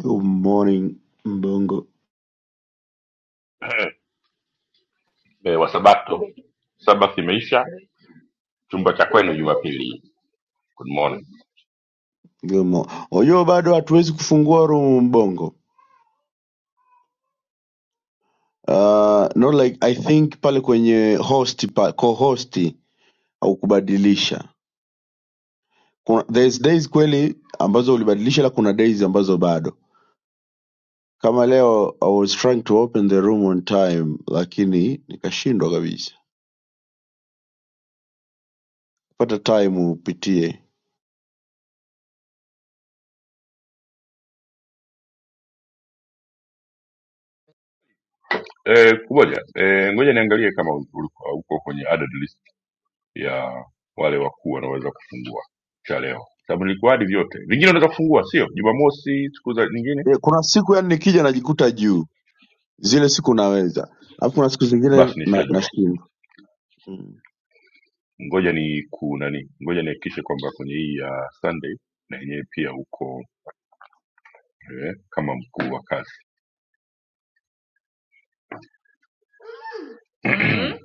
Good morning Mbongo. eh, wa sabato sabath imeisha chumba cha kwenu jumapili good morning Good morning. Oyo bado hatuwezi kufungua room Mbongo. Uh, no like I think pale kwenye host pa, co-host au kubadilisha. Kuna there's days kweli ambazo ulibadilisha la kuna days ambazo bado. Kama leo I was trying to open the room on time lakini nikashindwa kabisa. Pata time upitie. eh, kumoja eh, ngoja niangalie kama ulikuwa uko kwenye added list ya wale wakuu wanaweza kufungua cha leo sababu nilikuadi vyote vingine unaweza kufungua sio jumamosi siku za nyingine Yeah, kuna siku yani nikija najikuta juu. Zile siku naweza. Alafu kuna siku zingine basi na nishajua nashindwa. Mm. ngoja ni kunani ngoja nihakikishe kwamba kwenye hii ya sunday na yenyewe pia uko eh, kama mkuu wa kazi Mm-hmm.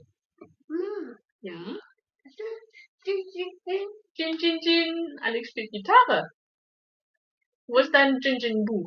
Chin chin chin. I speak guitar. What's that chin chin boo?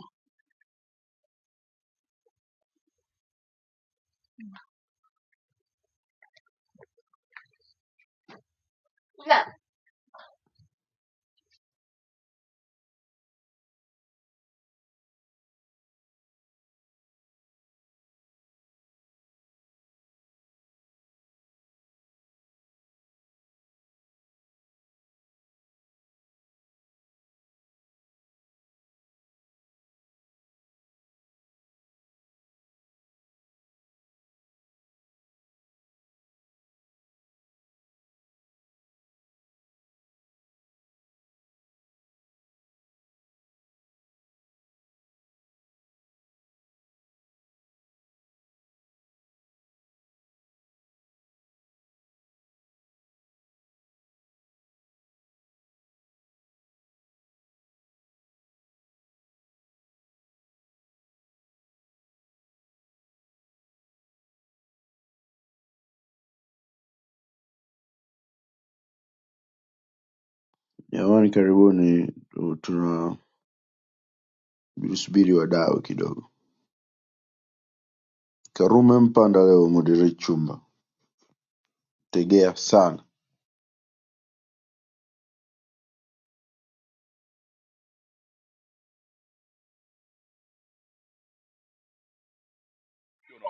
Jamani, karibuni tu- tunasubiri wadau kidogo. Karume Mpanda leo moderate chumba, tegea sana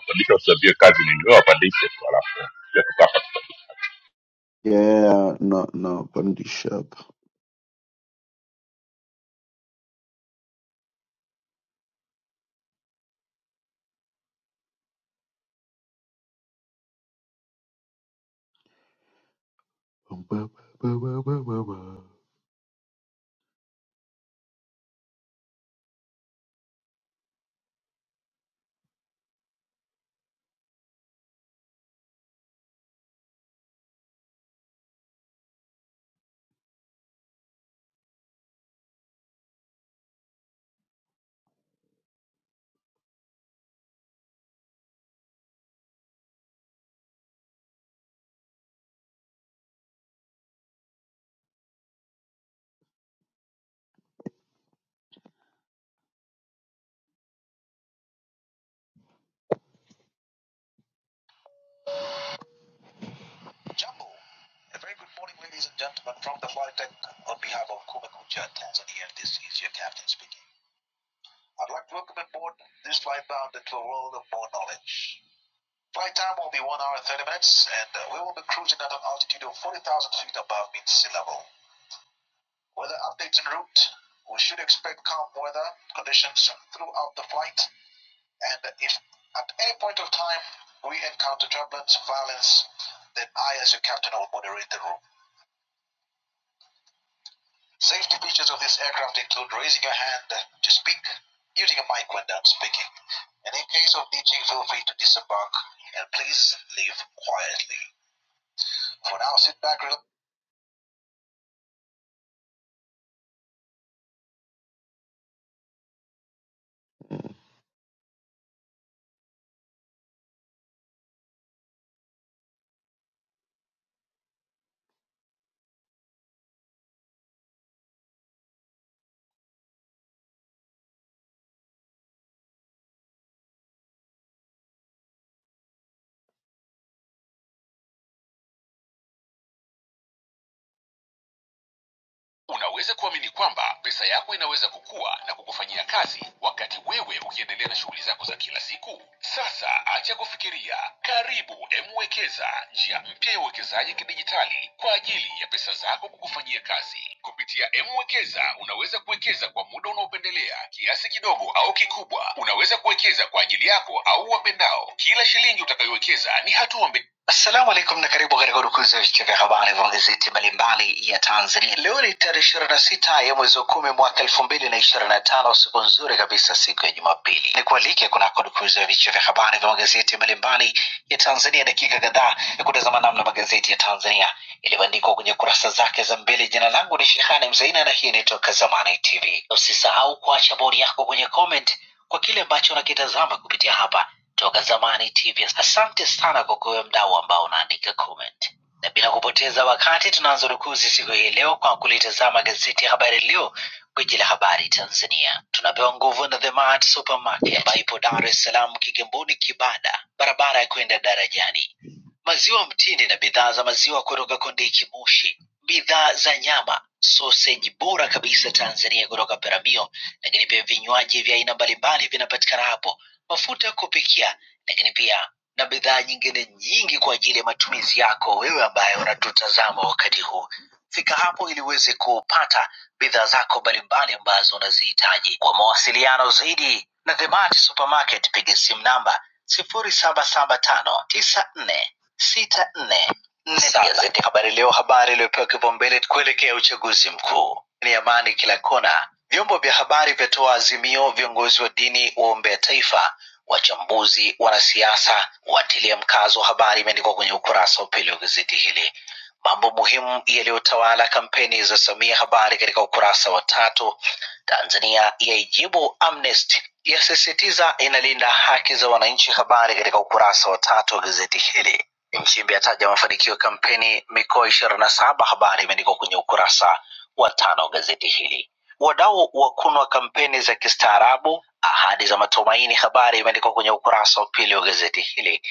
Walisha usiambie kazi ni wewe wapandishe tu alafu ya tukapa. yeah, na napandisha hapa. Ba- ba- ba- ba- ba- ba. Jambo, a very good morning ladies and gentlemen from the flight deck on behalf of Kumekucha Tanzania. This is your captain speaking. I'd like to welcome aboard this flight bound into a world of more knowledge. Flight time will be 1 hour 30 minutes and uh, we will be cruising at an altitude of 40,000 feet above mid sea level. Weather updates en route. We should expect calm weather conditions throughout the flight. And if at any point of time we encounter turbulence, violence, then I, as your captain, will moderate the room. Safety features of this aircraft include raising your hand to speak, using a mic when done speaking. And in case of ditching, feel free to disembark and please leave quietly. For now, sit back, relax. Assalamu alaikum na karibu katika udukuzi ya vichwa vya habari vya magazeti mbalimbali ya Tanzania. Leo ni tarehe ishirini na sita ya mwezi wa kumi mwaka elfu mbili na ishirini na tano siku nzuri kabisa, siku ya Jumapili. Ni kualike kunako dukuzi ya vichwa vya habari vya magazeti mbalimbali ya Tanzania, dakika kadhaa ya kutazama namna magazeti ya Tanzania yaliyoandikwa kwenye kurasa zake za mbele. Jina langu ni Shehani Mzaina na hii ni Toka Zamani TV. Usisahau kuacha bodi yako kwenye comment kwa kile ambacho unakitazama kupitia hapa toka zamani tv asante sana kwa kuwe mdau ambao unaandika comment na bila kupoteza wakati tunaanza rukuzi siku hii leo kwa kulitazama gazeti ya habari leo gwiji la habari tanzania tunapewa nguvu na the mart supermarket ambayo ipo dar es salaam kigamboni kibada barabara ya kwenda darajani maziwa mtindi na bidhaa za maziwa kutoka kondiki moshi bidhaa za nyama sausage bora kabisa tanzania kutoka peramio lakini pia vinywaji vya aina mbalimbali vinapatikana hapo mafuta ya kupikia, lakini pia na bidhaa nyingine nyingi kwa ajili ya matumizi yako wewe ambaye unatutazama wakati huu. Fika hapo ili uweze kupata bidhaa zako mbalimbali ambazo unazihitaji. Kwa mawasiliano zaidi na The Mart Supermarket, piga simu namba sifuri saba saba tano tisa nne sita nne Gazeti Habari Leo, habari iliyopewa kipaumbele kuelekea uchaguzi mkuu ni amani kila kona. Vyombo vya habari vyatoa azimio, viongozi wa dini waombea taifa, wachambuzi, wanasiasa watilia mkazo, habari imeandikwa kwenye ukurasa wa pili wa gazeti hili. Mambo muhimu yaliyotawala kampeni za Samia, habari katika ukurasa wa tatu. Tanzania yaijibu Amnesty, yasisitiza inalinda haki za wananchi, habari katika ukurasa wa tatu wa gazeti hili Nchimbi ataja mafanikio ya kampeni mikoa ishirini na saba. Habari imeandikwa kwenye ukurasa wa tano wa gazeti hili. Wadau wakunwa kampeni za kistaarabu, ahadi za matumaini. Habari imeandikwa kwenye ukurasa wa pili wa gazeti hili,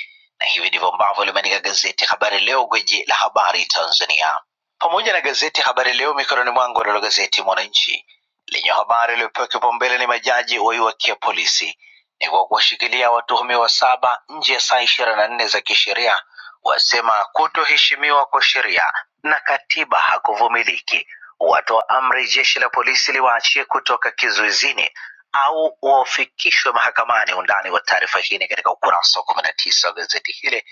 na hivi ndivyo ambavyo limeandika gazeti Habari Leo, gwiji la habari Tanzania, pamoja na gazeti Habari Leo mikononi mwangu. Nalo gazeti Mwananchi lenye habari iliyopewa kipaumbele ni majaji waiwakia polisi ni kwa kuwashikilia watuhumiwa saba nje ya saa ishirini na nne za kisheria wasema kutoheshimiwa kwa sheria na katiba hakuvumiliki. Watoa amri jeshi la polisi liwaachie kutoka kizuizini au wafikishwe mahakamani. Undani wa taarifa hii ni katika ukurasa wa kumi na tisa wa gazeti hili.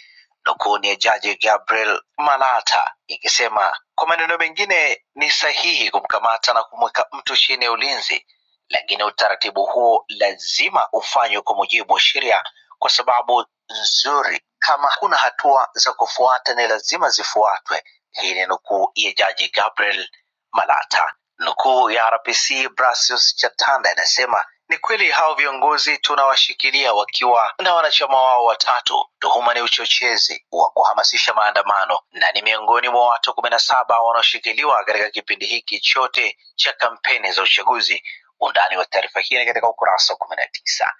Nukuu ni ya jaji Gabriel Malata ikisema kwa maneno mengine, ni sahihi kumkamata na kumweka mtu chini ya ulinzi, lakini utaratibu huo lazima ufanywe kwa mujibu wa sheria, kwa sababu nzuri kama kuna hatua za kufuata ni lazima zifuatwe. Hii ni nukuu ya jaji Gabriel Malata. Nukuu ya RPC Brasius Chatanda inasema ni kweli hao viongozi tunawashikilia wakiwa na wanachama wao watatu. Tuhuma ni uchochezi wa kuhamasisha maandamano na ni miongoni mwa watu kumi na saba wanaoshikiliwa katika kipindi hiki chote cha kampeni za uchaguzi. Undani wa taarifa hii ni katika ukurasa wa kumi na tisa.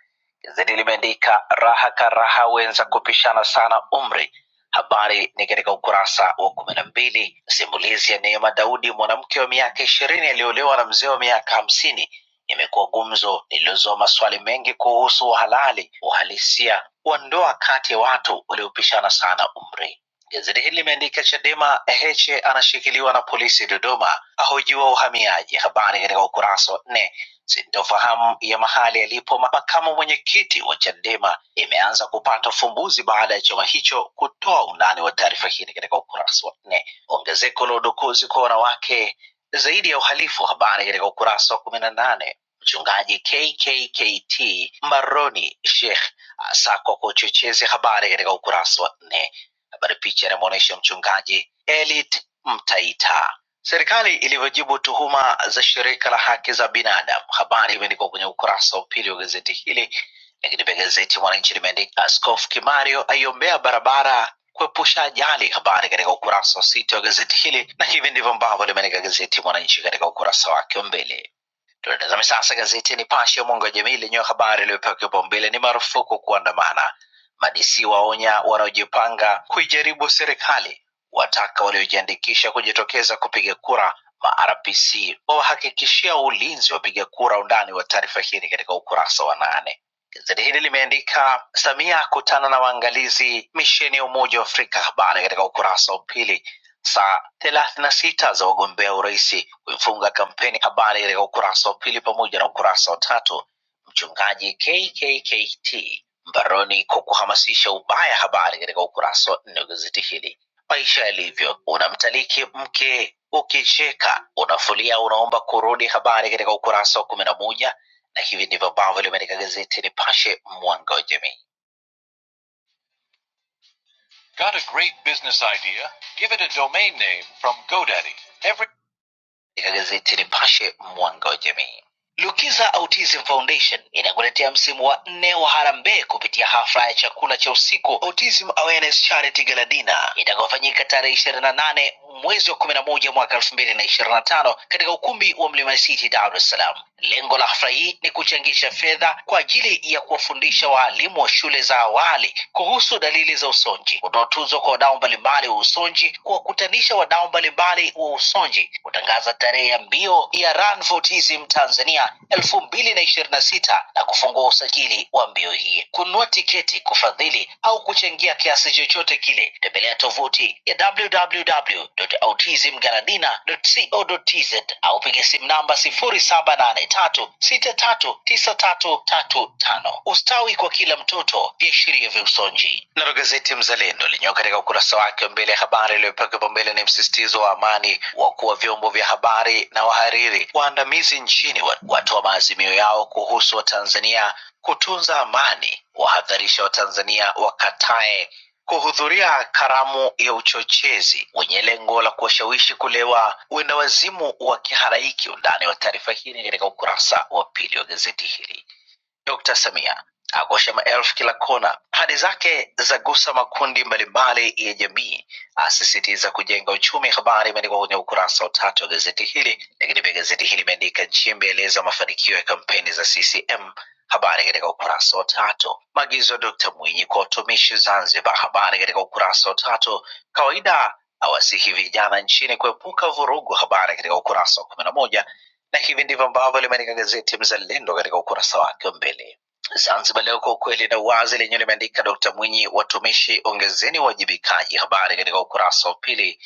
Gazeti limeandika raha karaha wenza kupishana sana umri. Habari ni katika ukurasa wa kumi na mbili. Simulizi ya Neema Daudi, mwanamke wa miaka ishirini aliyoolewa na mzee wa miaka hamsini, imekuwa gumzo lililozoa maswali mengi kuhusu uhalali, uhalisia wa ndoa kati ya watu waliopishana sana umri. Gazeti hili limeandika Chadema, Heche anashikiliwa na polisi Dodoma, ahojiwa uhamiaji. Habari katika ukurasa wa nne Sintofahamu ya mahali alipo makamu mwenyekiti wa Chadema imeanza kupata ufumbuzi baada ya chama hicho kutoa undani wa taarifa hii katika ukurasa wa nne. Ongezeko la udukuzi kwa wanawake zaidi ya uhalifu, habari katika ukurasa wa kumi na nane. Mchungaji KKKT mbaroni Sheikh asakwa kwa uchochezi, habari katika ukurasa wa nne. Habari picha inamwonyesha mchungaji Elit Mtaita Serikali ilivyojibu tuhuma za shirika la haki za binadamu. Habari imeandikwa kwenye ukurasa wa pili wa gazeti hili, lakini pia gazeti Mwananchi limeandika Askofu Kimario aiombea barabara kuepusha ajali, habari katika ukurasa wa sita wa gazeti hili, na hivi ndivyo ambavyo limeandika gazeti Mwananchi katika ukurasa wake wa mbele. Tunatazame sasa gazeti ya Nipashe ya mwanga wa jamii lenye habari iliyopewa kipaumbele ni marufuku kuandamana. Madisi waonya wanaojipanga kuijaribu serikali, wataka waliojiandikisha kujitokeza kupiga kura. MRPC wawahakikishia ulinzi wapiga kura. Undani wa taarifa hii ni katika ukurasa wa nane. Gazeti hili limeandika Samia akutana na waangalizi misheni ya Umoja wa Afrika, habari katika ukurasa wa pili saa thelathini na sita za wagombea urais kuifunga kampeni. Habari katika ukurasa wa pili pamoja na ukurasa wa tatu. Mchungaji KKKT mbaroni kwa kuhamasisha ubaya, habari katika ukurasa wa nne wa gazeti hili. Maisha yalivyo, unamtaliki mke ukicheka, unafulia, unaomba kurudi, habari katika ukurasa wa kumi na moja na hivi ndivyo ambavyo limeandika gazeti Nipashe, mwanga wa jamii. Got a great business idea? Give it a domain name from GoDaddy. Every katika gazeti Nipashe mwanga wa jamii. Lukiza Autism Foundation inakuletea msimu wa nne wa harambee kupitia hafla ya chakula cha usiku Autism Awareness Charity Gala Dinner itakayofanyika tarehe ishirini na nane mwezi wa kumi na moja mwaka elfu mbili na ishirini na tano katika ukumbi wa Mlima City, Dar es Salaam. Lengo la hafla hii ni kuchangisha fedha kwa ajili ya kuwafundisha waalimu wa shule za awali kuhusu kuhusu dalili za usonji, kutoa tuzo kwa wadau mbalimbali wa usonji, kuwakutanisha wadau mbalimbali wa usonji, kutangaza tarehe ya mbio ya Run for Autism Tanzania elfu mbili na ishirini na sita na kufungua usajili wa mbio hii, kununua tiketi, kufadhili au kuchangia kiasi chochote kile, tembelea tovuti ya www.autismgaladina.com co.tz au piga simu namba 0783639335. Ustawi kwa kila mtoto, viashiria vya usonji. Nalo gazeti Mzalendo lenyewe katika ukurasa wake wa mbele, habari iliyopewa kipaumbele ni msisitizo wa amani, wakuu wa vyombo vya habari na wahariri waandamizi nchini wa- watoa maazimio yao kuhusu Watanzania kutunza amani, wahadharisha Watanzania wakatae kuhudhuria karamu ya uchochezi wenye lengo la kuwashawishi kulewa wendawazimu wa kihalaiki. Undani wa taarifa hii ni katika ukurasa wa pili wa gazeti hili. Dkt. Samia akosha maelfu kila kona. Ahadi zake zagusa makundi mbalimbali ya jamii, asisitiza kujenga uchumi. Habari imeandikwa kwenye ukurasa wa tatu wa gazeti hili, lakini pia gazeti hili imeandika Nchimbi aeleza mafanikio ya kampeni za CCM. Habari katika ukurasa wa tatu. Maagizo ya Dkt. Mwinyi kwa watumishi Zanzibar. Habari katika ukurasa wa tatu. Kawaida awasihi vijana nchini kuepuka vurugu. Habari katika ukurasa wa kumi na moja na hivi ndivyo ambavyo limeandika gazeti Mzalendo katika ukurasa wake wa mbele. Zanzibar Leo kwa ukweli na uwazi lenyewe limeandika Dkt Mwinyi, watumishi ongezeni uwajibikaji, habari katika ukurasa wa pili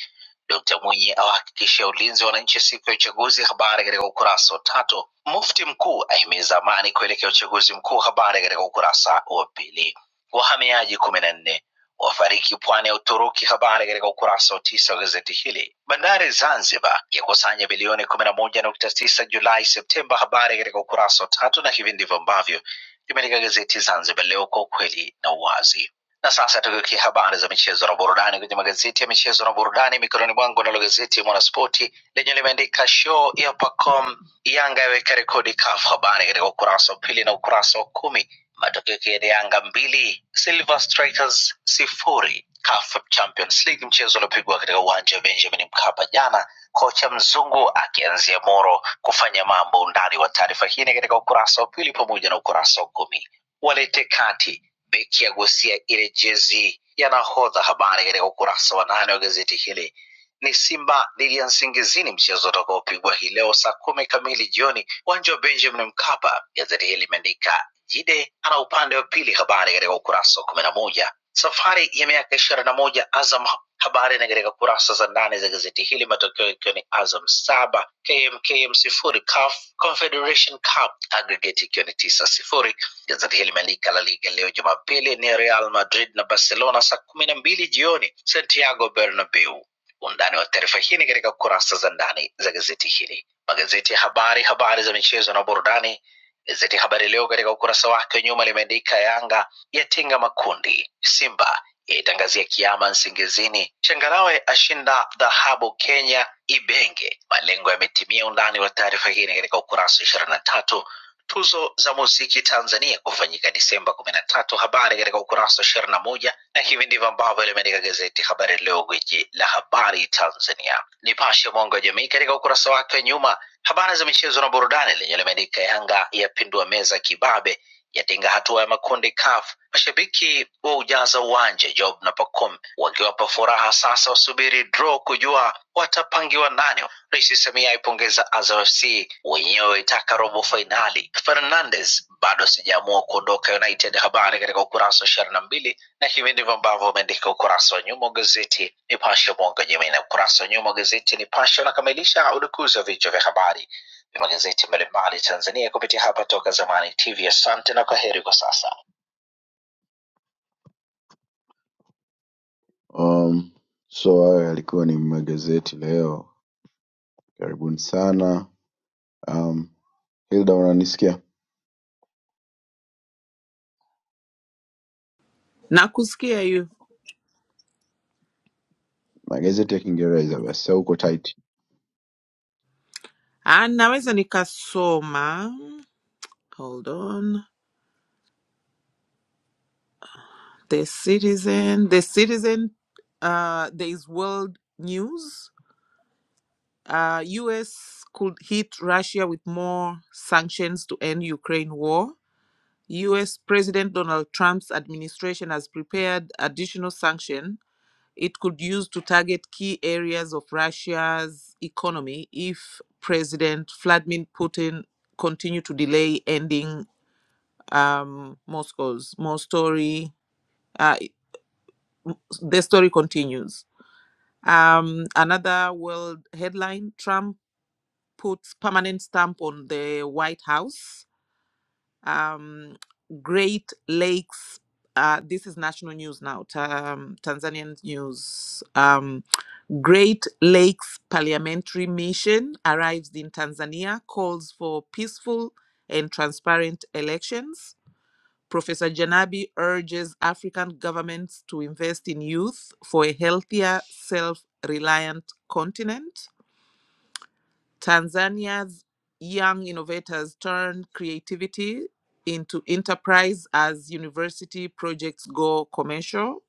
Dkt. Mwinyi awahakikishia ulinzi wa wananchi siku ya uchaguzi, habari katika ukurasa wa tatu. Mufti mkuu ahimiza amani kuelekea uchaguzi mkuu, habari katika ukurasa wa pili. Wahamiaji kumi na nne wafariki pwani ya Uturuki, habari katika ukurasa wa tisa wa gazeti hili. Bandari Zanzibar yakusanya bilioni kumi na moja nukta tisa Julai Septemba, habari katika ukurasa wa tatu, na hivi ndivyo ambavyo limeandika gazeti Zanzibar Leo kwa ukweli na uwazi. Na sasa tukiukia habari za michezo na burudani kwenye magazeti ya michezo na burudani mikononi mwangu, nalo gazeti ya Mwanaspoti lenye limeandika show ya Pacom, Yanga yaweka rekodi CAF. Habari katika ukurasa wa pili na ukurasa wa kumi. Matokeo yake ni Yanga mbili Silver Strikers sifuri CAF Champions League, mchezo uliopigwa katika uwanja wa Benjamin Mkapa jana, kocha mzungu akianzia Moro kufanya mambo. Undani wa taarifa hii ni katika ukurasa wa pili pamoja na ukurasa wa kumi. Walete kati Beki agusia ile jezi ya nahodha. Habari katika ukurasa wa nane wa gazeti hili ni Simba dhidi ya Nsingizini, mchezo utakaopigwa hii leo saa kumi kamili jioni uwanja wa Benjamin Mkapa. Gazeti hili limeandika Jide ana upande wa pili, habari katika ukurasa wa kumi na moja. Safari ya miaka ishirini na moja Azam, habari ni katika kurasa za ndani za gazeti hili, matokeo ikiwa ni Azam saba KMKM sifuri CAF Confederation Cup aggregate ikiwa ni tisa sifuri Gazeti hili limeandika La Liga leo Jumapili ni Real Madrid na Barcelona saa kumi na mbili jioni Santiago Bernabeu. Undani wa taarifa hii ni katika kurasa za ndani za gazeti hili. Magazeti ya habari, habari za michezo na burudani. Gazeti Habari Leo katika ukurasa wake wa nyuma limeandika Yanga yatinga makundi, Simba yaitangazia kiama Nsingizini, Changarawe ashinda dhahabu Kenya Ibenge, malengo yametimia. Undani wa taarifa hii ni katika ukurasa wa ishirini na tatu tuzo za muziki Tanzania kufanyika Disemba kumi na tatu. Habari katika ukurasa wa ishirini na moja na hivi ndivyo ambavyo limeandika gazeti Habari Leo, gwiji la habari Tanzania. Nipashe mwanga wa jamii katika ukurasa wake wa nyuma, habari za michezo na burudani lenye limeandika Yanga yapindua meza kibabe yatinga hatua ya makundi CAF. Mashabiki wa ujaza uwanja Job na Pacome wakiwapa furaha sasa, wasubiri draw kujua watapangiwa nani Rais Samia aipongeza Azam FC, wenyewe itaka robo fainali. Fernandes bado sijaamua kuondoka United, habari katika ukurasa wa ishirini na mbili na hivi ndivyo ambavyo umeandika ukurasa wa nyuma wa gazeti Nipashe mwanga wa jamii, na ukurasa wa nyuma wa gazeti Nipashe unakamilisha udukuzi wa vichwa vya habari vya magazeti mbalimbali Tanzania kupitia hapa Toka Zamani TV. Asante na kwaheri kwa sasa. Um, so hayo yalikuwa ni magazeti leo. Karibuni sana. Um, Hilda unanisikia? Nakusikia you. Magazeti ya Kiingereza basi au uko tight? Ah, naweza nikasoma. Hold on. The Citizen, The Citizen, uh, there is world news. Uh, US could hit Russia with more sanctions to end Ukraine war. US President Donald Trump's administration has prepared additional sanction it could use to target key areas of Russia's economy if President Vladimir Putin continue to delay ending um more scores more story uh the story continues um another world headline trump puts permanent stamp on the white house um great lakes uh, this is national news now, ta- um, Tanzanian news. Um, Great Lakes Parliamentary Mission arrives in Tanzania, calls for peaceful and transparent elections Professor Janabi urges African governments to invest in youth for a healthier, self reliant continent. Tanzania's young innovators turn creativity into enterprise as university projects go commercial.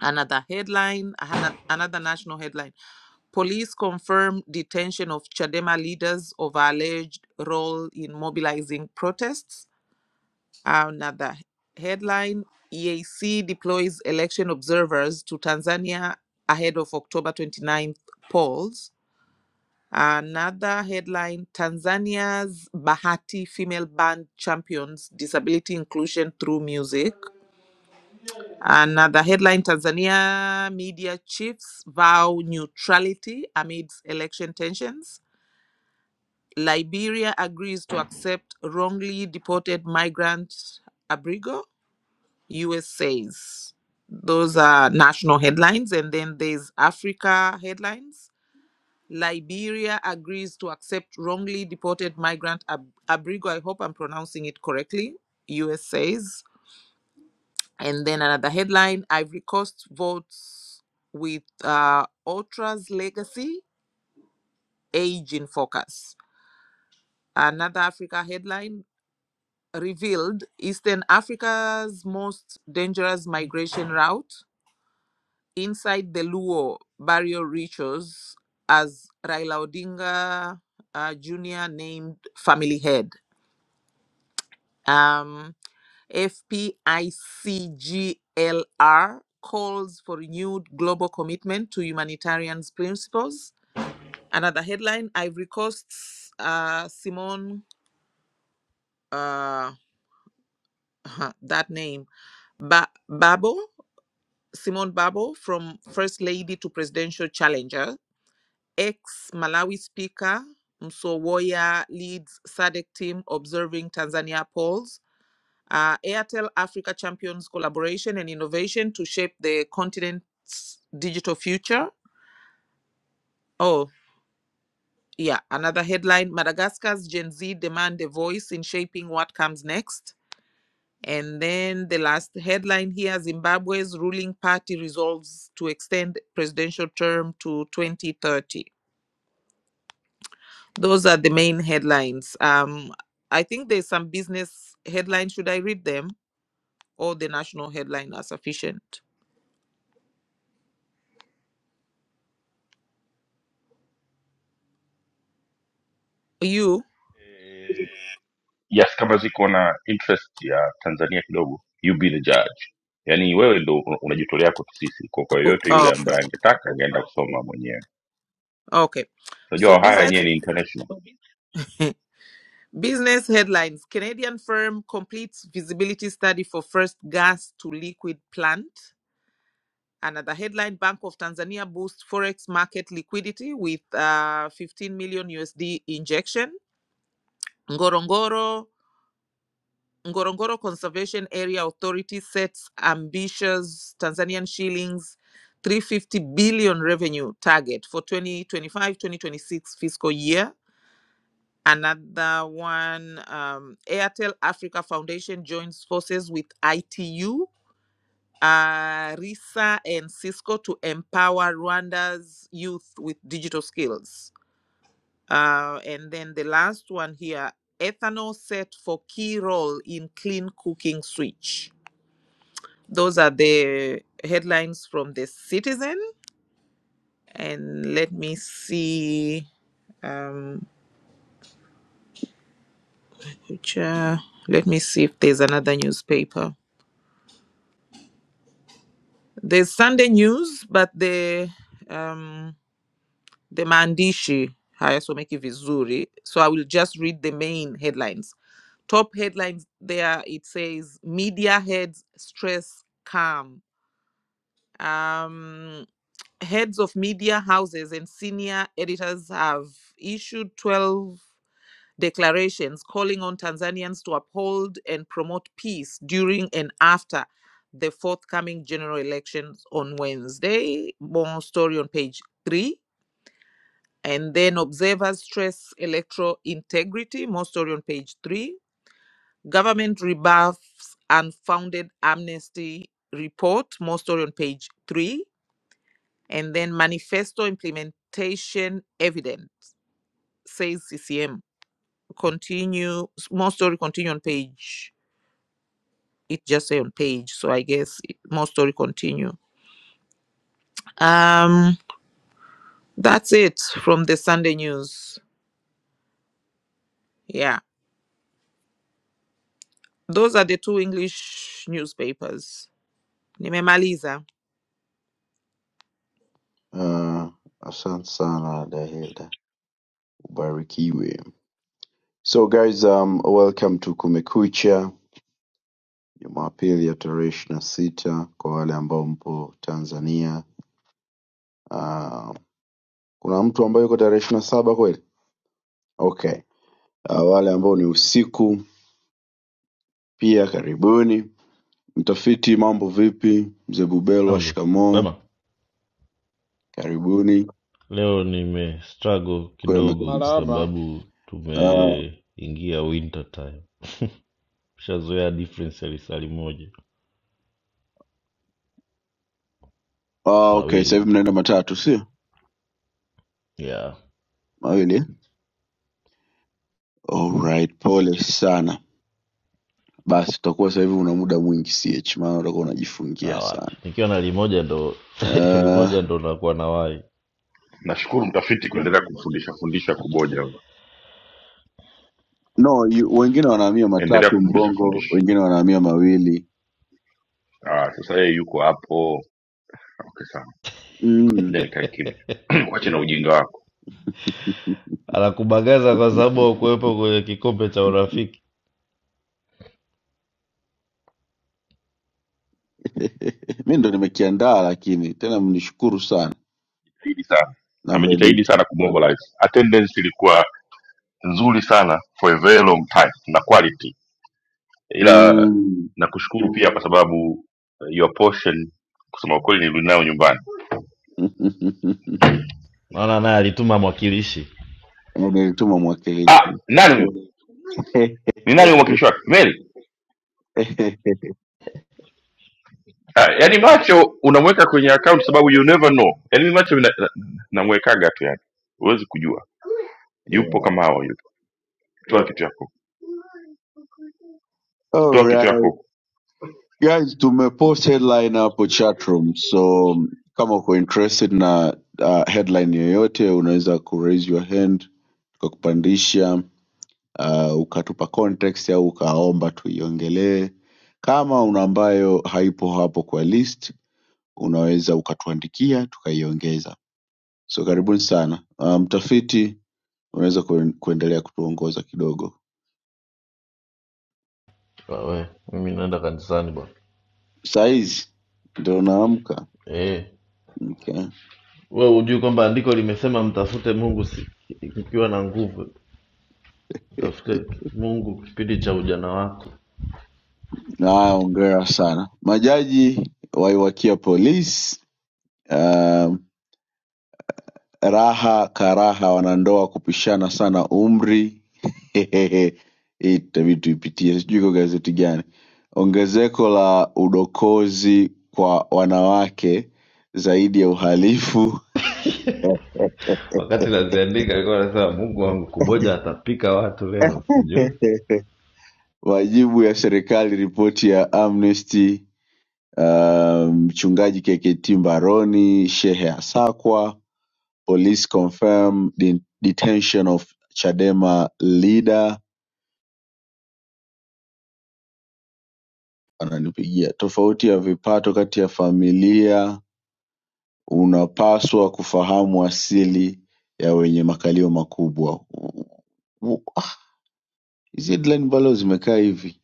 Another headline, another national headline. Police confirm detention of Chadema leaders over alleged role in mobilizing protests. Another headline EAC deploys election observers to Tanzania ahead of October twenty-ninth polls. Another headline Tanzania's Bahati female band champions disability inclusion through music. Another headline Tanzania media chiefs vow neutrality amidst election tensions. Liberia agrees to accept wrongly deported migrant Abrigo. USA's. Those are national headlines. And then there's Africa headlines. Liberia agrees to accept wrongly deported migrant Ab- Abrigo. I hope I'm pronouncing it correctly. US says. And then another headline Ivory Coast votes with uh, Ultra's legacy, age in focus. Another Africa headline revealed Eastern Africa's most dangerous migration route inside the Luo burial rituals as Raila Odinga uh, Jr. named family head. Um, FPICGLR calls for renewed global commitment to humanitarian principles. Another headline Ivory Coast's uh, Simone, uh, that name, ba- Babo, Simone Babo, from First Lady to Presidential Challenger Ex Malawi Speaker Msowoya leads SADC team observing Tanzania polls. Uh, Airtel Africa champions collaboration and innovation to shape the continent's digital future. Oh, yeah. Another headline Madagascar's Gen Z demand a voice in shaping what comes next. And then the last headline here Zimbabwe's ruling party resolves to extend presidential term to 2030. Those are the main headlines. Um, I think there's some business headlines. Should I read them or the national headline are sufficient? You? Yes, kama ziko na interest ya Tanzania kidogo, you be the judge. Yaani wewe ndo un- unajitolea kwetu sisi, kwa kwa Oh, yoyote yule okay. ambaye angetaka angeenda kusoma mwenyewe. Okay. So Unajua haya business yenyewe ni international. business headlines. Canadian firm completes feasibility study for first gas to liquid plant. Another headline: Bank of Tanzania boosts forex market liquidity with uh, 15 million USD injection. Ngorongoro Ngorongoro Conservation Area Authority sets ambitious Tanzanian shillings 350 billion revenue target for twenty twenty five twenty twenty six fiscal year. Another one, um, Airtel Africa Foundation joins forces with ITU, uh, RISA, and Cisco to empower Rwanda's youth with digital skills. Uh, and then the last one here, ethanol set for key role in clean cooking switch Those are the headlines from the Citizen. And let me see, um, which, uh, let me see if there's another newspaper. There's Sunday News, but the um, the maandishi hayasomeki vizuri. So I will just read the main headlines. Top headlines there. It says media heads stress calm. Um, heads of media houses and senior editors have issued 12 declarations calling on Tanzanians to uphold and promote peace during and after the forthcoming general elections on Wednesday. More story on page three. And then observers stress electoral integrity. More story on page three. Government rebuffs unfounded amnesty report. More story on page three. And then manifesto implementation evident, says CCM. Continue, more story continue on page it just say on page so i guess it- more story continue um that's it from the sunday news yeah those are the two english newspapers nimemaliza Uh, asante sana Dahilda, ubarikiwe. So guys, um, welcome to Kumekucha, Jumapili ya tarehe ishirini na sita kwa wale ambao mpo Tanzania. Uh, kuna mtu ambaye yuko tarehe ishirini na saba kweli? Okay. Uh, wale ambao ni usiku pia karibuni. Mtafiti mambo vipi? Mzee Bubelwa Anze. shikamoo, Kwema, karibuni. leo nime struggle Kwema kidogo kwa kabisa. Marahaba. sababu Uh, tumeingia winter time. Shazoea difference ya lisali moja oh, okay, sasa mawili hivi mnaenda mkuu matatu sio ya mawili eh? Alright, pole sana. Basi utakuwa sasa hivi una muda mwingi CH, maana utakuwa ah, unajifungia wapi sana. nikiwa na limoja ndo Uh, limoja ndo nakuwa na wai Nashukuru mtafiti kuendelea kumfundisha fundisha kuboja, no, you, wengine wanahamia endelea matatu kumfundisha Mbongo, fundisha. wengine wanahamia mawili Ah, sasa yeye yuko hapo. Okay sana, ngoja mm. nikae kimya, wache na ujinga wako. anakubagaza kwa sababu haukuwepo kwenye kikombe cha urafiki mi ndo nimekiandaa, lakini tena mnishukuru sana. Jitahidi sana, na amejitahidi Veniti sana kumobilize. Attendance ilikuwa nzuri sana for a very long time na quality ila mm. nakushukuru pia kwa sababu eh, your portion kusema ukweli nirudi nayo nyumbani naona naye alituma mwakilishi Na nilituma ah, mwakilishi nani huyo ni nani mwakilishi wake meli ah, yaani macho unamweka kwenye account sababu you never know yaani mimi macho namwekaga na, namwekaga tu yani huwezi kujua yupo kama hawa yupo toa kitu yako toa kitu Alright. yako Guys, tumepost headline hapo chatroom, so um, kama uko interested na uh, headline yoyote unaweza kuraise your hand tukakupandisha, uh, ukatupa context au ukaomba tuiongelee. Kama una ambayo haipo hapo kwa list, unaweza ukatuandikia tukaiongeza. So karibuni sana. Uh, mtafiti unaweza kuen- kuendelea kutuongoza kidogo we mimi naenda kanisani bwana sahizi ndo naamka eh okay. we hujui kwamba andiko limesema mtafute mungu si- mkiwa na nguvu Tafute Mungu kipindi cha ujana wako. na ongera sana majaji waiwakia polisi um, raha karaha wanandoa kupishana sana umri Hehehe, hii itabidi tuipitie sijui iko gazeti gani ongezeko la udokozi kwa wanawake zaidi ya uhalifu Wakati naziandika alikuwa anasema Mungu wangu kuboja atapika watu leo, sijui majibu ya serikali ripoti ya amnesty uh, mchungaji KKT Mbaroni, Shehe Asakwa, police confirm de detention of Chadema leader. Ananipigia tofauti ya vipato kati ya familia, unapaswa kufahamu asili ya wenye makalio makubwa. Wo- ah, Hizi headline mbalo zimekaa hivi.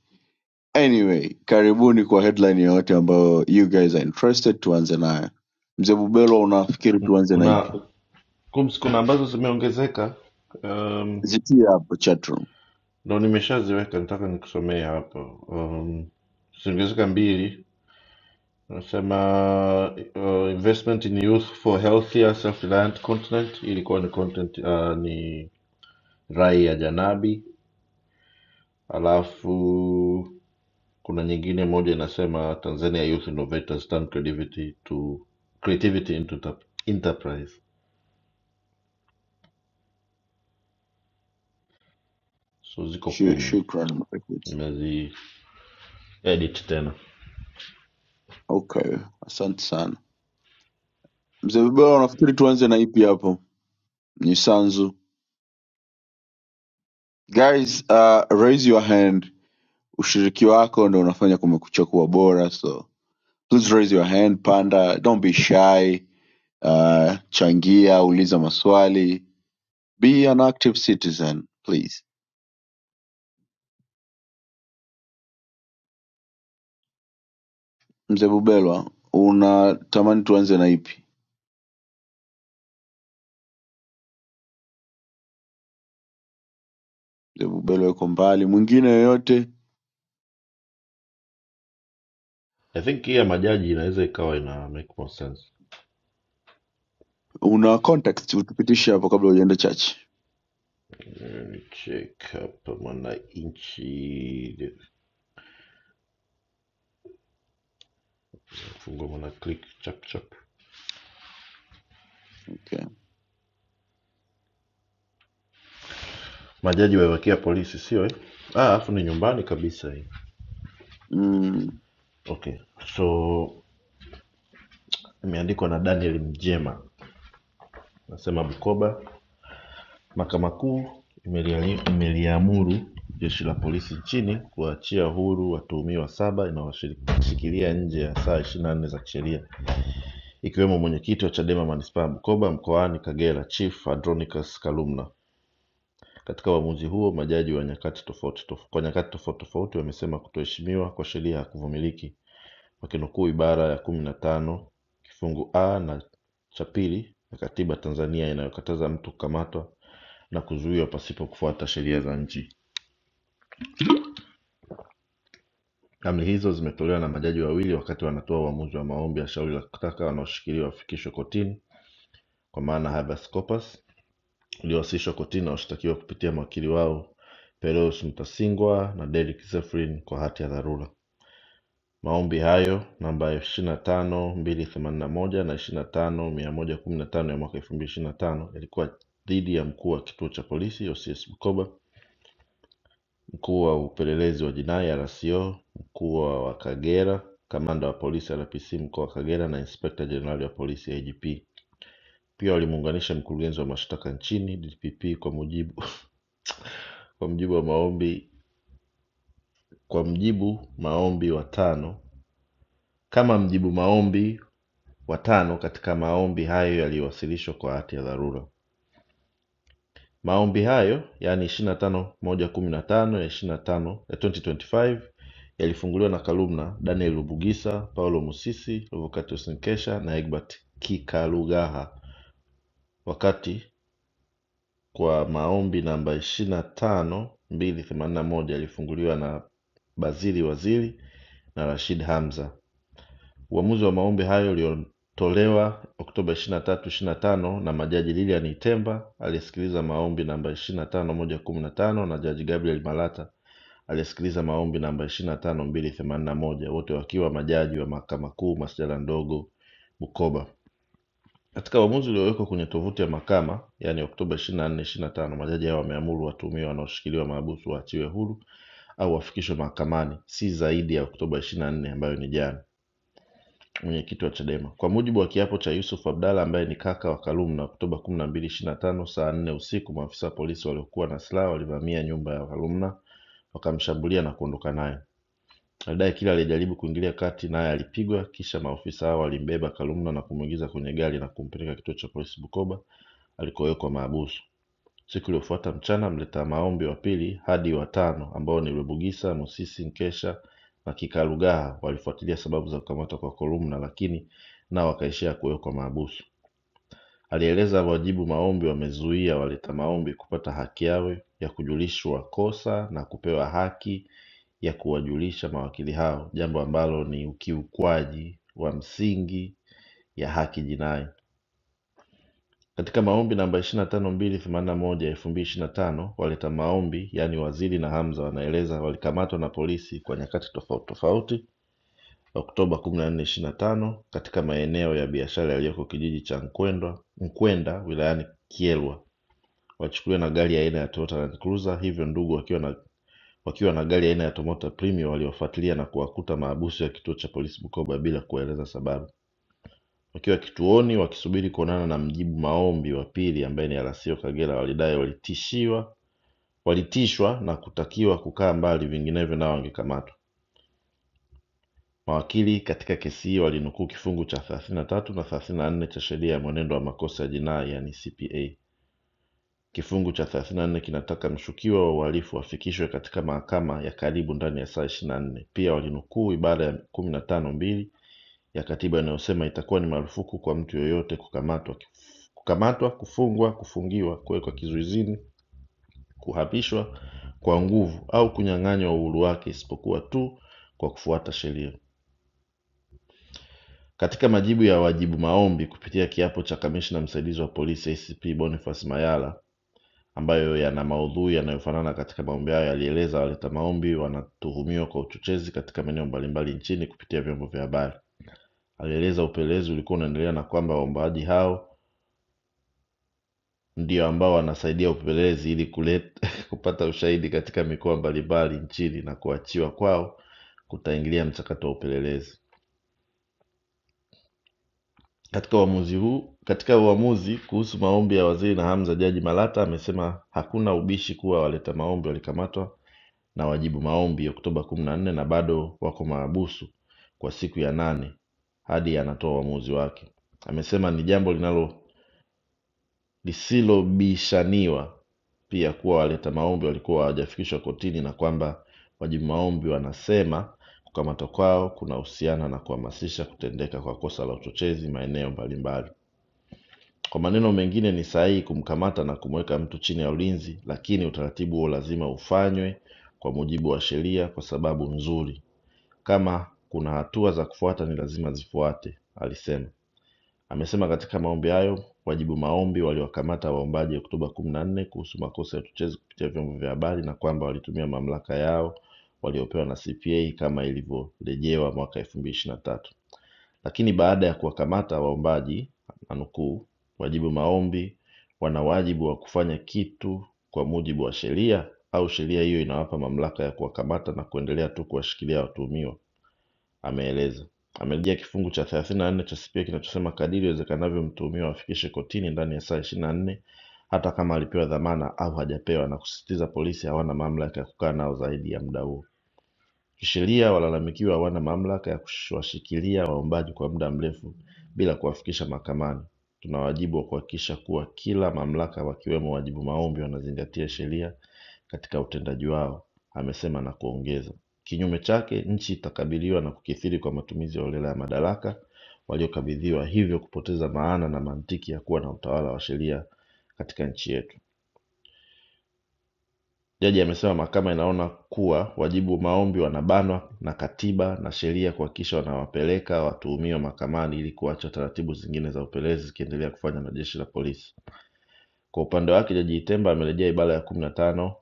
Anyway, karibuni kwa headline yoyote ambayo you guys are interested, tuanze nayo. Mzee Bubelwa, unafikiri tuanze na kuna ipi? kums, kuna ambazo zimeongezeka um, Zitia hapo chatroom. ndo nimeshaziweka, nataka nikusomee hapo um, zimeongezeka mbili. Nasema uh, investment in youth for healthier self-reliant continent, ilikuwa ni content uh, ni rai ya Janabi, alafu Kuna nyingine moja inasema Tanzania Youth Innovators Turn Creativity to Creativity into tap- Enterprise. So ziko Shu- kumi, Shukran mtafiti. nimezi edit tena. Okay, asante sana mzee Bibora. Nafikiri tuanze na ipi hapo? Ni Sanzu. Guys, uh, raise your hand. Ushiriki wako ndo unafanya kumekucha kuwa bora, so please raise your hand. Panda, don't be shy. Uh, changia, uliza maswali, be an active citizen please. Mzee Bubelwa, unatamani tuanze na ipi? Mzee Bubelwa yuko mbali. Mwingine yoyote I think hii ya majaji inaweza ikawa ina make more sense. una context utupitishe hapo kabla hujaenda church. Eh, ni Check hapa Mwananchi, fungua mwana click chap chap. Okay. Majaji waiwekea polisi, sio eh? Ah, alafu ni nyumbani kabisa hii. Mm, Okay, so imeandikwa na Daniel Mjema, nasema Bukoba Mahakama Kuu imeliamuru Jeshi la Polisi nchini kuwaachia huru watuhumiwa saba inayowashikilia nje ya saa ishirini na nne za kisheria ikiwemo Mwenyekiti wa Chadema Manispaa ya Bukoba mkoani Kagera Chief Andronicus Kalumna. Katika uamuzi huo majaji wa nyakati tofauti tof- kwa nyakati tofauti tofauti wamesema kutoheshimiwa kwa sheria hakuvumiliki wakinukuu ibara ya kumi na tano kifungu a na cha pili ya katiba Tanzania inayokataza mtu kukamatwa na kuzuiwa pasipo kufuata sheria za nchi. Amri hizo zimetolewa na majaji wawili wakati wanatoa uamuzi wa maombi ya shauri la kutaka wanaoshikiliwa wafikishwe kotini kwa maana habeas corpus uliowasilishwa kotini na washtakiwa kupitia mawakili wao Pereus Mutasingwa na Derrick Zephyrin kwa hati ya dharura. Maombi hayo namba 25281 na 25115 ya mwaka 2025 yalikuwa dhidi ya mkuu wa kituo cha polisi OCS Bukoba Mkuu wa Upelelezi wa Jinai RCO Mkoa wa Kagera Kamanda wa Polisi RPC Mkoa wa Kagera na Inspekta Jenerali wa Polisi IGP pia walimuunganisha Mkurugenzi wa Mashtaka nchini DPP kwa mujibu, kwa mujibu wa maombi kwa mjibu maombi watano kama mjibu maombi watano katika maombi hayo yaliyowasilishwa kwa hati ya dharura. Maombi hayo yaani ishirini na tano moja kumi na tano ya ishirini na tano ya 2025 yalifunguliwa na Kalumna, Daniel Rubugisa, Paulo Musisi, Revocatus Nkesha na Egbert Kikalugaha wakati kwa maombi namba ishirini na tano mbili themanini na moja yalifunguliwa na Bazili Waziri na Rashid Hamza. Uamuzi wa maombi hayo uliotolewa Oktoba 23, 25 na tano na majaji Lilian Itemba aliyesikiliza maombi namba 25115 na tano moja kumi na tano na Jaji Gabriel Malata aliyesikiliza maombi namba 25281 wote wakiwa majaji wa Mahakama Kuu Masjala Ndogo Bukoba. Katika uamuzi uliowekwa kwenye tovuti ya mahakama, yaani Oktoba 24, 25, majaji hao wameamuru watuhumiwa wanaoshikiliwa mahabusu waachiwe huru au wafikishwe mahakamani si zaidi ya Oktoba 24 ambayo ni jana mwenyekiti wa Chadema. Kwa mujibu wa kiapo cha Yusuf Abdalla ambaye ni kaka wa Kalume, na Oktoba 12, 25 saa 4 usiku, maafisa wa polisi waliokuwa na silaha walivamia nyumba ya Kalumna wakamshambulia na kuondoka naye. Baadaye kila aliyejaribu kuingilia kati naye alipigwa, kisha maofisa hao walimbeba Kalumna na kumwingiza kwenye gari na kumpeleka kituo cha polisi Bukoba alikowekwa mahabusu. Siku iliyofuata mchana mleta maombi wa pili hadi wa tano ambao ni Rwebugisa, Musisi, Nkesha na Kikalugaha walifuatilia sababu za kukamatwa kwa Kolumna lakini nao wakaishia kuwekwa mahabusu. Alieleza wajibu maombi wamezuia waleta maombi kupata haki yao ya kujulishwa kosa na kupewa haki ya kuwajulisha mawakili hao, jambo ambalo ni ukiukwaji wa msingi ya haki jinai. Katika maombi namba 25281 ya 2025 waleta maombi yaani Waziri na Hamza wanaeleza walikamatwa na polisi kwa nyakati tofauti tofauti Oktoba 14, 25 katika maeneo ya biashara yaliyoko kijiji cha Nkwendwa, Nkwenda wilayani Kyerwa wachukuliwa na gari aina ya Toyota Land Cruiser, hivyo ndugu wakiwa na wakiwa na gari aina ya Toyota Premio waliwafuatilia na kuwakuta maabusu ya kituo cha polisi Bukoba bila kuwaeleza sababu. Wakiwa kituoni wakisubiri kuonana na mjibu maombi wa pili ambaye ni RC Kagera walidai walitishiwa walitishwa na kutakiwa kukaa mbali vinginevyo nao wangekamatwa. Mawakili katika kesi hiyo walinukuu kifungu cha 33 na 34 cha sheria ya mwenendo wa makosa ya jinai yani CPA. Kifungu cha 34 kinataka mshukiwa wa uhalifu afikishwe katika mahakama ya karibu ndani ya saa 24. Pia walinukuu ibara ya 15 mbili ya katiba inayosema itakuwa ni marufuku kwa mtu yoyote kukamatwa, kukamatwa, kufungwa, kufungiwa, kuwekwa kizuizini, kuhamishwa kwa nguvu au kunyang'anywa uhuru wake isipokuwa tu kwa kufuata sheria. Katika majibu ya wajibu maombi kupitia kiapo cha kamishna msaidizi wa polisi ACP Boniface Mayala ambayo yana maudhui yanayofanana katika maombi hayo, yalieleza waleta maombi wanatuhumiwa kwa uchochezi katika maeneo mbalimbali nchini kupitia vyombo vya habari. Alieleza upelelezi ulikuwa unaendelea na kwamba waombaji hao ndio ambao wanasaidia upelelezi ili kuleta, kupata ushahidi katika mikoa mbalimbali nchini na kuachiwa kwao kutaingilia mchakato wa upelelezi. Katika uamuzi huu, katika uamuzi kuhusu maombi ya Waziri na Hamza, Jaji Malata amesema hakuna ubishi kuwa waleta maombi walikamatwa na wajibu maombi Oktoba kumi na nne na bado wako mahabusu kwa siku ya nane hadi anatoa uamuzi wake. Amesema ni jambo linalo lisilobishaniwa pia kuwa waleta maombi walikuwa hawajafikishwa kotini na kwamba wajibu maombi wanasema kukamatwa kwao kunahusiana na kuhamasisha kutendeka kwa kosa la uchochezi maeneo mbalimbali. Kwa maneno mengine, ni sahihi kumkamata na kumweka mtu chini ya ulinzi, lakini utaratibu huo lazima ufanywe kwa mujibu wa sheria kwa sababu nzuri. Kama kuna hatua za kufuata, ni lazima zifuate, alisema. Amesema katika maombi hayo wajibu maombi waliowakamata waombaji Oktoba kumi na nne kuhusu makosa ya uchochezi kupitia vyombo vya habari na kwamba walitumia mamlaka yao waliopewa na CPA kama ilivyorejewa mwaka elfu mbili ishirini na tatu. Lakini baada ya kuwakamata waombaji, nanukuu, wajibu maombi wana wajibu wa kufanya kitu kwa mujibu wa sheria au sheria hiyo inawapa mamlaka ya kuwakamata na kuendelea tu kuwashikilia watuhumiwa ameeleza. Amerejea kifungu cha 34 cha CPA kinachosema kadiri iwezekanavyo mtuhumiwa afikishe kotini ndani ya saa 24 hata kama alipewa dhamana au hajapewa, na kusisitiza polisi hawana mamlaka ya kukaa nao zaidi ya muda huo. Kisheria walalamikiwa hawana mamlaka ya kuwashikilia waombaji kwa muda mrefu bila kuwafikisha mahakamani Tuna wajibu wa kuhakikisha kuwa kila mamlaka wakiwemo wajibu maombi wanazingatia sheria katika utendaji wao, amesema na kuongeza. Kinyume chake, nchi itakabiliwa na kukithiri kwa matumizi ya holela ya madaraka waliokabidhiwa, hivyo kupoteza maana na mantiki ya kuwa na utawala wa sheria katika nchi yetu. Jaji amesema Mahakama inaona kuwa wajibu maombi wanabanwa na Katiba na sheria kuhakikisha wanawapeleka watuhumiwa mahakamani ili kuacha taratibu zingine za upelelezi zikiendelea kufanywa na Jeshi la Polisi. Kwa upande wake, Jaji Itemba amerejea ibara ya kumi na tano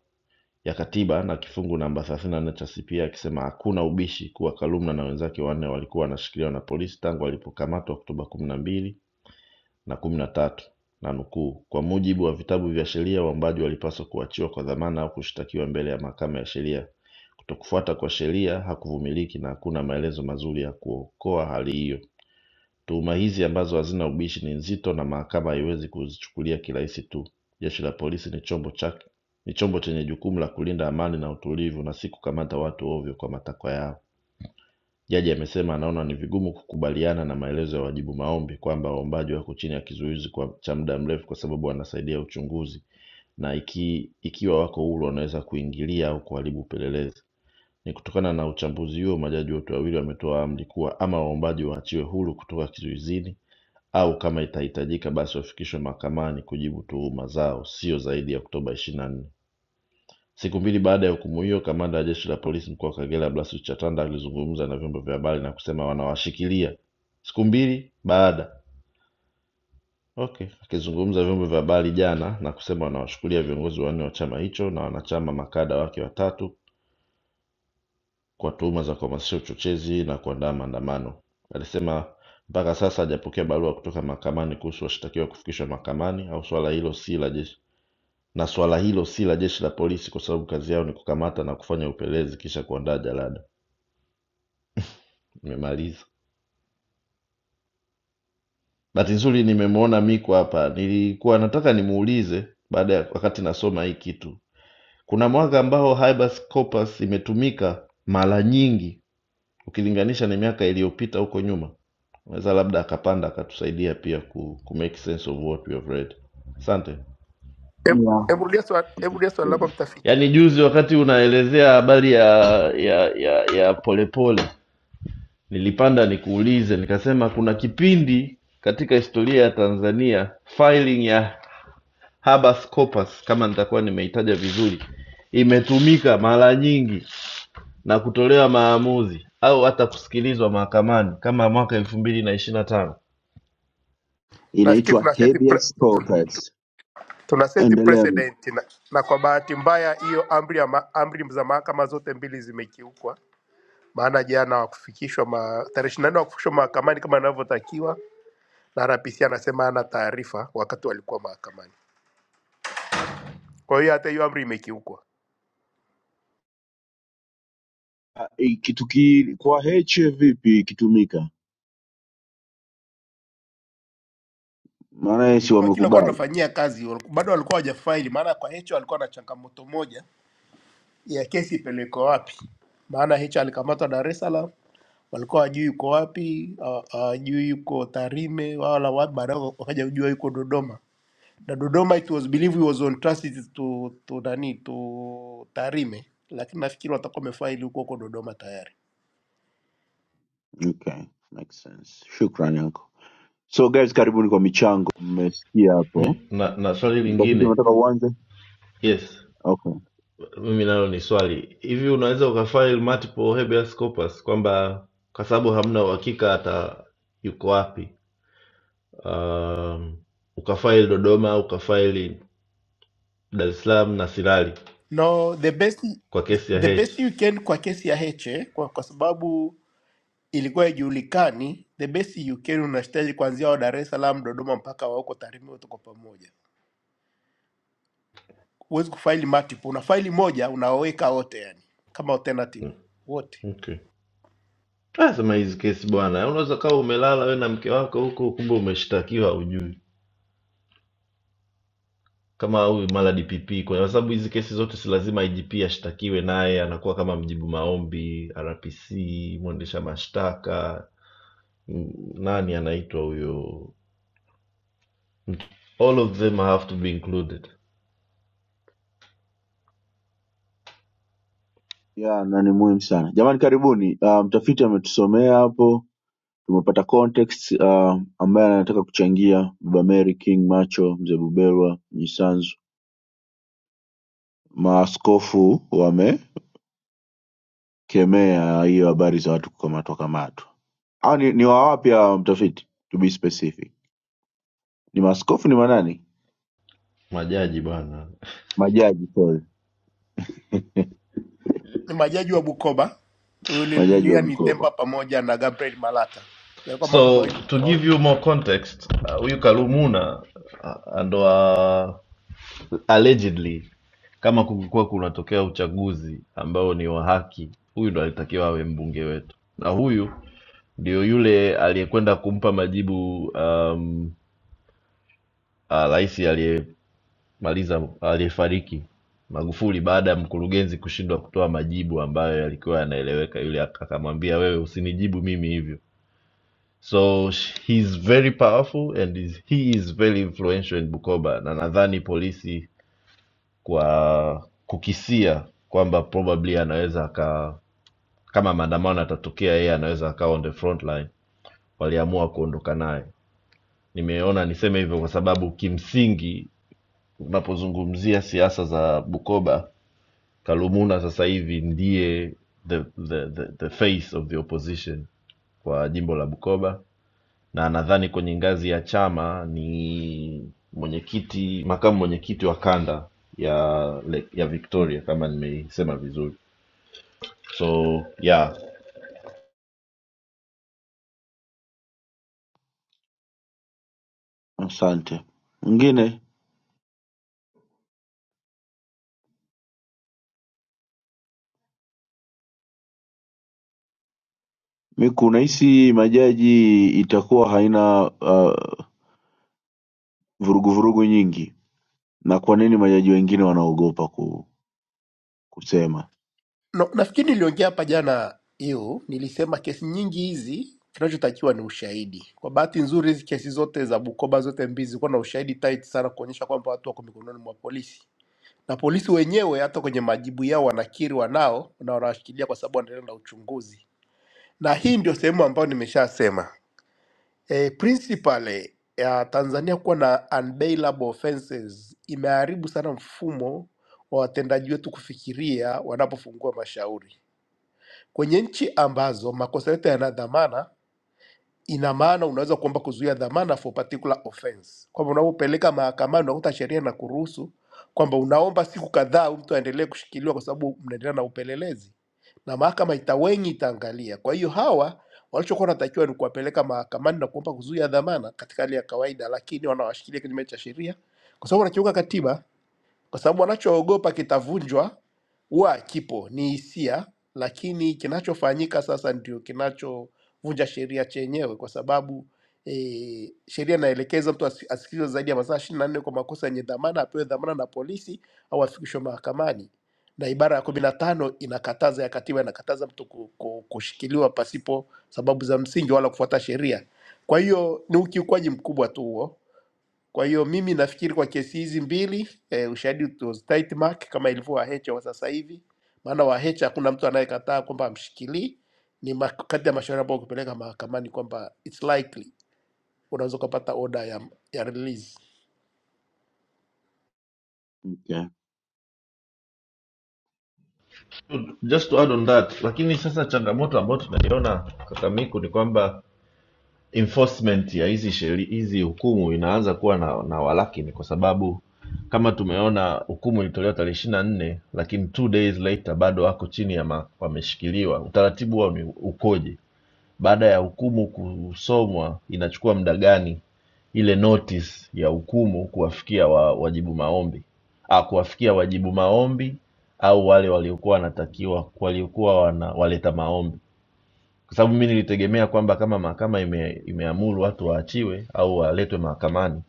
ya Katiba na kifungu namba 34 cha CPA akisema hakuna ubishi kuwa Kalumna na wenzake wanne walikuwa wanashikiliwa na polisi tangu walipokamatwa Oktoba kumi na mbili na kumi na tatu nanukuu kwa mujibu wa vitabu vya sheria waombaji walipaswa kuachiwa kwa dhamana au kushtakiwa mbele ya mahakama ya sheria kutokufuata kwa sheria hakuvumiliki na hakuna maelezo mazuri ya kuokoa hali hiyo tuhuma hizi ambazo hazina ubishi ni nzito na mahakama haiwezi kuzichukulia kirahisi tu jeshi la polisi ni chombo chake ni chombo chenye jukumu la kulinda amani na utulivu na si kukamata watu ovyo kwa matakwa yao Jaji amesema anaona ni vigumu kukubaliana na maelezo ya wajibu maombi kwamba waombaji wako chini ya kizuizi kwa cha muda mrefu kwa sababu wanasaidia uchunguzi na iki, ikiwa wako huru wanaweza kuingilia au kuharibu upelelezi. Ni kutokana na uchambuzi huo, majaji wote wawili wametoa amri kuwa ama waombaji waachiwe huru kutoka kizuizini au kama itahitajika basi wafikishwe mahakamani kujibu tuhuma zao, sio zaidi ya Oktoba 24. Siku mbili baada ya hukumu hiyo, kamanda wa jeshi la polisi mkoa wa Kagera Blasius Chatanda alizungumza na vyombo vya habari na kusema wanawashikilia siku mbili baada okay. Akizungumza vyombo vya habari jana na kusema wanawashikilia viongozi wanne wa chama hicho na wanachama makada wake watatu kwa tuhuma za kuhamasisha uchochezi na kuandaa maandamano. Alisema mpaka sasa hajapokea barua kutoka mahakamani kuhusu washtakiwa kufikishwa mahakamani au swala hilo si la jeshi na swala hilo si la jeshi la polisi, kwa sababu kazi yao ni kukamata na kufanya upelelezi kisha kuandaa jalada. Nimemaliza. Bahati nzuri nimemwona Miko hapa. Nilikuwa nataka nimuulize baada ya wakati nasoma hii kitu. Kuna mwaka ambao habeas corpus imetumika mara nyingi ukilinganisha na miaka iliyopita huko nyuma. Naweza labda akapanda akatusaidia pia ku, ku make sense of what we have read. Asante. Hebu yeah. hebu rudia swali hebu rudia swali lako mtafiti. Yaani juzi wakati unaelezea habari ya ya ya ya Polepole nilipanda nikuulize, nikasema kuna kipindi katika historia ya Tanzania filing ya habeas corpus kama nitakuwa nimeitaja vizuri imetumika mara nyingi na kutolewa maamuzi au hata kusikilizwa mahakamani kama mwaka elfu mbili na ishirini na tano Nafikiri Inaitwa tuna seti pre, habeas corpus. tuna seti Endelea. Miku. precedent na, na kwa bahati mbaya hiyo amri ya ma, amri za mahakama zote mbili zimekiukwa, maana jana hawakufikishwa ma, tarehe 24 hawakufikishwa mahakamani kama inavyotakiwa na RPC anasema hana taarifa wakati walikuwa mahakamani. Kwa hiyo hata hiyo amri imekiukwa. Ah, hii Kitu ki kwa H vipi ikitumika? Marais Wakili walikuwa wamekubali. wanafanyia kazi wal- bado walikuwa hawajafaili, maana kwa hicho walikuwa na changamoto moja ya kesi ipelekwe wapi, maana hicho alikamatwa Dar es Salaam, walikuwa wajui yuko wapi, hawa- hawajui yuko Tarime wala wapi, baadaye wakaja kujua yuko Dodoma na Dodoma it was believed he was on transit to, to nani to Tarime, lakini nafikiri watakuwa wamefaili huko huko Dodoma tayari. Okay, makes sense. Shukrani yako. So guys, karibuni kwa michango. Mmesikia hapo. Mi- na, na swali Mtafiti lingine unataka uanze? yes Okay. mimi nalo ni swali hivi unaweza ukafile multiple habeas corpus kwamba kwa sababu hamna uhakika hata yuko wapi um, ukafaili dodoma ukafaili dar es salaam na sirali No, the best kwa the, kesi ya the h best you can kwa kesi ya Heche kwa, kwa sababu ilikuwa haijulikani, the best you can unastahili kuanzia wa Dar es Salaam, Dodoma mpaka wa huko Tarime wote kwa pamoja. huwezi kufaili multiple, una faili moja unaweka wote, yani kama alternative Mm, wote. okay Ah, Sema hizi kesi bwana, unaweza kawa umelala wewe na mke wako huko, kumbe umeshtakiwa hujui, kama huyu mara DPP, kwa sababu hizi kesi zote si lazima IGP ashtakiwe, naye anakuwa kama mjibu maombi, RPC, mwendesha mashtaka, m- nani anaitwa huyo, all of them have to be included, Yeah, na ni muhimu sana. Jamani karibuni. Uh, mtafiti ametusomea hapo. Tumepata context uh, ambaye anataka kuchangia Baba Mary King Macho, Mzee Buberwa, Nyisanzu maaskofu wamekemea hiyo habari za watu kukamatwa kamatwa au ni, ni wa wapi hawa mtafiti to be specific ni maaskofu ni manani majaji bwana. majaji sorry Ni majaji wa Bukoba, huyu majaji wa Lilia mikoba Mitemba pamoja na Gabriel Malata, yalikuwa mambo So mawili to give tofauti. you more context, uh, huyu Kalumuna uh, ndo allegedly kama kungekuwa kunatokea uchaguzi ambao ni wa haki huyu ndo alitakiwa awe mbunge wetu na huyu ndio yule aliyekwenda kumpa majibu um, ah, rais aliyemaliza aliyefariki magufuli baada ya mkurugenzi kushindwa kutoa majibu ambayo yalikuwa yanaeleweka yule ak- akamwambia wewe usinijibu mimi hivyo so sh- he is very powerful and is, he is very influential in bukoba na nadhani polisi kwa kukisia kwamba probably anaweza aka kama maandamano yatatokea yeye anaweza akawa on the front line waliamua kuondoka naye nimeona niseme hivyo kwa sababu kimsingi unapozungumzia siasa za bukoba kalumuna sasa hivi ndiye the, the, the, the face of the opposition kwa jimbo la bukoba na nadhani kwenye ngazi ya chama ni mwenyekiti makamu mwenyekiti wa kanda ya ya victoria kama nimeisema vizuri so yeah asante mwingine miku unahisi majaji itakuwa haina uh, vurugu vurugu nyingi na kwa nini majaji wengine wanaogopa ku, kusema No, nafikiri niliongea hapa jana hiyo, nilisema kesi nyingi hizi kinachotakiwa ni ushahidi. Kwa bahati nzuri, hizi kesi zote za Bukoba zote mbili zilikuwa na ushahidi tight sana kuonyesha kwamba watu wako mikononi mwa polisi, na polisi wenyewe hata kwenye majibu yao wanakiri wanao na wanawashikilia kwa sababu wanaendelea na uchunguzi na hii ndio sehemu ambayo nimeshasema e, principally ya Tanzania kuwa na unbailable offenses imeharibu sana mfumo wa watendaji wetu kufikiria wanapofungua mashauri kwenye nchi ambazo makosa yote yana dhamana ina maana unaweza kuomba kuzuia dhamana for particular offense, kwamba unapopeleka mahakamani unakuta sheria inakuruhusu kwamba unaomba siku kadhaa huyu mtu aendelee kushikiliwa kwa sababu mnaendelea na upelelezi na mahakama itawenyi itaangalia. Kwa hiyo hawa walichokuwa wanatakiwa ni kuwapeleka mahakamani na kuomba kuzuia dhamana katika hali ya kawaida, lakini wanawashikilia kinyume cha sheria kwa sababu wanakiuka katiba kwa sababu wanachoogopa kitavunjwa huwa kipo, ni hisia, lakini kinachofanyika sasa ndio kinachovunja sheria chenyewe, kwa sababu e, sheria inaelekeza mtu asi- asikilizwe zaidi ya masaa ishirini na nne kwa makosa yenye dhamana, apewe dhamana na polisi au afikishwe mahakamani, na ibara ya kumi na tano inakataza ya katiba inakataza mtu ku- ku- kushikiliwa pasipo sababu za msingi wala kufuata sheria. Kwa hiyo ni ukiukwaji mkubwa tu huo kwa hiyo mimi nafikiri kwa kesi hizi mbili eh, ushahidi it was tight mark kama ilivyo Wahecha wa sasa hivi, maana Wahecha hakuna mtu anayekataa kwamba amshikilii. Ni ma- kati ya mashauri ambayo ukipeleka mahakamani kwamba it's likely unaweza ukapata order ya, ya release. okay. just to add on that lakini sasa changamoto ambayo tunaiona kakamiku ni kwamba enforcement ya hizi sheri hizi hukumu inaanza kuwa na, na walakini kwa sababu kama tumeona hukumu ilitolewa tarehe ishiri na nne lakini two days later bado wako chini ya ma, wameshikiliwa utaratibu wao ni ukoje baada ya hukumu kusomwa inachukua muda gani ile notice ya hukumu kuwafikia wa, wajibu maombi ah, kuwafikia wajibu maombi au wale waliokuwa wanatakiwa waliokuwa wana, waleta maombi kwa sababu mi nilitegemea kwamba kama mahakama ime, imeamuru watu waachiwe au waletwe mahakamani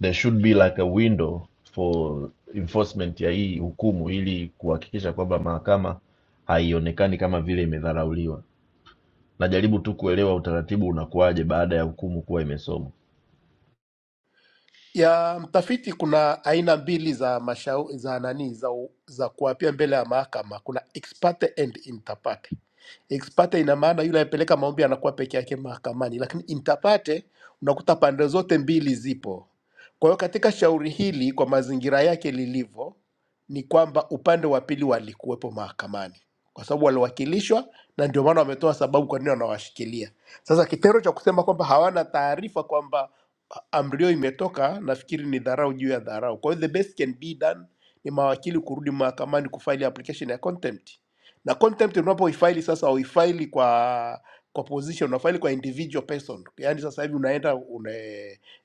there should be like a window for enforcement ya hii hukumu ili kuhakikisha kwamba mahakama haionekani kama vile imedharauliwa najaribu tu kuelewa utaratibu unakuwaje baada ya hukumu kuwa imesomwa ya mtafiti kuna aina mbili za mashau, za nani za, u- za kuapia mbele ya mahakama. Kuna ex parte and inter parte. Ex parte ina maana yule anayepeleka maombi anakuwa peke yake mahakamani, lakini inter parte unakuta pande zote mbili zipo. Kwa hiyo katika shauri hili, kwa mazingira yake lilivyo, ni kwamba upande wa pili walikuwepo mahakamani kwa sababu waliwakilishwa, na ndio maana wametoa sababu kwa nini wanawashikilia. Sasa kitendo cha kusema kwamba hawana taarifa kwamba amri hiyo imetoka, nafikiri ni dharau juu ya dharau. Kwa hiyo the best can be done ni mawakili kurudi mahakamani kufaili application ya contempt, na contempt unapoifaili sasa, uifaili kwa kwa position, unafaili kwa individual person. Yani sasa hivi unaenda una,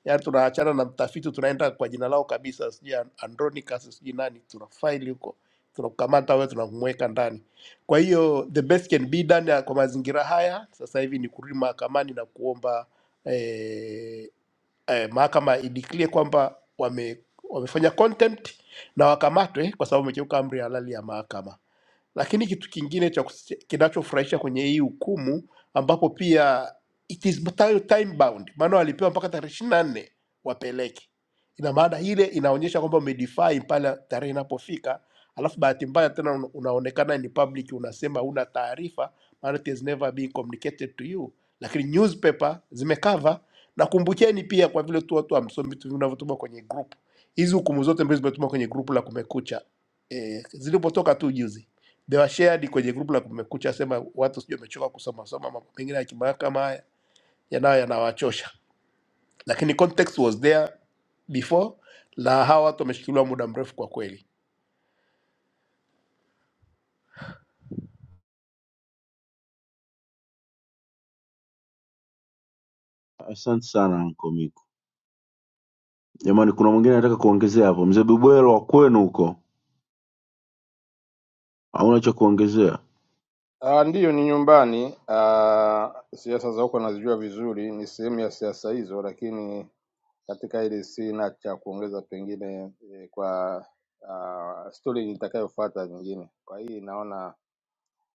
yani tunaachana na mtafiti, tunaenda kwa jina lao kabisa, sijui An- Andronicus sijui nani, tunafaili huko, tunakukamata wewe, tunamweka ndani. Kwa hiyo the best can be done ya- kwa mazingira haya sasa hivi ni kurudi mahakamani na kuomba eh, eh, mahakama ideclare kwamba wame, wamefanya contempt na wakamatwe kwa sababu wamekiuka amri halali ya mahakama. Lakini kitu kingine cha kusi- kinachofurahisha kwenye hii hukumu ambapo pia it is time time bound, maana walipewa mpaka tarehe ishirini na nne wapeleke. Ina maana ile inaonyesha kwamba umedefy pale tarehe inapofika, alafu bahati mbaya tena una- unaonekana ni public, unasema huna taarifa, maana it has never been communicated to you, lakini newspaper zimecover. Na kumbukeni pia, kwa vile tu watu hamsomi vitu vinavyotuma kwenye group, hizi hukumu zote mbili zimetuma kwenye group la Kumekucha eh, zilipotoka tu juzi they were shared kwenye grupu la kumekucha sema watu sijui wamechoka kusoma soma mambo mengine ya kimahakama haya yanayo yanawachosha lakini context was there before na hawa watu wameshikiliwa muda mrefu kwa kweli asante sana anko miku jamani kuna mwingine anataka kuongezea hapo mzee bubwero wa kwenu huko hauna cha kuongezea Ah, ndiyo ni nyumbani. Ah, siasa za huko nazijua vizuri, ni sehemu ya siasa hizo, lakini katika ile sina cha kuongeza pengine eh, kwa ah, story nitakayofuata nyingine. Kwa hii naona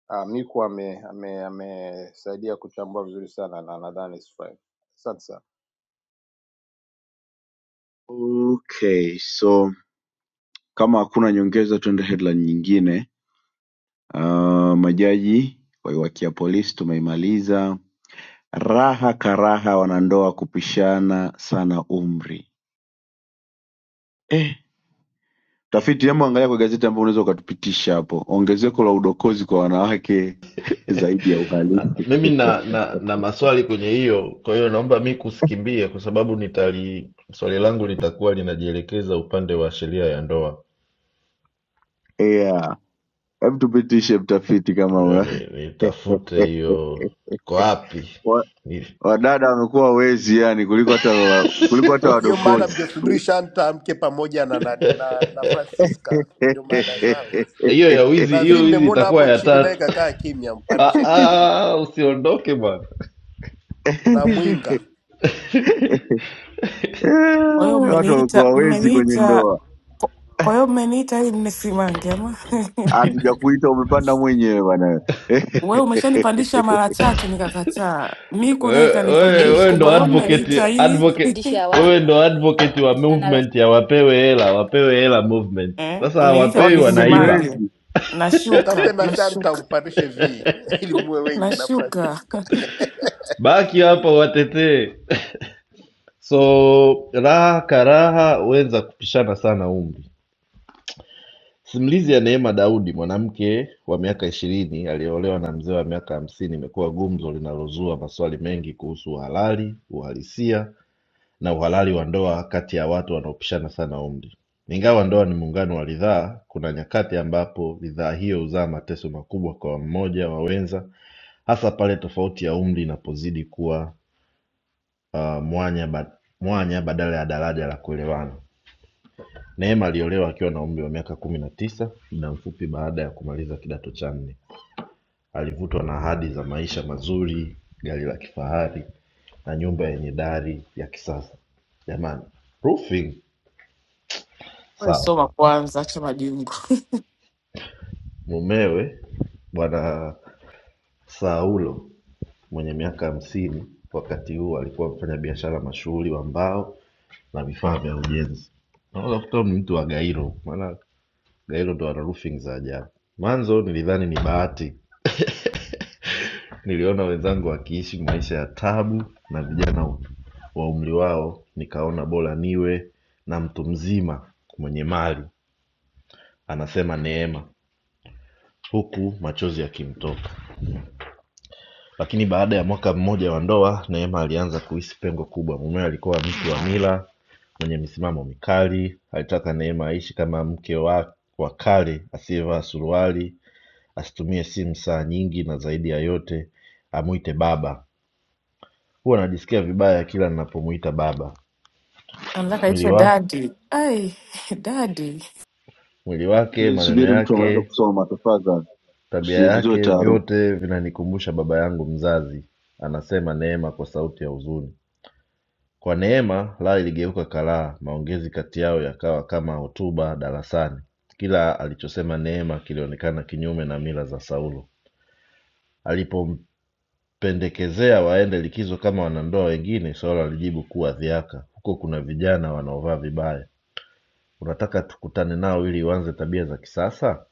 ah, Miku amesaidia ame, ame amesaidia kuchambua vizuri sana na nadhani sifai. Asante sana. okay so kama hakuna nyongeza tuende headline nyingine uh, majaji waiwakia polisi tumeimaliza raha karaha wanandoa kupishana sana umri eh. tafiti hebu angalia kwa gazeti ambayo unaweza ukatupitisha hapo ongezeko la udokozi kwa wanawake zaidi ya Na- uhalifu mimi na, na na maswali kwenye hiyo kwa hiyo naomba mi kusikimbie kwa sababu nitali swali langu litakuwa linajielekeza upande wa sheria ya ndoa yeah. hebu tupitishe mtafiti kama una yani nitafute hiyo iko wapi Wa- Ni- wadada wamekuwa wezi yani kuliko hata wa, kuliko hata hiyo mada wadokozi mngesubiri shanta amke pamoja na nani na, na francisca ndio mada zao hizi hiyo ya wizi na hiyo vi wizi nimemwona itakuwa hapo ya chini naye tatu kakaa kimya Ah, mpandisheni na vi ah, usiondoke bwana na mwinga Kwa hiyo watu mmeniita wamekuwa wezi kwenye mmeniita ndoa, kwa kwa hiyo mmeniita ili mnisimange ama hatujakuita umepanda mwenyewe bana. wewe umeshanipandisha mara tatu nikakataa, Miku naye wewe wewe- Yaani wewe kanipandisha, kwa ndo kuboja hiyo advocate analazimisha mmeniita kup- ili advocate kupandisha awali, wewe ndo advocate wa movement ya wapewe hela wapewe hela movement eh, sasa mmeniita hawapewi Watu kumbe ni wanaiba mnisimange. wezi. mtafute Nashuka, na shanta nashuka, mpandishe vi ili muwe wengi na nashuka. francisca baki hapa watetee so raha karaha wenza kupishana sana umri simulizi ya neema daudi mwanamke wa miaka ishirini aliyeolewa na mzee wa miaka hamsini imekuwa gumzo linalozua maswali mengi kuhusu uhalali uhalisia na uhalali wa ndoa kati ya watu wanaopishana sana umri. Ingawa ndoa ni muungano wa ridhaa, kuna nyakati ambapo ridhaa hiyo huzaa mateso makubwa kwa mmoja wa wenza, hasa pale tofauti ya umri inapozidi kuwa uh, mwanya, ba, mwanya badala ya daraja la kuelewana. Neema aliolewa akiwa na umri wa miaka kumi na tisa, muda mfupi baada ya kumaliza kidato cha nne. Alivutwa na ahadi za maisha mazuri, gari la kifahari na nyumba yenye dari ya kisasa. Jamani, roofing Wewe sawa, soma kwanza, acha majungu. Mumewe Bwana Saulo mwenye miaka hamsini wakati huo alikuwa mfanyabiashara mashuhuri wa mbao na vifaa vya ujenzi. Unaweza kukuta huyu ni mtu wa Gairo, maana Gairo ndo ana roofing za ajabu. Mwanzo nilidhani ni bahati, niliona wenzangu wakiishi maisha ya tabu na vijana wa umri wao, nikaona bora niwe na mtu mzima mwenye mali anasema Neema, huku machozi yakimtoka. Lakini baada ya mwaka mmoja wa ndoa, Neema alianza kuhisi pengo kubwa. Mumewe alikuwa mtu wa mila, mwenye misimamo mikali. Alitaka Neema aishi kama mke wa, wa kale, asiyevaa suruali, asitumie simu saa nyingi, na zaidi ya yote amuite baba. Huwa najisikia vibaya kila ninapomuita baba. Anataka Mwili iitwe wa, dadi. Ai, dadi. mwili wake, Please maneno subiri, mtu anaweza yake, kusoma. Tafadhali tabia usivizue yake, taarufu. vyote vinanikumbusha baba yangu mzazi, anasema Neema kwa sauti ya huzuni. Kwa neema laa iligeuka kalaa maongezi kati yao yakawa kama hotuba darasani kila alichosema neema kilionekana kinyume na mila za saulo alipompendekezea waende likizo kama wanandoa wengine saulo alijibu kuwa dhiaka huko kuna vijana wanaovaa vibaya unataka tukutane nao ili uanze tabia za kisasa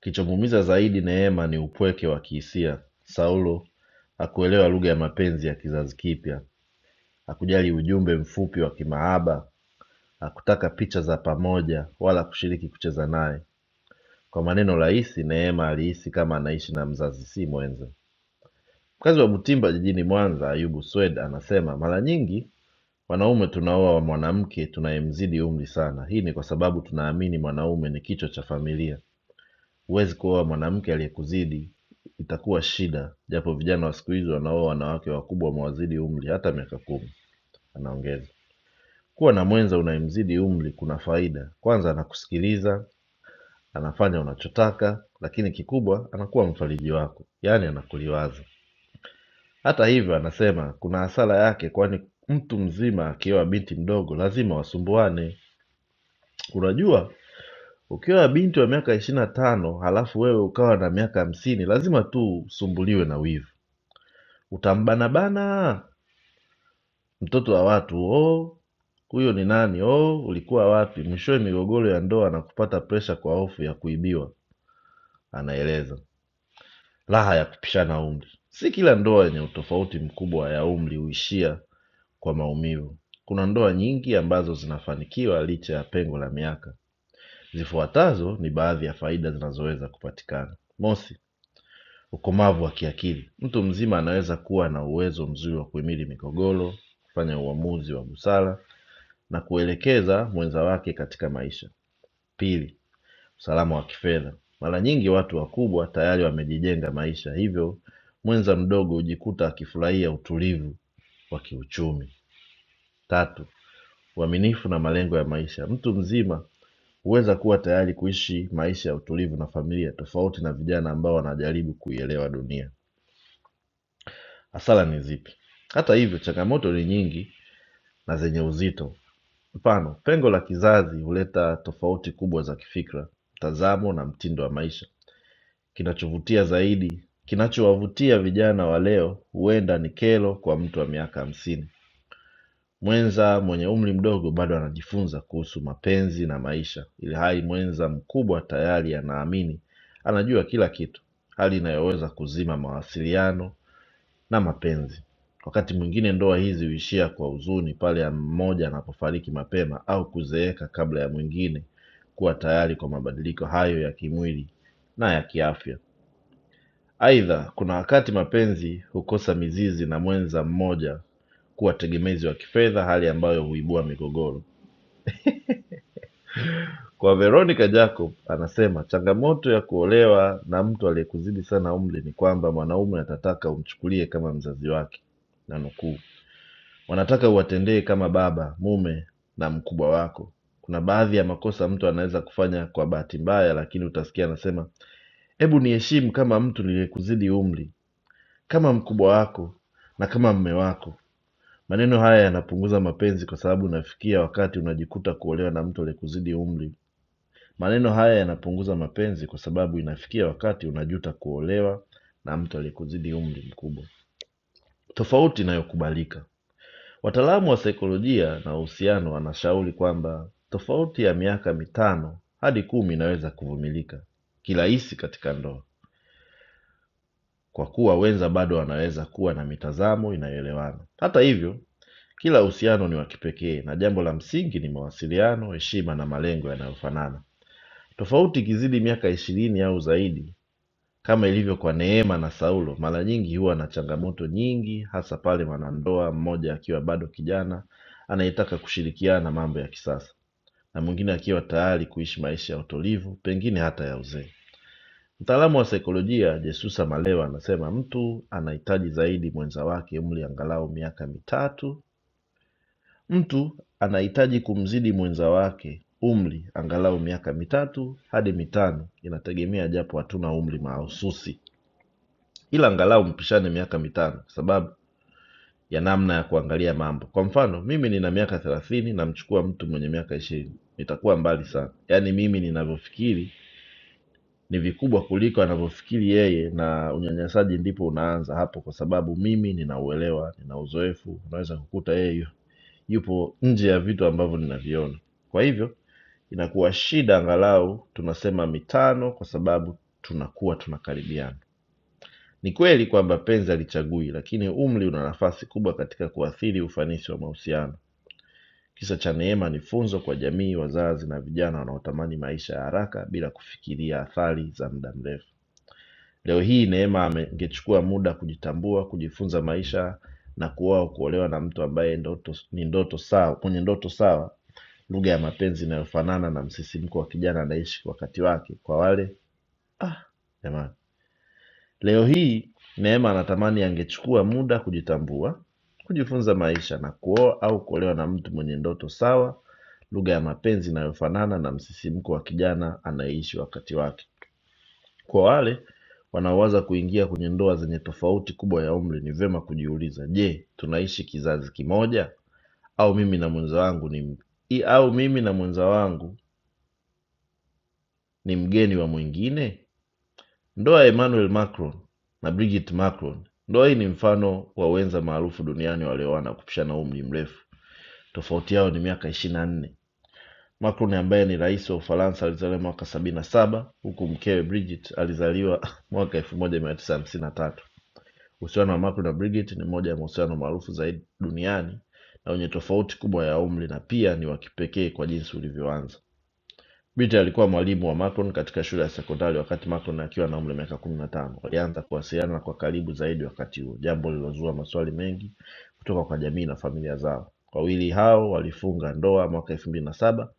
kichomuumiza zaidi neema ni upweke wa kihisia saulo hakuelewa lugha ya mapenzi ya kizazi kipya hakujali ujumbe mfupi wa kimaaba Hakutaka picha za pamoja wala kushiriki kucheza naye. Kwa maneno rahisi, Neema alihisi kama anaishi na mzazi si mwenza. Mkazi wa Butimba jijini Mwanza, Ayubu Swed anasema mara nyingi wanaume tunaoa wa mwanamke tunayemzidi umri sana. Hii ni kwa sababu tunaamini mwanaume ni kichwa cha familia. Huwezi kuoa mwanamke aliyekuzidi, itakuwa shida. Japo vijana wa siku hizi wanaoa wanawake wakubwa wamewazidi umri hata miaka kumi, anaongeza. Kuwa na mwenza unayemzidi umri kuna faida. Kwanza anakusikiliza, anafanya unachotaka lakini kikubwa anakuwa mfariji wako yaani anakuliwaza hata hivyo anasema kuna hasara yake kwani mtu mzima akioa binti mdogo lazima wasumbuane unajua ukioa binti wa miaka ishiri na tano halafu wewe ukawa na miaka hamsini lazima tu usumbuliwe na wivu utambanabana mtoto wa watu oh huyo ni nani oh ulikuwa wapi mwishowe migogoro ya ndoa na kupata presha kwa hofu ya kuibiwa anaeleza Raha ya kupishana umri. Si kila ndoa yenye utofauti mkubwa ya umri huishia kwa maumivu. Kuna ndoa nyingi ambazo zinafanikiwa licha ya pengo la miaka. Zifuatazo ni baadhi ya faida zinazoweza kupatikana. Mosi, ukomavu wa kiakili. Mtu mzima anaweza kuwa na uwezo mzuri wa kuhimili migogoro, kufanya uamuzi wa busara na kuelekeza mwenza wake katika maisha. Pili, usalama wa kifedha Mara nyingi watu wakubwa tayari wamejijenga maisha hivyo mwenza mdogo hujikuta akifurahia utulivu wa kiuchumi. Tatu, uaminifu na malengo ya maisha. Mtu mzima huweza kuwa tayari kuishi maisha ya utulivu na familia tofauti na vijana ambao wanajaribu kuielewa dunia. Hasara ni zipi? Hata hivyo, changamoto ni nyingi na zenye uzito. Mfano, pengo la kizazi huleta tofauti kubwa za kifikra, mtazamo na mtindo wa maisha. Kinachovutia zaidi kinachowavutia vijana wa leo huenda ni kero kwa mtu wa miaka hamsini mwenza mwenye umri mdogo bado anajifunza kuhusu mapenzi na maisha ilhali mwenza mkubwa tayari anaamini anajua kila kitu hali inayoweza kuzima mawasiliano na mapenzi wakati mwingine ndoa hizi huishia kwa huzuni pale mmoja anapofariki mapema au kuzeeka kabla ya mwingine kuwa tayari kwa mabadiliko hayo ya kimwili na ya kiafya Aidha kuna wakati mapenzi hukosa mizizi na mwenza mmoja kuwa tegemezi wa kifedha hali ambayo huibua migogoro. Kwa Veronica Jacob anasema changamoto ya kuolewa na mtu aliyekuzidi sana umri ni kwamba mwanaume atataka umchukulie kama mzazi wake na nukuu, wanataka uwatendee kama baba, mume na mkubwa wako. Kuna baadhi ya makosa mtu anaweza kufanya kwa bahati mbaya, lakini utasikia anasema, hebu niheshimu kama mtu niliyekuzidi umri kama mkubwa wako na kama mme wako. Maneno haya yanapunguza mapenzi kwa sababu unafikia wakati unajikuta kuolewa na mtu aliyekuzidi umri. Maneno haya yanapunguza mapenzi kwa sababu inafikia wakati unajuta kuolewa na mtu aliyekuzidi umri mkubwa. Tofauti inayokubalika. Wataalamu wa saikolojia na uhusiano wanashauri kwamba tofauti ya miaka mitano hadi kumi inaweza kuvumilika kirahisi katika ndoa, kwa kuwa wenza bado wanaweza kuwa na mitazamo inayoelewana. Hata hivyo, Kila uhusiano ni wa kipekee na jambo la msingi ni mawasiliano, heshima na malengo yanayofanana. Tofauti ikizidi miaka ishirini au zaidi, kama ilivyo kwa Neema na Saulo, mara nyingi huwa na changamoto nyingi, hasa pale mwanandoa mmoja akiwa bado kijana anayetaka kushirikiana na mambo ya kisasa na mwingine akiwa tayari kuishi maisha ya utulivu, pengine hata ya uzee. Mtaalamu wa saikolojia Jesusa Malewa anasema mtu anahitaji zaidi mwenza wake umri angalau miaka mitatu Mtu anahitaji kumzidi mwenza wake umri angalau miaka mitatu hadi mitano inategemea, japo hatuna umri mahususi, ila angalau mpishane miaka mitano kwa sababu ya namna ya kuangalia mambo. Kwa mfano mimi nina miaka thelathini, namchukua mtu mwenye miaka ishirini, nitakuwa mbali sana. Yaani mimi ninavyofikiri ni vikubwa kuliko anavyofikiri yeye, na unyanyasaji ndipo unaanza hapo, kwa sababu mimi ninauelewa, nina uzoefu, unaweza kukuta yeye yupo nje ya vitu ambavyo ninaviona. Kwa hivyo inakuwa shida angalau tunasema mitano kwa sababu tunakuwa tunakaribiana. Ni kweli kwamba penzi halichagui, lakini umri una nafasi kubwa katika kuathiri ufanisi wa mahusiano. Kisa cha Neema ni funzo kwa jamii, wazazi na vijana wanaotamani maisha ya haraka bila kufikiria athari za muda mrefu. Leo hii Neema ame- angechukua muda kujitambua, kujifunza maisha na kuoa au kuolewa na mtu ambaye ndoto, ni ndoto sawa, mwenye ndoto sawa, lugha ya mapenzi inayofanana na msisimko wa kijana anayeishi wakati wake kwa wale ah, jamani leo hii neema anatamani angechukua muda kujitambua kujifunza maisha na kuoa au kuolewa na mtu mwenye ndoto sawa lugha ya mapenzi inayofanana na msisimko wa kijana anayeishi wakati wake kwa wale wanaowaza kuingia kwenye ndoa zenye tofauti kubwa ya umri ni vyema kujiuliza je tunaishi kizazi kimoja au mimi na mwenza wangu ni i- au mimi na mwenza wangu ni mgeni wa mwingine? Ndoa ya Emmanuel Macron na Brigitte Macron. Ndoa hii ni mfano wa wenza maarufu duniani walioana kupishana umri mrefu. Tofauti yao ni miaka ishirini na nne. Macron ambaye ni rais wa Ufaransa alizaliwa mwaka sabini na saba huku mkewe Brigitte alizaliwa mwaka elfu moja mia tisa hamsini na tatu. Uhusiano wa Macron na Brigitte ni moja ya mahusiano maarufu zaidi duniani na wenye tofauti kubwa ya umri na pia ni wa kipekee kwa jinsi ulivyoanza. Bitte alikuwa mwalimu wa Macron katika shule ya sekondari wakati Macron akiwa na umri wa miaka kumi na tano. Walianza kuwasiliana kwa karibu zaidi wakati huo, jambo lililozua maswali mengi kutoka kwa jamii na familia zao. Wawili hao walifunga ndoa mwaka elfu mbili na saba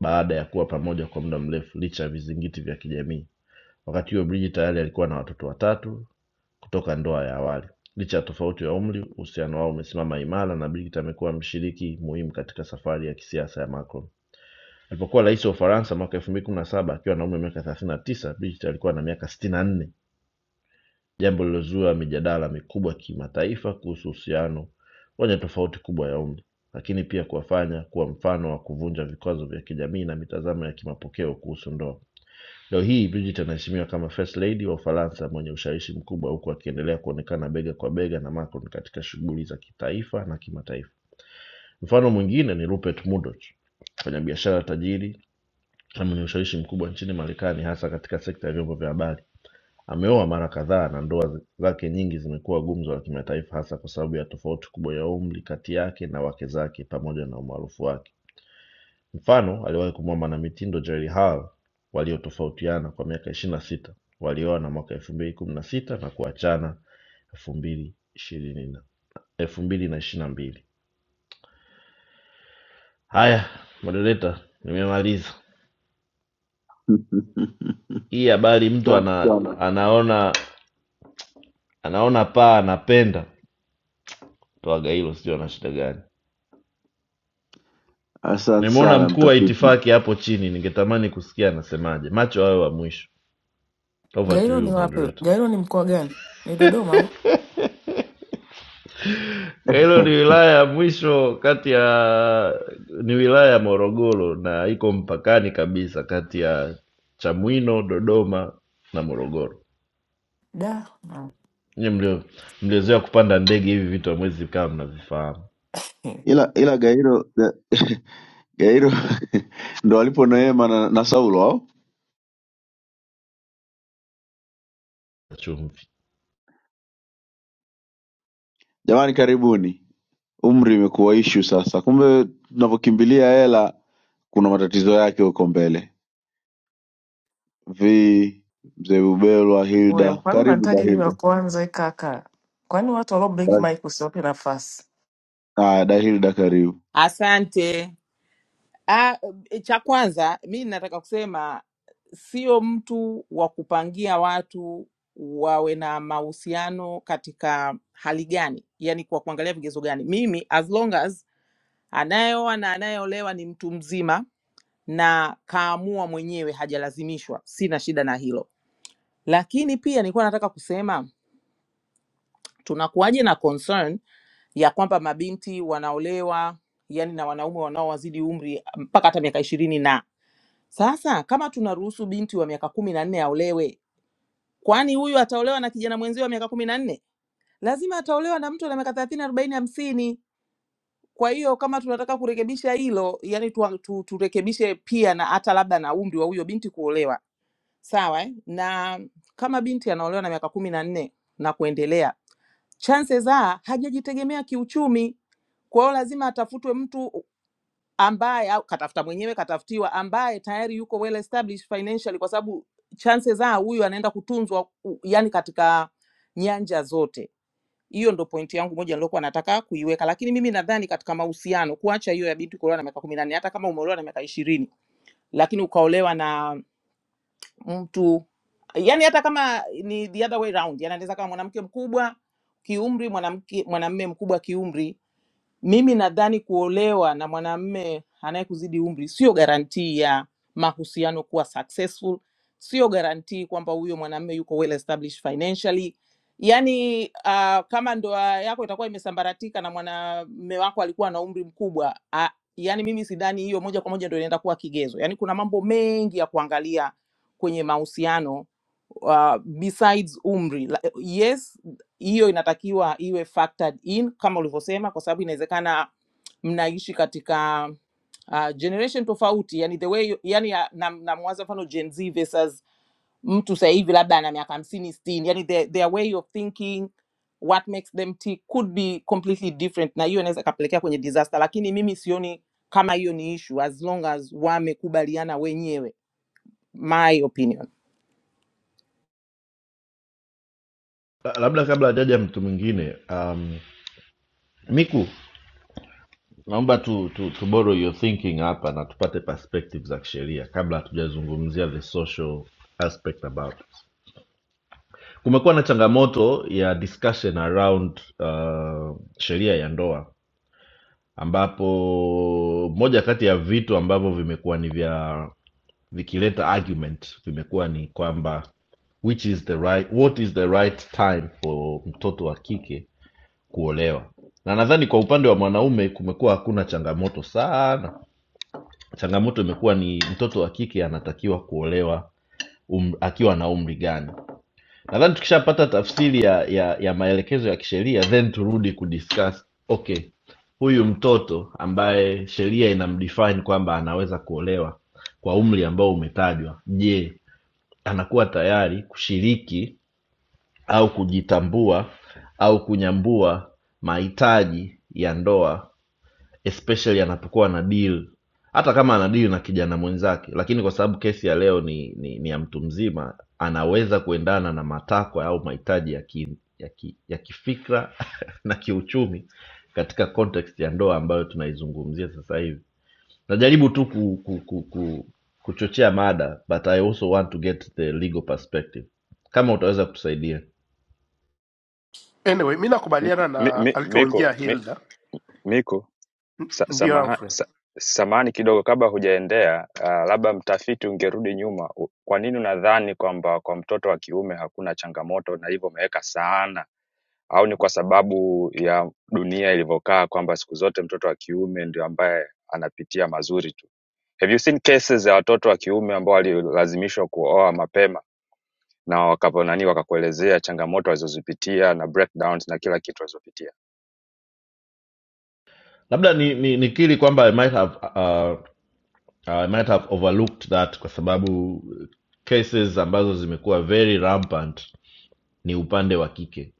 baada ya kuwa pamoja kwa muda mrefu licha ya vizingiti vya kijamii. Wakati huo Brigid tayari alikuwa na watoto watatu kutoka ndoa ya awali. Licha ya tofauti ya umri, uhusiano wao umesimama imara na Bilt amekuwa mshiriki muhimu katika safari ya kisiasa ya Macron. Alipokuwa rais wa Ufaransa mwaka elfu mbili kumi na saba akiwa na umri wa miaka thelathini na tisa Bilt alikuwa na miaka sitini na nne jambo lilozua mijadala mikubwa kimataifa kuhusu uhusiano wenye tofauti kubwa ya umri lakini pia kuwafanya kuwa mfano wa kuvunja vikwazo vya kijamii na mitazamo ya kimapokeo kuhusu ndoa leo hii bridget anaheshimiwa kama first lady wa ufaransa mwenye ushawishi mkubwa huku akiendelea kuonekana bega kwa bega na macron katika shughuli za kitaifa na kimataifa mfano mwingine ni rupert murdoch mfanyabiashara tajiri na mwenye ushawishi mkubwa nchini marekani hasa katika sekta ya vyombo vya habari Ameoa mara kadhaa na ndoa zake nyingi zimekuwa gumzo la kimataifa hasa kwa sababu ya tofauti kubwa ya umri kati yake na wake zake pamoja na umaarufu wake. Mfano, aliwahi kumwoa mwanamitindo Jerry Hall waliotofautiana kwa miaka ishirini na sita. Walioana mwaka elfu mbili kumi na sita na kuachana elfu mbili ishirini na elfu mbili na ishirini na mbili. Haya, moderator, nimemaliza hii habari. Mtu Asante ana, sana, anaona anaona paa anapenda toaga hilo, sijui ana shida gani. asante nimemwona sana mkuu wa mtafiti. itifaki hapo chini ningetamani kusikia anasemaje macho hayo wa mwisho over to Gairo ni you wapi? moderator Gairo ni mkoa gani? Ni Dodoma au? hilo ni wilaya ya mwisho kati ya ni wilaya ya morogoro na iko mpakani kabisa kati ya chamwino dodoma na morogoro Da. Nyie mlio- mliozoea kupanda ndege hivi vitu hamwezi kama mnavifahamu Ila ila Gairo Ga- Gairo ndo alipo Neema na, na Saulo au chumvi jamani, karibuni. Umri imekuwa ishu sasa, kumbe tunavyokimbilia hela kuna matatizo yake huko mbele. Vi mzee Bubelwa, Wewe Hilda, kwani karibu unanitaja mimi wa Dahilda. kwanza eh, kaka? Kwani watu walio blink Basi mic usiwape nafasi? ah, Dahilda karibu. Asante. Ah, eh, cha kwanza mi nataka kusema sio mtu wa kupangia watu wawe na mahusiano katika hali gani, yani kwa kuangalia vigezo gani. Mimi as long as anayeoa na anayeolewa ni mtu mzima na kaamua mwenyewe, hajalazimishwa. Sina shida na hilo, lakini pia nilikuwa nataka kusema tunakuwaje na concern ya kwamba mabinti wanaolewa yani na wanaume wanaowazidi umri mpaka hata miaka ishirini na sasa, kama tunaruhusu binti wa miaka kumi na nne aolewe, kwani huyu ataolewa na kijana mwenzie wa miaka kumi na nne? Lazima ataolewa na mtu ana miaka thelathini, arobaini, hamsini. Kwa hiyo kama tunataka kurekebisha hilo, yani tu, tu, turekebishe pia na hata labda na umri wa huyo binti kuolewa sawa eh? na kama binti anaolewa na miaka kumi na nne na kuendelea, chances are hajajitegemea kiuchumi. Kwa hiyo lazima atafutwe mtu ambaye, au katafuta mwenyewe, katafutiwa, ambaye tayari yuko well established financially, kwa sababu chances are huyu anaenda kutunzwa, u- yani katika nyanja zote. Hiyo ndo pointi yangu moja niliokuwa nataka kuiweka, lakini mimi nadhani katika mahusiano, kuacha hiyo ya binti kuolewa na miaka kumi na nne, hata kama umeolewa na miaka ishirini, lakini ukaolewa na mtu yani hata kama ni the other way round yani anaweza kama mwanamke mkubwa kiumri mwanamke mwanamme mkubwa kiumri mimi nadhani kuolewa na mwanamume anayekuzidi umri sio garantii ya mahusiano kuwa successful, sio garantii kwamba huyo mwanamume yuko well established financially. Yaani uh, kama ndoa yako itakuwa imesambaratika na mwanamume wako alikuwa na umri mkubwa uh, yaani mimi sidhani hiyo moja kwa moja ndio inaenda kuwa kigezo. Yaani kuna mambo mengi ya kuangalia kwenye mahusiano uh, besides umri. La- Yes, hiyo inatakiwa iwe factored in kama ulivyosema, kwa sababu inawezekana mnaishi katika uh, generation tofauti, yani the way yani namwaza mfano Gen Z versus mtu sasa hivi labda ana miaka hamsini sitini, yani their, their way of thinking what makes them tick could be completely different, na hiyo inaweza kapelekea kwenye disaster, lakini mimi sioni kama hiyo ni issue as long as wamekubaliana wenyewe, my opinion. La- labda kabla ajaja mtu mwingine um, miku naomba tu, tu, tu borrow your thinking hapa na tupate perspective za kisheria kabla hatujazungumzia the social aspect about it. Kumekuwa na changamoto ya discussion around uh, sheria ya ndoa ambapo moja kati ya vitu ambavyo vimekuwa ni vya vikileta argument vimekuwa ni kwamba which is the right, what is the right time for mtoto wa kike kuolewa na nadhani kwa upande wa mwanaume kumekuwa hakuna changamoto sana changamoto imekuwa ni mtoto wa kike anatakiwa kuolewa um, akiwa na umri gani nadhani tukishapata tafsiri ya, ya, ya maelekezo ya kisheria then turudi kudiscuss okay huyu mtoto ambaye sheria inamdefine kwamba anaweza kuolewa kwa umri ambao umetajwa je anakuwa tayari kushiriki au kujitambua au kunyambua mahitaji ya ndoa especially anapokuwa ana deal hata kama ana deal na kijana mwenzake lakini kwa sababu kesi ya leo ni, ni, ni ya mtu mzima anaweza kuendana na matakwa au mahitaji ya, ki, ya, ki, ya kifikra na kiuchumi katika context ya ndoa ambayo tunaizungumzia sasa hivi najaribu tu ku, ku, ku, ku, kuchochea mada but i also want to get the legal perspective kama utaweza kutusaidia anyway mi nakubaliana Mi- na mi- Miko, alichoongea mi- hilda Miko, sa- ndio samaha- Alfred. sa- samahani kidogo kabla hujaendea, ah, labda mtafiti ungerudi nyuma. U- Kwa nini unadhani kwamba kwa mtoto wa kiume hakuna changamoto na hivyo umeweka sana, au ni kwa sababu ya dunia ilivyokaa kwamba siku zote mtoto wa kiume ndio ambaye anapitia mazuri tu? Have you seen cases ya watoto wa kiume ambao walilazimishwa kuoa mapema na wakaponani wakakuelezea changamoto walizozipitia na breakdowns na kila kitu walizopitia? labda ni, ni, nikiri kwamba i might have uh, Uh, I might have overlooked that kwa sababu cases ambazo zimekuwa very rampant ni upande wa kike,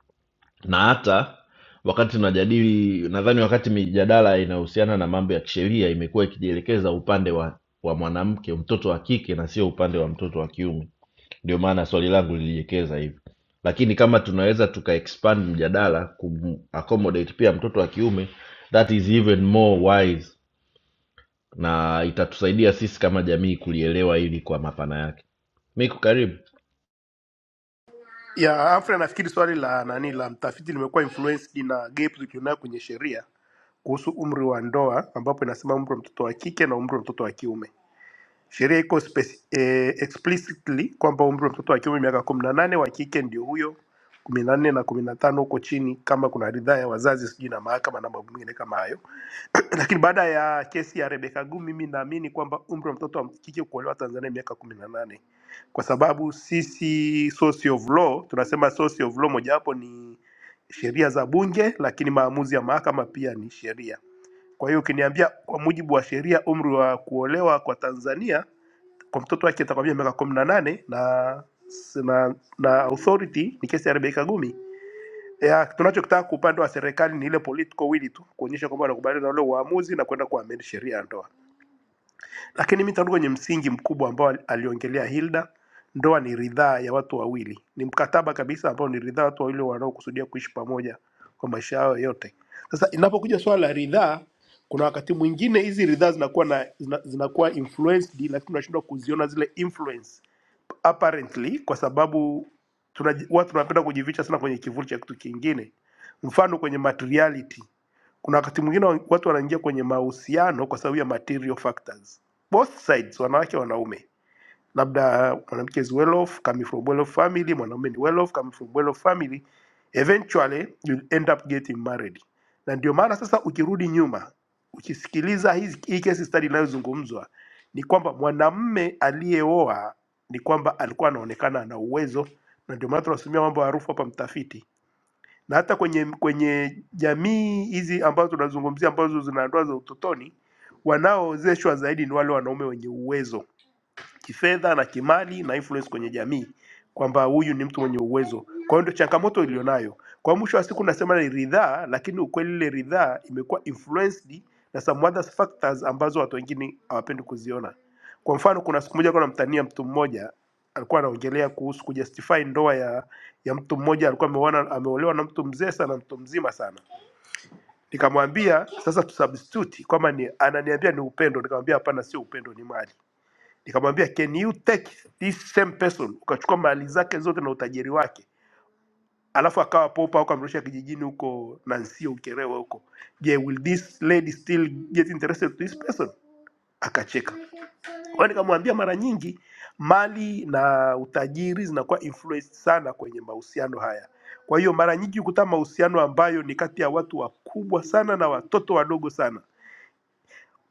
na hata wakati tunajadili, nadhani wakati mijadala inahusiana na mambo ya kisheria imekuwa ikijielekeza upande wa wa mwanamke, mtoto wa kike, na sio upande wa mtoto wa kiume. Ndio maana swali langu lilielekeza hivyo, lakini kama tunaweza tuka expand mjadala kum accommodate pia mtoto wa kiume, that is even more wise na itatusaidia sisi kama jamii kulielewa hili kwa mapana yake miku karibu ya afra nafikiri swali la nani la mtafiti limekuwa influenced na gap tulionayo kwenye sheria kuhusu umri wa ndoa ambapo inasema umri wa mtoto wa kike na umri wa mtoto wa kiume Sheria iko speci- eh, explicitly kwamba umri wa mtoto wa kiume miaka kumi na nane, wa kike ndio huyo kumi na nne na kumi na tano huko chini, kama kuna ridhaa ya wazazi sijui na mahakama na mambo mengine kama hayo. Lakini baada ya kesi ya Rebecca Guu, mimi naamini kwamba umri wa mtoto wa kike kuolewa Tanzania ni miaka kumi na nane kwa sababu sisi source of law tunasema source of law mojawapo ni sheria za bunge, lakini maamuzi ya mahakama pia ni sheria. Kwa hiyo ukiniambia kwa mujibu wa sheria umri wa kuolewa kwa Tanzania kwa mtoto wake atakwambia miaka kumi na nane na na, na authority ni kesi ya Rebecca Gumi. Ya, tunachokitaka kwa upande wa serikali ni ile political will tu kuonyesha kwamba wanakubaliana na ule uamuzi na kwenda kuamend sheria ya ndoa. Lakini mimi nitarudi kwenye msingi mkubwa ambao ali- aliongelea Hilda. Ndoa ni ridhaa ya watu wawili, ni mkataba kabisa ambao ni ridhaa ya watu wawili wanaokusudia kuishi pamoja kwa maisha yao yote. Sasa inapokuja swala la ridhaa, kuna wakati mwingine hizi ridhaa zinakuwa na zina, zinakuwa influenced, lakini tunashindwa kuziona zile influence apparently kwa sababu tunaji- watu wanapenda kujificha sana kwenye kivuli cha kitu kingine mfano kwenye materiality kuna wakati mwingine wa- watu wanaingia kwenye mahusiano kwa sababu ya material factors both sides wanawake wanaume labda mwanamke is well off, coming from well off family, mwanaume ni well off, coming from well off family, eventually you'll end up getting married. Na ndio maana sasa ukirudi nyuma ukisikiliza hizi- hii case study inayozungumzwa ni kwamba mwanamme aliyeoa ni kwamba alikuwa anaonekana ana uwezo, na ndio maana tunasimamia mambo ya harufu hapa mtafiti, na hata kwenye kwenye jamii hizi ambazo tunazungumzia ambazo zina ndoa za utotoni, wanaoozeshwa zaidi ni wale wanaume wenye uwezo kifedha na kimali na influence kwenye jamii kwamba huyu ni mtu mwenye uwezo. Kwa hiyo ndio changamoto ilionayo. Kwa mwisho wa siku nasema ni ridhaa, lakini ukweli ile ridhaa imekuwa influenced na some other factors ambazo watu wengine hawapendi kuziona. Kwa mfano, kuna siku moja kuna mtania mtu mmoja alikuwa anaongelea kuhusu kujustify ndoa ya ya mtu mmoja alikuwa ameoana ameolewa na mtu mzee sana, mtu mzima sana. Nikamwambia sasa tusubstitute kwamba ni ananiambia ni upendo, nikamwambia hapana, sio upendo, ni mali nikamwambia can you take this same person ukachukua mali zake zote na utajiri wake alafu akawa popa huko amrusha kijijini huko nansio ukerewe huko je will this lady still get interested to this person akacheka kwa hiyo nikamwambia mara nyingi mali na utajiri zinakuwa influenced sana kwenye mahusiano haya kwa hiyo mara nyingi hukuta mahusiano ambayo ni kati ya watu wakubwa sana na watoto wadogo sana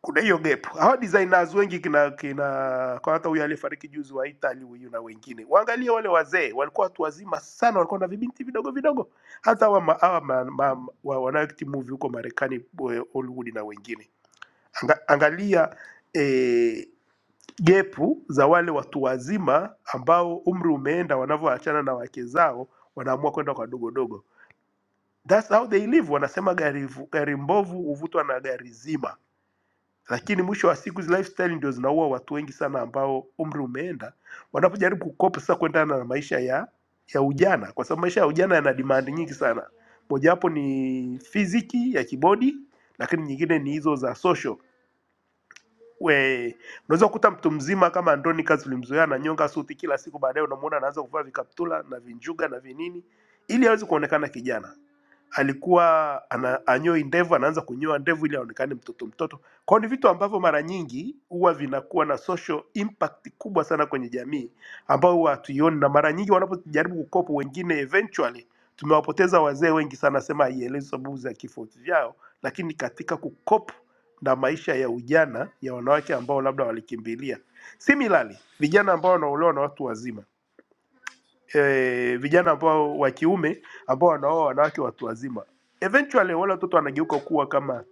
kuna hiyo gap. Hawa designers wengi kina kina kwa hata huyu aliyefariki juzi wa Italy huyu na wengine, waangalie wale wazee walikuwa watu wazima sana, walikuwa na vibinti vidogo vidogo. Hata hawa ma- hawa ma- ma- wa- wanaoact movie huko Marekani, eh, Hollywood na wengine, Anga, angalia eh, gepu za wale watu wazima ambao umri umeenda, wanavyoachana na wake zao, wanaamua kwenda kwa dogodogo. That's how they live. Wanasema gari, gari mbovu huvutwa na gari zima lakini mwisho wa siku hizi lifestyle ndio zinaua watu wengi sana ambao umri umeenda wanapojaribu kukopa sasa kuendana na maisha ya ya ujana kwa sababu maisha ya ujana yana demand nyingi sana mojawapo ni fiziki ya kibodi lakini nyingine ni hizo za social we unaweza kukuta mtu mzima kama Andronicus ulimzoea ananyonga suti kila siku baadaye unamuona anaanza kuvaa vikaptula na vinjuga na vinini ili aweze kuonekana kijana alikuwa ana, anyoi ndevu, anaanza kunyoa ndevu ili aonekane mtoto mtoto. Kwa hiyo ni vitu ambavyo mara nyingi huwa vinakuwa na social impact kubwa sana kwenye jamii ambao huwa hatuioni, na mara nyingi wanapojaribu kukopa wengine, eventually tumewapoteza wazee wengi sana, sema haielezi sababu za kifo vyao, lakini katika kukopa na maisha ya ujana ya wanawake ambao labda walikimbilia. Similarly, vijana ambao wanaolewa na watu wazima eh, vijana ambao wa kiume ambao wanaoa wanawake watu wazima. Eventually wale watoto wanageuka kuwa kama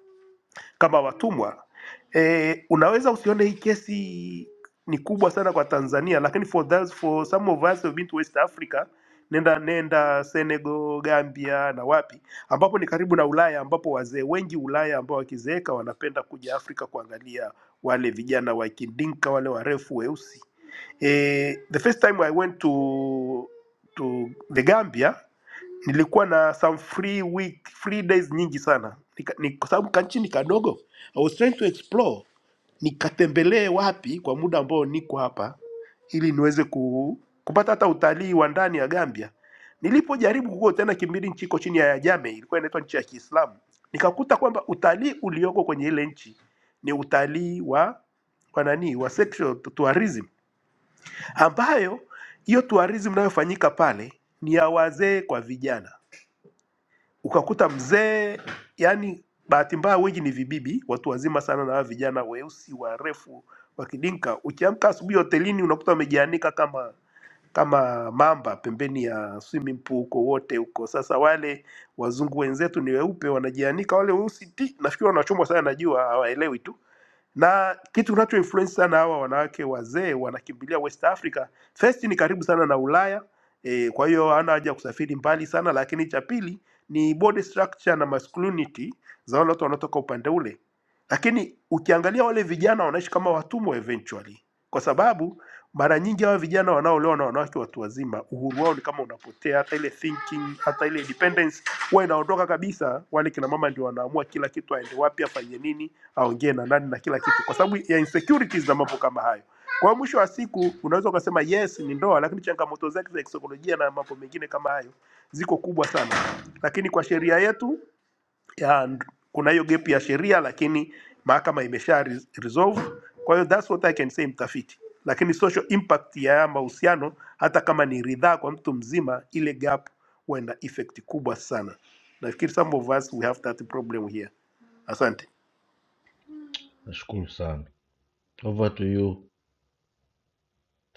kama watumwa e, unaweza usione hii kesi ni kubwa sana kwa Tanzania, lakini for those, for some of us who've been to West Africa, nenda nenda Senegal, Gambia na wapi, ambapo ni karibu na Ulaya, ambapo wazee wengi Ulaya ambao wakizeeka wanapenda kuja Afrika kuangalia wale vijana wa kidinka wale warefu weusi. Eh, the first time I went to to the Gambia nilikuwa na some free week free days nyingi sana Nika- ni- kwa sababu kanchi ni kadogo I was trying to explore nikatembelee wapi kwa muda ambao niko hapa ili niweze ku, kupata hata utalii wa ndani ya Gambia. Nilipojaribu kukua tena kimbili nchi iko chini ya Ajame, ilikuwa inaitwa nchi ya Kiislamu, nikakuta kwamba utalii ulioko kwenye ile nchi ni utalii wa wa nani wa sexual tu- tourism, ambayo hiyo tourism inayofanyika pale ni ya wazee kwa vijana ukakuta mzee, yani bahati mbaya wengi ni vibibi, watu wazima sana, na hawa vijana weusi warefu wa kidinka. Ukiamka asubuhi hotelini unakuta wamejianika kama kama mamba pembeni ya swimming pool huko wote huko. Sasa wale wazungu wenzetu ni weupe, wanajianika, wale weusi ti, nafikiri wanachomwa sana na jua, hawaelewi tu na kitu kinacho influence sana hawa wanawake wazee wanakimbilia West Africa. First ni karibu sana na Ulaya e, kwa hiyo hana haja ya kusafiri mbali sana, lakini cha pili ni body structure na masculinity za wale watu wanaotoka upande ule, lakini ukiangalia wale vijana wanaishi kama watumwa eventually, kwa sababu mara nyingi hawa vijana wanaolewa na wanawake watu wazima, uhuru wao ni kama unapotea, hata ile thinking, hata ile independence huwa inaondoka kabisa. Wale kina mama ndio wanaamua kila kitu, aende wapi, afanye nini aongee na nani na kila kitu, kwa sababu ya insecurities na mambo kama hayo. Kwa hiyo mwisho wa siku unaweza ukasema yes ni ndoa, lakini changamoto zake za kisaikolojia na mambo mengine kama hayo ziko kubwa sana, lakini kwa sheria yetu ya, kuna hiyo gap ya sheria, lakini mahakama imesha re- resolve. Kwa hiyo that's what I can say mtafiti, lakini social impact ya haya mahusiano hata kama ni ridhaa kwa mtu mzima, ile gap huwa ina effect kubwa sana. Nafikiri some of us we have that problem here. Asante. nashukuru sana over to you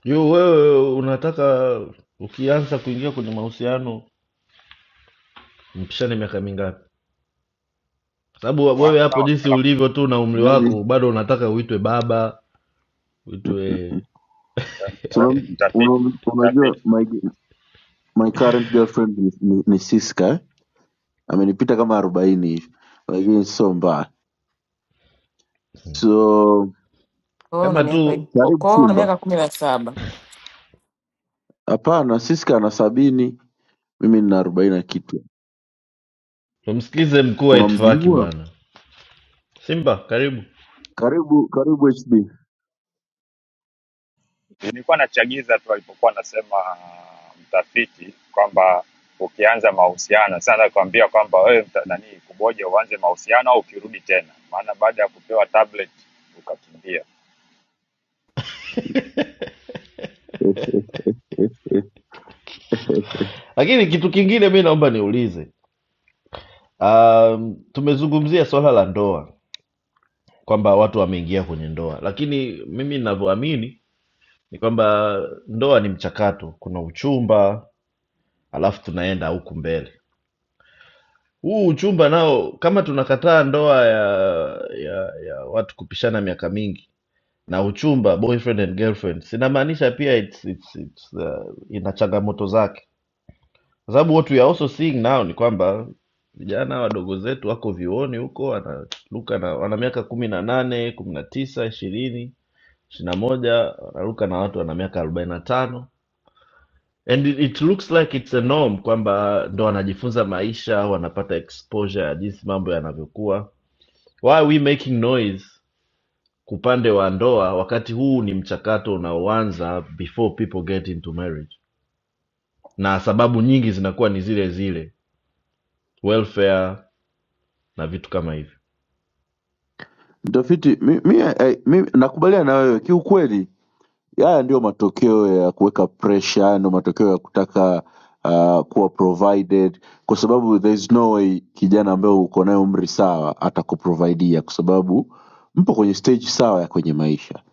yu wewe unataka ukianza kuingia kwenye mahusiano mpishane miaka mingapi sababu wewe kwanza hapo jinsi wakitaka ulivyo kurudi. tu na umri wako Vipi? bado unataka uitwe baba uitwe Kwa hiyo Tuna- mtafiti una- Unajua mtafiti, my, my current girlfriend ni, ni, ni Siska eh? Amenipita kama arobaini hivi lakini sio mbaya. Hmm. So Kwa hiyo una kama miaka tu karibu kwa hiyo una Simba. miaka kumi na saba Hapana, Siska ana sabini, mimi nina arobaini na kitu. tumsikize mkuu wa itifaki Unamjua? bwana simba karibu Karibu karibu HB. nilikuwa nachagiza tu alipokuwa anasema uh, mtafiti kwamba ukianza mahusiano sana nakwambia kwamba wewe mta- nani kuboja uanze mahusiano au ukirudi tena, maana baada ya kupewa tablet ukakimbia. lakini kitu kingine mi naomba niulize um, tumezungumzia swala la ndoa kwamba watu wameingia kwenye ndoa, lakini mimi ninavyoamini ni kwamba ndoa ni mchakato. Kuna uchumba, alafu tunaenda huku mbele. Huu uchumba nao, kama tunakataa ndoa ya ya, ya watu kupishana miaka mingi na uchumba boyfriend and girlfriend, sinamaanisha pia it's, it's, it's, uh, ina changamoto zake, kwa sababu what we are also seeing now ni kwamba vijana wadogo zetu wako vyuoni huko wanaruka na wana miaka kumi na nane kumi na tisa ishirini ishirina moja wanaruka na watu wana miaka arobaini na tano and it, it looks like it's a norm kwamba ndo wanajifunza maisha wanapata exposure ya jinsi mambo yanavyokuwa why are we making noise upande wa ndoa wakati huu ni mchakato unaoanza before people get into marriage na sababu nyingi zinakuwa ni zile zile welfare na vitu kama hivyo Mtafiti, mi, mi, eh, mi nakubaliana na wewe kiukweli Haya ndio matokeo ya kuweka pressure, haya ndio matokeo ya kutaka uh, kuwa provided, kwa sababu there is no way kijana ambaye uko naye umri sawa atakuprovaidia, kwa sababu mpo kwenye stage sawa ya kwenye maisha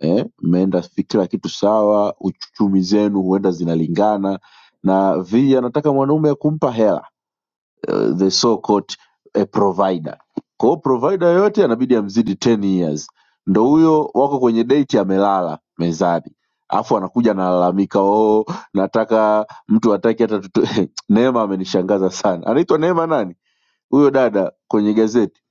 eh, mmeenda fi- kila kitu sawa, uchumi zenu huenda zinalingana na vi anataka mwanaume ya kumpa hela uh, the so called eh, provider. Kwa hiyo provider yoyote anabidi amzidi 10 years. Ndo huyo wako kwenye date amelala mezani, alafu anakuja analalamika, oh, nataka mtu ataki hata tuto... Neema amenishangaza sana. Anaitwa Neema nani huyo dada kwenye gazeti?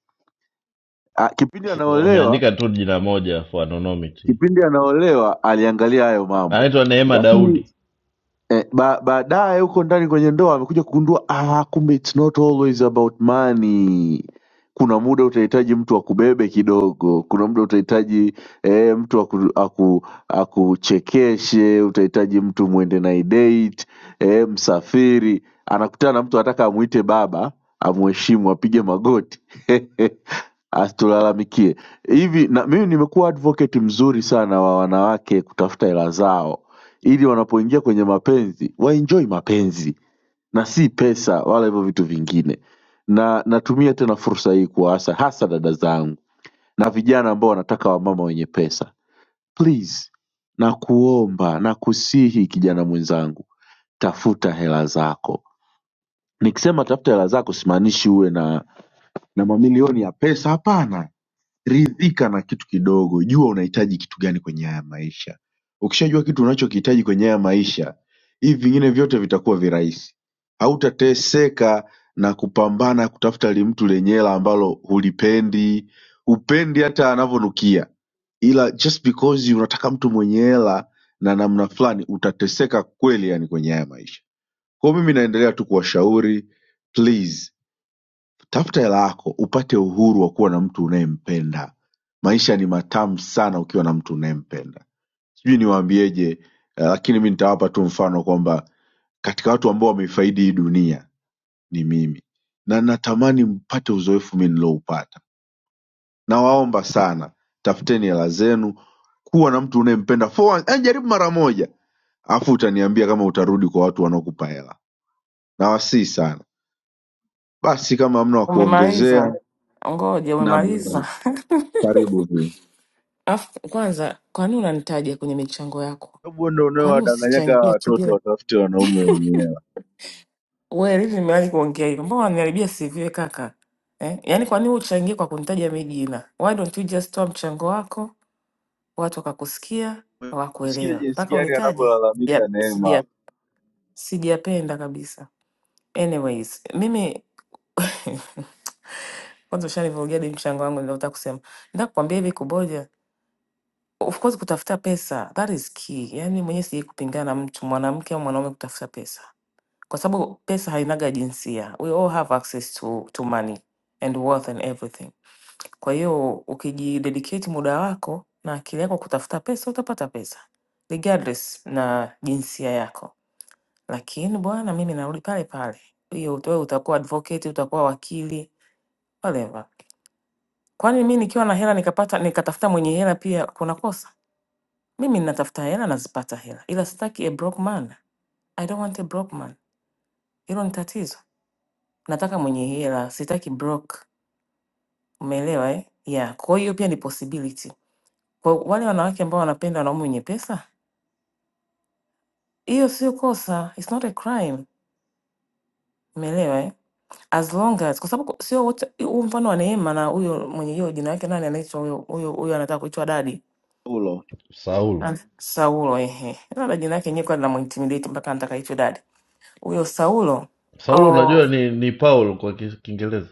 Ah, kipindi S- anaolewa, wameandika tu jina moja for anonymity kipindi anaolewa aliangalia hayo mambo, anaitwa neema lakini daudi eh, ba, baadaye huko ndani kwenye ndoa amekuja kugundua ah, kumbe it's not always about money kuna muda utahitaji mtu akubebe kidogo kuna muda utahitaji eh, mtu aku, aku, akuchekeshe utahitaji mtu mwende na date eh, msafiri anakutana na mtu anataka amwite baba amheshimu apige magoti asitulalamikie hivi na mimi nimekuwa advocate mzuri sana wa wanawake kutafuta hela zao ili wanapoingia kwenye mapenzi waenjoy mapenzi na si pesa wala hivyo vitu vingine na natumia tena fursa hii kuwaasa hasa dada zangu na vijana ambao wanataka wamama wenye pesa please na kuomba na kusihi kijana mwenzangu tafuta hela zako nikisema tafuta hela zako simaanishi uwe na na mamilioni ya pesa hapana ridhika na kitu kidogo jua unahitaji kitu gani kwenye haya maisha ukishajua kitu unachokihitaji kwenye haya maisha hivi vingine vyote vitakuwa virahisi hautateseka na kupambana kutafuta limtu lenye hela ambalo hulipendi hupendi hata anavyonukia ila just because unataka mtu mwenye hela na namna fulani utateseka kweli yani kwenye haya maisha kwao mimi naendelea tu kuwashauri please Tafuta hela yako upate uhuru wa kuwa na mtu unayempenda. Maisha ni matamu sana ukiwa na mtu unayempenda. Sijui niwaambieje, eh, lakini mi nitawapa tu mfano kwamba katika watu ambao wameifaidi hii dunia ni mimi, na natamani mpate uzoefu mi niloupata. Nawaomba sana, tafuteni hela zenu, kuwa na mtu unayempenda for once, eh, jaribu mara moja, alafu utaniambia kama utarudi kwa watu wanaokupa hela. Nawasihi sana. Basi kama hamna wa umemaliza, kuongezea, ngoja na umemaliza. karibu. Alafu kwanza, kwani unanitaja kwenye michango yako? Hebu ndo Kwani unaowadanganyaga usichangie tu watoto bila watafute wanaume wenyewe. wewe? Hivi nimewahi kuongea hivyo? Mbona unaniharibia CV we kaka eh? Yaani kwa nini uchangie kwa kunitaja mimi jina? Why don't you just toa mchango wako, watu wakakusikia, Usikie wakuelewa jinsi mpaka gani unitaje? anavyolalamika Yep. Neema Sijapenda kabisa. Anyways, mimi kwanza ushanivurugia di mchango wangu niliotaka kusema. Nataka kukwambia hivi kuboja. Of course kutafuta pesa, that is key. Yaani mwenyewe sijai kupingana na mtu mwanamke au mwanaume kutafuta pesa. Kwa sababu pesa hainaga jinsia. We all have access to, to money and worth and everything. Kwa hiyo ukijidedicate muda wako na akili yako kutafuta pesa utapata pesa. Regardless na jinsia yako. lakini bwana, mimi narudi pale pale, hiyo wewe utakuwa advocate, utakuwa wakili whatever. Kwani mimi nikiwa na hela nikapata nikatafuta mwenye hela pia kuna kosa? Mimi ninatafuta hela, nazipata hela, ila sitaki a broke man. I don't want a broke man, hilo ni tatizo. Nataka mwenye hela, sitaki broke. Umeelewa eh? Yeah, kwa hiyo pia ni possibility kwa wale wanawake ambao wanapenda wanaume wenye pesa. Hiyo sio kosa, it's not a crime. Umeelewa eh? As long as kwa sababu ku- sio wote huu mfano wa Neema na huyo mwenye hiyo jina lake nani anaitwa huyo huyo huyo anataka kuitwa dadi ulo saulo Ah, Saulo ehe. Labda jina lake yenyewe kwa linamintimidate mpaka anataka aitwe dadi. Huyo Saulo saulo unajua oh, ni ni paul kwa Ki- kiingereza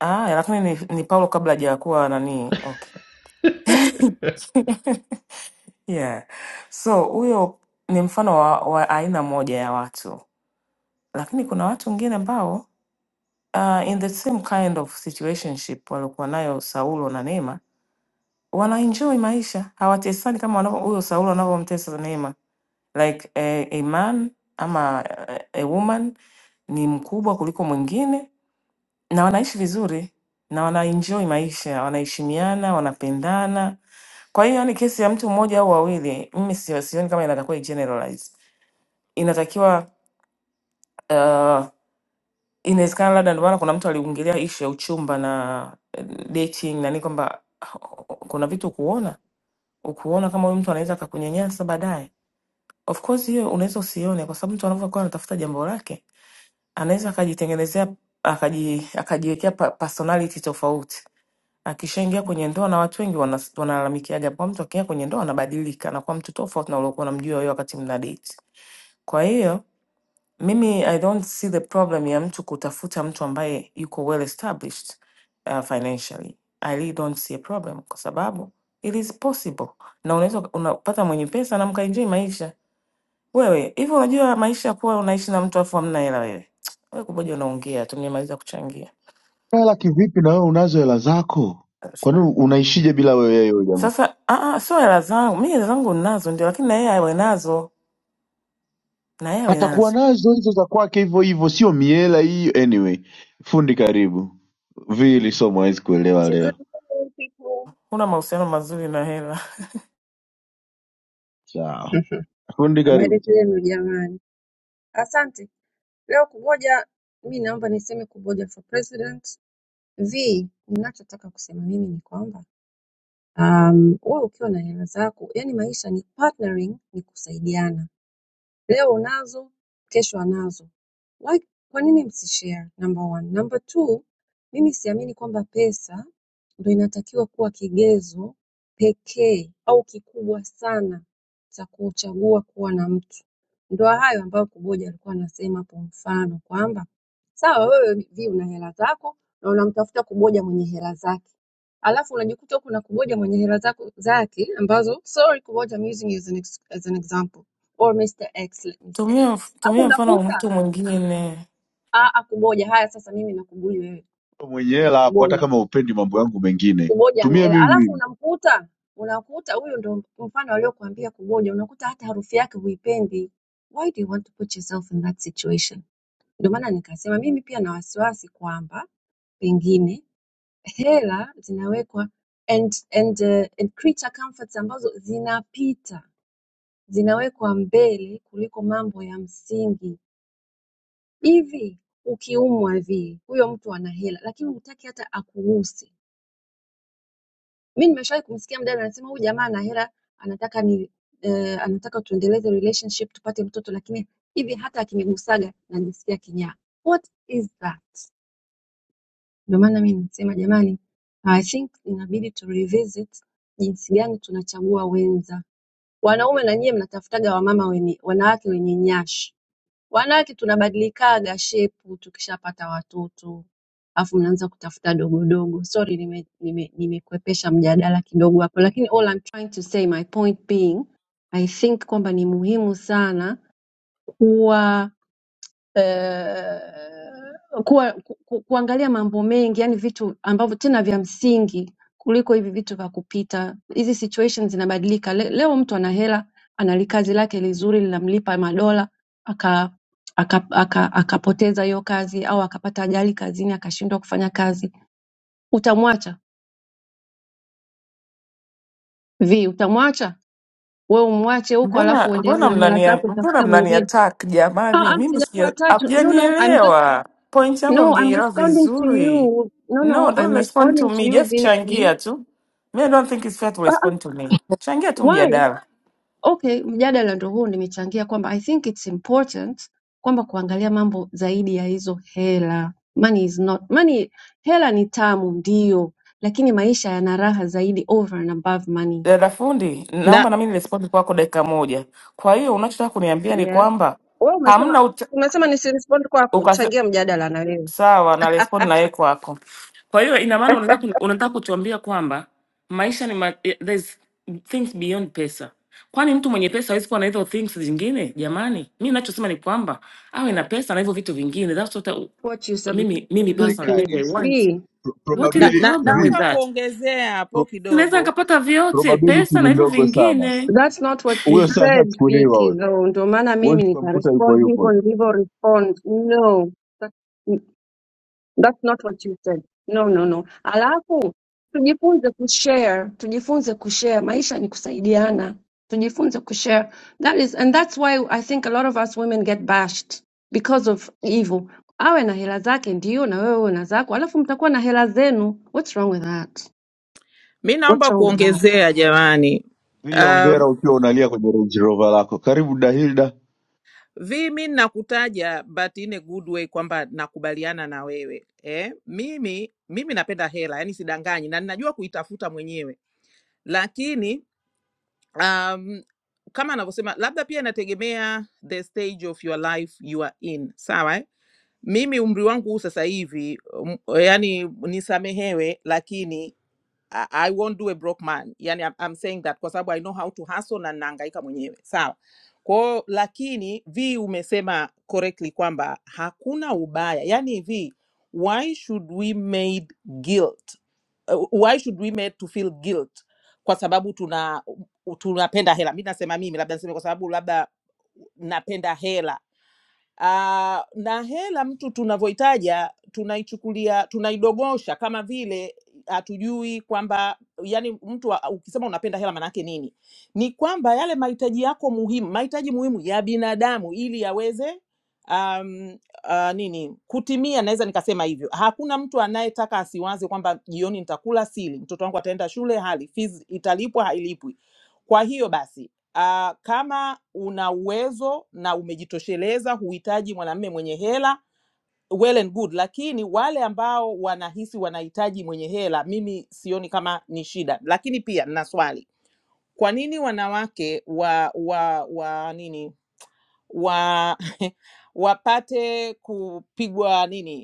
ah lakini ni, ni Paulo kabla hajakuwa nani. Okay. Yeah. So huyo ni mfano wa, wa aina moja ya watu, lakini kuna watu wengine ambao uh, in the same kind of situationship waliokuwa nayo Saulo na Neema wanaenjoy maisha hawatesani kama wanavyo- huyo Saulo anavyomtesa Neema like a, a man ama a, a woman ni mkubwa kuliko mwingine na wanaishi vizuri na wanaenjoy maisha wanaheshimiana wanapendana kwa hiyo ni kesi ya mtu mmoja au wawili mimi sio- sioni kama inatakiwa igeneralize inatakiwa uh, inawezekana labda ndio maana kuna mtu aliingilia ishu ya uchumba na eh, dating na nini kwamba ah, kuna vitu kuona ukuona kama huyu mtu anaweza akakunyanyasa baadaye. Of course hiyo unaweza usione, kwa sababu mtu anavyokuwa anatafuta jambo lake anaweza akajitengenezea akaji, akajiwekea pa, personality tofauti. Akishaingia kwenye ndoa, na watu wengi wana- wanalalamikiaga kwa mtu akiingia kwenye ndoa anabadilika, anakuwa mtu tofauti na uliokuwa unamjua wewe wakati mna date. Kwa hiyo mimi I don't see the problem ya mtu kutafuta mtu ambaye yuko well established uh, financially. I really don't see a problem kwa sababu it is possible. Na unaweza uka- unapata mwenye pesa na mkaenjoy maisha. Wewe, hivi unajua maisha kuwa unaishi na mtu afu hamna hela wewe. Wewe kuboja unaongea tu nimemaliza kuchangia. hela kivipi na wewe unazo hela zako? Kwa nini unaishije bila wewe yeye huyo jamaa? Sasa ah ah, sio hela zangu. Mimi hela zangu ninazo ndio lakini na yeye awe nazo. Na yeye awe Atakuwa nazo. nazo hizo za kwake hivyo hivyo, sio miela hiyo. Anyway, fundi karibu. Vili somo hawezi kuelewa Asante, leo. good morning people. Huna mahusiano mazuri na hela. Sawa. Fundi Habari karibu. zenu jamani. Asante. Leo kuboja, mi naomba niseme kuboja for president. V, ninachotaka kusema mimi ni kwamba um, wewe ukiwa na hela zako, yani maisha ni partnering, ni kusaidiana. Leo unazo, kesho anazo. Why, kwa nini msishare? Number one. Number two, mimi siamini kwamba pesa ndo inatakiwa kuwa kigezo pekee au kikubwa sana cha kuchagua kuwa na mtu. Ndo hayo ambayo Kuboja alikuwa anasema kwa mfano kwamba sawa, wewe vi una hela zako na unamtafuta Kuboja mwenye hela zake, alafu unajikuta huku na Kuboja mwenye hela zako zake ambazo sorry Kuboja, I'm using you as an, ex- as an example or Mr. X let me say. Tumia mf- Hapo tumia mfano wa unakuta mtu mwingine. ah, ah, kuboja, haya sasa mimi nakubuli wewe Mwenye hela hapo hata kuboja, kama upendi mambo yangu mengine. kuboja ana Tumia hela, mimi alafu mimi. unamkuta unakuta huyu ndo mfano aliokuambia kuboja, unakuta hata harufu yake huipendi. Why do you want to put yourself in that situation? Ndio maana nikasema mimi pia na wasiwasi kwamba pengine hela zinawekwa and, and, uh, and creature comforts ambazo zinapita zinawekwa mbele kuliko mambo ya msingi Hivi ukiumwa vi huyo mtu ana hela lakini hutaki hata akuguse. Mimi nimeshawahi kumsikia mdada anasema huyu jamaa ana hela anataka ni eh, anataka tuendeleze relationship tupate mtoto lakini hivi hata akinigusaga najisikia kinyaa. What is that? Ndio maana mimi nasema jamani, I think inabidi to revisit jinsi gani tunachagua wenza. Wanaume na nyie mnatafutaga wamama wenye wanawake wenye nyashi. Wanawake tunabadilikanga shepu tukishapata watoto alafu mnaanza kutafuta dogodogo sorry nime, nime, nimekwepesha mjadala kidogo hapo lakini all I'm trying to say my point being I think kwamba ni muhimu sana kuwa uh, kuwa, ku, ku- kuangalia mambo mengi yani vitu ambavyo tena vya msingi kuliko hivi vitu vya kupita. Hizi situations zinabadilika. Le, leo mtu ana hela, ana kazi lake lizuri linamlipa madola aka aka- aka- akapoteza hiyo kazi au akapata ajali kazini akashindwa kufanya kazi, utamwacha vi? Utamwacha wewe umwache huko, alafu Mbona uendelee mbona na hela mnania zako, mbona utafuta mnani mwingine? attack Ah, jamani? ah, Mimi sijakuwa sija tatu. No, no, I'm just hamjanielewa. Point yangu No, I'm hamjaielewa responding to vizuri. you. No, No, no, I'm don't respond to responding to me. you Just Vicky. changia tu. Me, I don't think it's fair to Ah, ah, respond to me. Changia tu why? mjadala. Okay, mjadala ndo huo nimechangia kwamba I think it's important kwamba kuangalia mambo zaidi ya hizo hela. Money is not money, hela ni tamu ndio, lakini maisha yana raha zaidi over and above money. Dada fundi, Na naomba na mimi respond kwako dakika moja. Kwa hiyo unachotaka kuniambia ni Yeah. kwamba Wewe umesema hamna umesema nisirespond kwako, uta, changia mjadala na wewe. Sawa, na respond na yeye kwako. Kwa hiyo ina maana unataka kuni- unataka kutuambia kwamba maisha ni ma eh, there's things beyond pesa. Kwani mtu mwenye pesa hawezi kuwa na hizo things zingine? Jamani, mimi ninachosema ni kwamba awe na pesa na hivyo vitu vingine. That's what I, What you submit, mimi mimi personally Vicky. Haiwezekani maybe I aisee. want. V. Pro- What is the na Probability na problem with vi, naomba that? kuongezea pro, hapo Sinaweza kidogo nikapata vyote, probability pesa na ni hivyo ndogo sana. vingine. That's not what you huyo saa said, ashachukuliwa Vicky, huyo, though. Ndio maana huwezi mimi ukamkuta yupo nikarespond hivyo yupo. nilivyo respond. No, that, that's not what you said. No, no, no. Alafu tujifunze kushare, tujifunze kushare. Maisha ni kusaidiana. Tujifunze kushare. That is, and that's why I think a lot of us women get bashed because of evil. Awe na hela zake ndio, na wewe una zako, alafu mtakuwa na hela zenu. What's wrong with that? Mi What's naomba wrong with that? kuongezea jamani. Vile Uh, ongera ukiwa unalia kwenye Range Rover lako. Karibu Dahilda. vi mi nakutaja but in a good way kwamba nakubaliana na wewe eh, mimi mimi napenda hela, yani sidanganyi na ninajua kuitafuta mwenyewe, lakini um, kama anavyosema labda pia inategemea the stage of your life you are in, sawa eh? Mimi umri wangu huu sasa hivi, um, yani nisamehewe, lakini I I won't do a broke man. Yani I'm, I'm saying that kwa sababu I know how to hustle na naangaika mwenyewe. Sawa. Kwao lakini vi umesema correctly kwamba hakuna ubaya. Yani vi why should we made guilt? Uh, why should we made to feel guilt? Kwa sababu tuna tunapenda hela. Mimi nasema mimi labda niseme kwa sababu labda napenda hela Uh, na hela mtu tunavyoitaja tunaichukulia tunaidogosha kama vile hatujui kwamba yani mtu wa- ukisema unapenda hela maanake nini ni kwamba yale mahitaji yako muhimu mahitaji muhimu ya binadamu ili yaweze um, uh, nini kutimia naweza nikasema hivyo hakuna mtu anayetaka asiwaze kwamba jioni nitakula sili mtoto wangu ataenda shule hali fees italipwa hailipwi kwa hiyo basi Ah, kama una uwezo na umejitosheleza, huhitaji mwanamume mwenye hela, well and good, lakini wale ambao wanahisi wanahitaji mwenye hela, mimi sioni kama ni shida. Lakini pia nina swali, kwa nini wanawake wa wa wa nini wa wapate kupigwa nini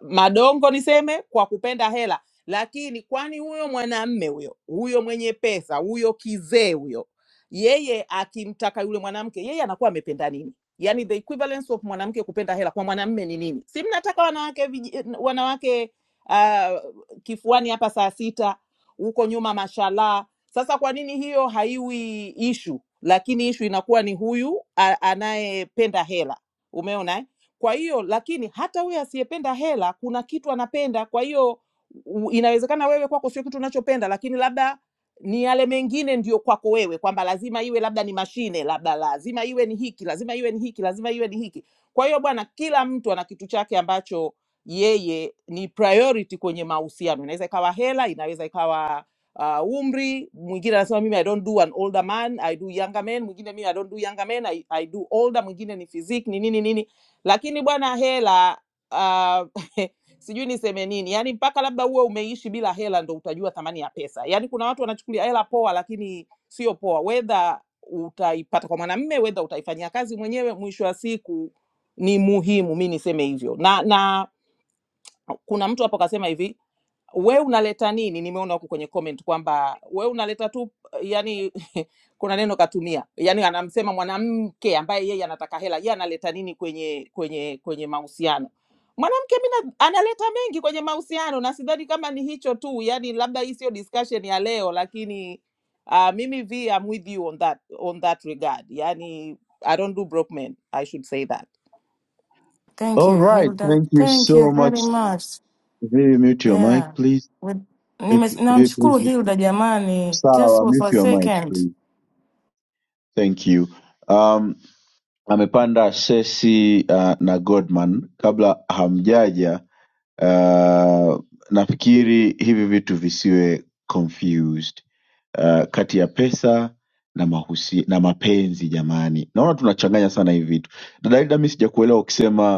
madongo niseme kwa kupenda hela lakini kwani huyo mwanamme huyo huyo mwenye pesa huyo kizee huyo yeye akimtaka yule mwanamke yeye anakuwa amependa nini yani the equivalence of mwanamke kupenda hela kwa mwanamme ni nini si mnataka wanawake viji- wanawake uh, kifuani hapa saa sita huko nyuma mashallah sasa kwa nini hiyo haiwi ishu lakini ishu inakuwa ni huyu a- anayependa hela umeona eh? Kwa hiyo lakini hata huyo asiyependa hela kuna kitu anapenda. Kwa hiyo u- inawezekana wewe kwako sio kitu unachopenda, lakini labda ni yale mengine ndio kwako wewe, kwamba lazima iwe labda ni mashine, labda lazima iwe ni hiki, lazima iwe ni hiki, lazima iwe ni hiki. Kwa hiyo bwana, kila mtu ana kitu chake ambacho yeye ni priority kwenye mahusiano. Inaweza ikawa hela, inaweza ikawa uh, umri. Mwingine anasema mimi I don't do an older man, I do younger men. Mwingine mimi I don't do younger men, I, I do older. Mwingine ni physique, ni nini nini lakini bwana hela uh, sijui niseme nini yani mpaka labda uwe umeishi bila hela ndo utajua thamani ya pesa yani kuna watu wanachukulia hela poa lakini sio poa wedha utaipata kwa mwanamme wedha utaifanyia kazi mwenyewe mwisho wa siku ni muhimu mi niseme hivyo na na kuna mtu hapo kasema hivi we unaleta nini nimeona huku kwenye comment kwamba we unaleta tu eh, yani kuna neno katumia yani anamsema mwanamke ambaye yeye anataka hela yeye analeta nini kwenye kwenye kwenye mahusiano mwanamke mi analeta mengi kwenye mahusiano na sidhani kama ni hicho tu yani labda hii sio discussion ya leo lakini uh, mimi v I'm with you on that on that regard yani i don't do broke men i should say that Thank All you right, Hilda. thank you Thank you so much. very much. Vivi, mute your Yeah. mic please. With- nime- Vivi, Vivi, Namshukuru please. Hilda jamani, just Sawa, for a mute your mic second. please. Thank you. Um, amepanda Sesi uh, na Godman kabla hamjaja. Uh, nafikiri hivi vitu visiwe confused. uh, kati ya pesa na mahusi, na mapenzi jamani. Naona tunachanganya sana hivi vitu. Dada Ida, mimi sijakuelewa ukisema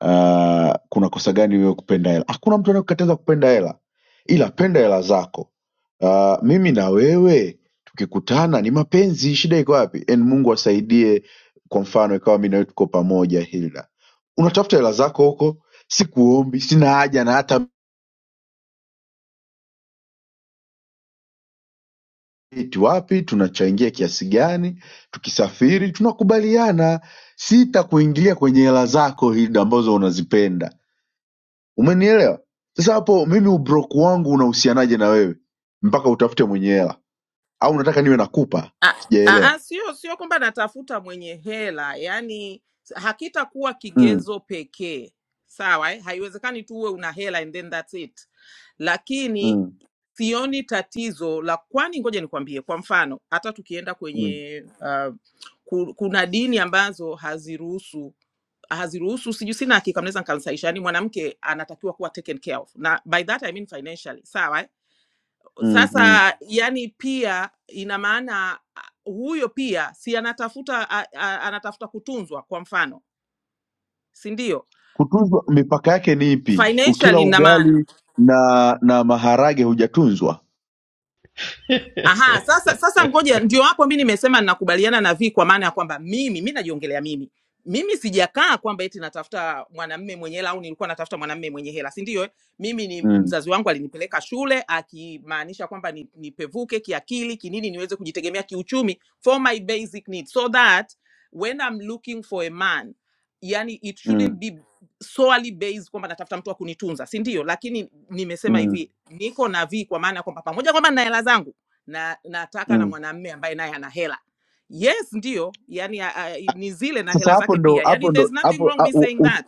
uh, kuna kosa gani wewe kupenda hela? Hakuna mtu anayekukataza kupenda hela, ila penda hela zako. Uh, mimi na wewe tukikutana ni mapenzi, shida iko wapi? And Mungu asaidie, kwa mfano ikawa mimi na wewe tuko pamoja, Hilda, unatafuta hela zako huko, sikuombi, sina haja na hata eti wapi tunachangia kiasi gani tukisafiri tunakubaliana sitakuingilia kwenye hela zako hizi ambazo unazipenda umenielewa sasa hapo mimi ubroku wangu unahusianaje na wewe mpaka utafute mwenye hela au unataka niwe nakupa Ah, ah, sijaelewa ah, sio sio kwamba natafuta mwenye hela, yani hakitakuwa mm, kigezo pekee, sawa eh? Haiwezekani tu uwe una hela and then that's it, lakini mm, sioni tatizo la kwani, ngoja nikwambie, kwa mfano hata tukienda mm, kwenye uh, ku- kuna dini ambazo haziruhusu haziruhusu siju, sina hakika, mnaweza nkamsaisha, yani mwanamke anatakiwa kuwa taken care of, na by that I mean financially, sawa eh? mm, mm. Sasa yani pia ina maana a- huyo pia si anatafuta a- a- anatafuta kutunzwa, kwa mfano, si ndio? kutunzwa mipaka yake ni ipi ukila Financially ina maana ugali na na maharage hujatunzwa Aha, sasa sasa ngoja ndio hapo mimi nimesema ninakubaliana na Vi kwa maana ya kwamba mimi mimi najiongelea mimi. Mimi sijakaa kwamba eti natafuta mwanamume mwenye hela au nilikuwa natafuta mwanamume mwenye hela, si ndio? eh? Mimi ni mm, mzazi wangu alinipeleka shule akimaanisha kwamba ni, nipevuke kiakili, kinini niweze kujitegemea kiuchumi for my basic needs so that when I'm looking for a man yani it mm, shouldn't be solely based kwamba natafuta mtu wa kunitunza, si ndio? Lakini nimesema mm, hivi, niko na Vi kwa maana ya kwamba pamoja kwamba nina hela zangu na nataka na mm. mwanamme ambaye naye ana hela yes ndio yani a, a, ni zile na sasa hela hapo zake ndo pia yani hapo there's ndo nothing wrong me saying hapo that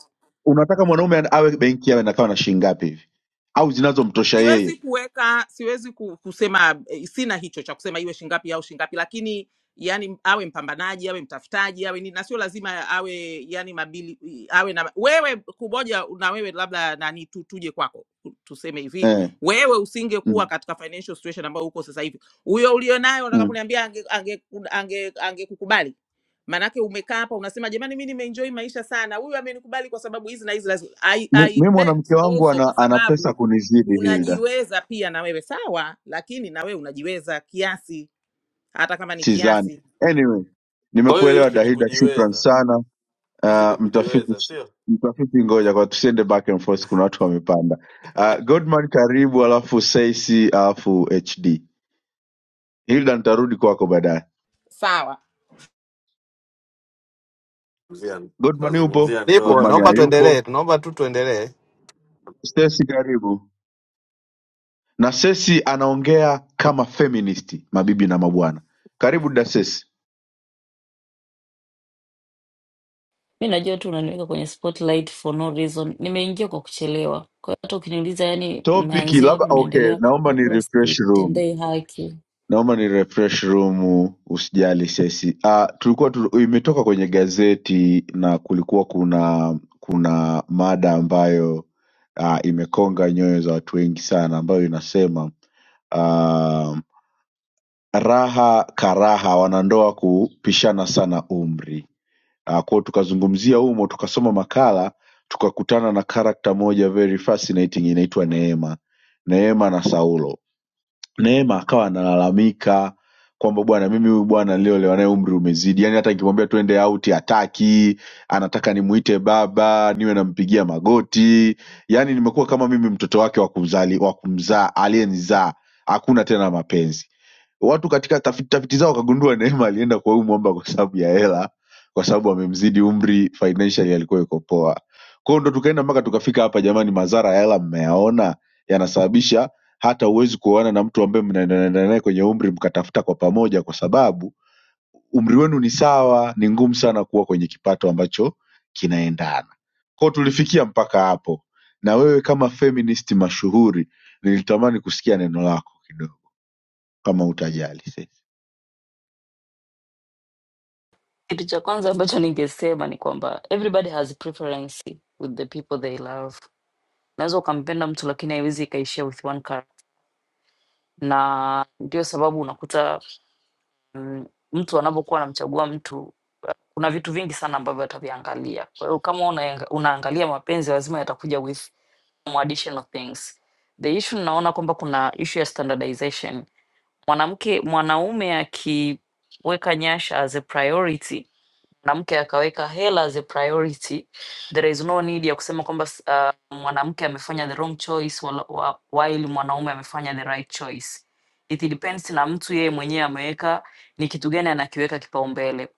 unataka mwanaume ana- awe benki awe nakawa na shilingi ngapi hivi au zinazomtosha siwezi yeye kuweka siwezi ku- kusema eh, sina hicho cha kusema iwe shingapi au shingapi lakini yani awe mpambanaji awe mtafutaji awe nini na sio lazima awe yani mabili awe na wewe kumoja na wewe labda nani tu, tuje kwako tu- tuseme hivi eh. wewe usingekuwa mm, katika financial situation ambayo uko sasa hivi huyo ulionayo unataka mm. kuniambia ange, ange, ange, angekukubali manake umekaa hapa unasema jamani mi nimeenjoy maisha sana huyu amenikubali kwa sababu hizi na hizi lazima I, Mi I mi bet mwanamke wangu also ana, kwa ana sababu pesa kunizidi Hilda, unajiweza pia na wewe sawa, lakini na wewe unajiweza kiasi, hata kama ni sidhani. kiasi Anyway, Kwa hiyo nimekuelewa ishu ni Dahilda, shukran kujiweza, sana. ishu Uh, ni mtafiti kujiweza, sio mtafiti, ngoja kwa tusiende back and forth, kuna watu wamepanda. Uh, Godman karibu, alafu Saisi, alafu HD. Hilda, nitarudi kwako baadaye. sawa. Zia- Godman yupo? anazungumzia Nipo, ndoa Godman naomba kama tuendelee, hayupo? naomba tu tuendelee. Stacy karibu. Nasesi anaongea kama feministi mabibi na mabwana karibu Dasesi Mi najua tu unaniweka kwenye spotlight for no reason. Nimeingia kwa kuchelewa. Kwa hiyo hata ukiniuliza, yani topiki mmeanzia labda wapi, okay mnaendelea wapi, naomba ni nitakuwa refresh room sitendei haki. naomba ni refresh room usijali sesi ah tulikuwa tu, imetoka kwenye gazeti na kulikuwa kuna kuna mada ambayo ah, imekonga nyoyo za watu wengi sana ambayo inasema ah, raha karaha wanandoa kupishana sana umri kwao tukazungumzia humo tukasoma makala tukakutana na karakta moja very fascinating inaitwa neema neema na saulo neema akawa analalamika kwamba bwana mimi huyu bwana niliolewa naye umri umezidi yaani hata nikimwambia tuende auti hataki anataka nimuite baba niwe nampigia magoti yaani nimekuwa kama mimi mtoto wake wa kumzali- wa kumzaa aliyenizaa hakuna tena mapenzi watu katika tafiti tafiti zao wakagundua Neema alienda kwa huyu mwamba kwa sababu ya hela, kwa sababu amemzidi umri, financially alikuwa yuko poa. Kwa hiyo ndo tukaenda mpaka tukafika hapa. Jamani, madhara ya hela mmeyaona, yanasababisha hata huwezi kuoana na mtu ambaye mnaendana naye kwenye umri mkatafuta kwa pamoja, kwa sababu umri wenu ni sawa. Ni ngumu sana kuwa kwenye kipato ambacho kinaendana. Kwa hiyo tulifikia mpaka hapo, na wewe kama feminist mashuhuri, nilitamani kusikia neno lako kidogo, kama utajali. Kitu cha kwanza ambacho ningesema ni kwamba everybody has preference with the people they love. Unaweza ukampenda mtu lakini haiwezi ikaishia with one character, na ndio sababu unakuta mm, mtu anapokuwa anamchagua mtu kuna vitu vingi sana ambavyo ataviangalia. Kwa hiyo kama unaenga- unaangalia mapenzi, lazima yatakuja with some additional things. The issue naona kwamba kuna issue ya standardization. Mwanamke mwanaume akiweka nyasha as a priority, mwanamke akaweka hela as a priority, there is no need ya kusema kwamba s- uh, mwanamke amefanya the wrong choice wala- wa- while mwanaume amefanya the right choice. It depends na mtu yeye mwenyewe ameweka ni kitu gani anakiweka kipaumbele.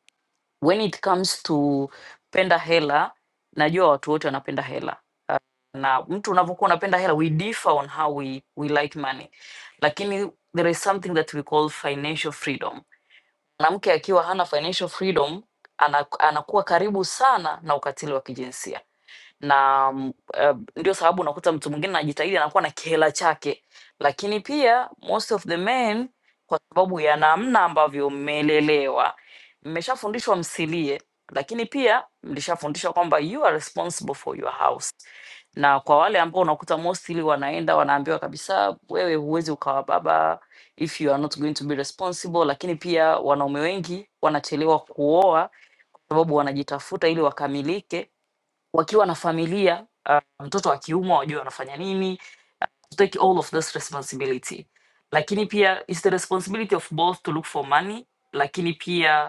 When it comes to penda hela, najua watu wote wanapenda hela na mtu unavyokuwa unapenda hela we differ on how we, we like money lakini there is something that we call financial freedom mwanamke akiwa hana financial freedom ana, anakuwa karibu sana na ukatili wa kijinsia na mm, eh, ndio sababu unakuta mtu mwingine anajitahidi anakuwa na kihela chake, lakini pia most of the men, kwa sababu ya namna ambavyo mmelelewa, mmeshafundishwa msilie, lakini pia mlishafundishwa kwamba you are responsible for your house. Na kwa wale ambao unakuta mostly wanaenda wanaambiwa kabisa, wewe huwezi ukawa baba if you are not going to be responsible. Lakini pia wanaume wengi wanachelewa kuoa sababu wanajitafuta ili wakamilike wakiwa na familia mtoto wa kiume wajue wanafanya nini to take all of this responsibility lakini pia is the responsibility of both to look for money lakini pia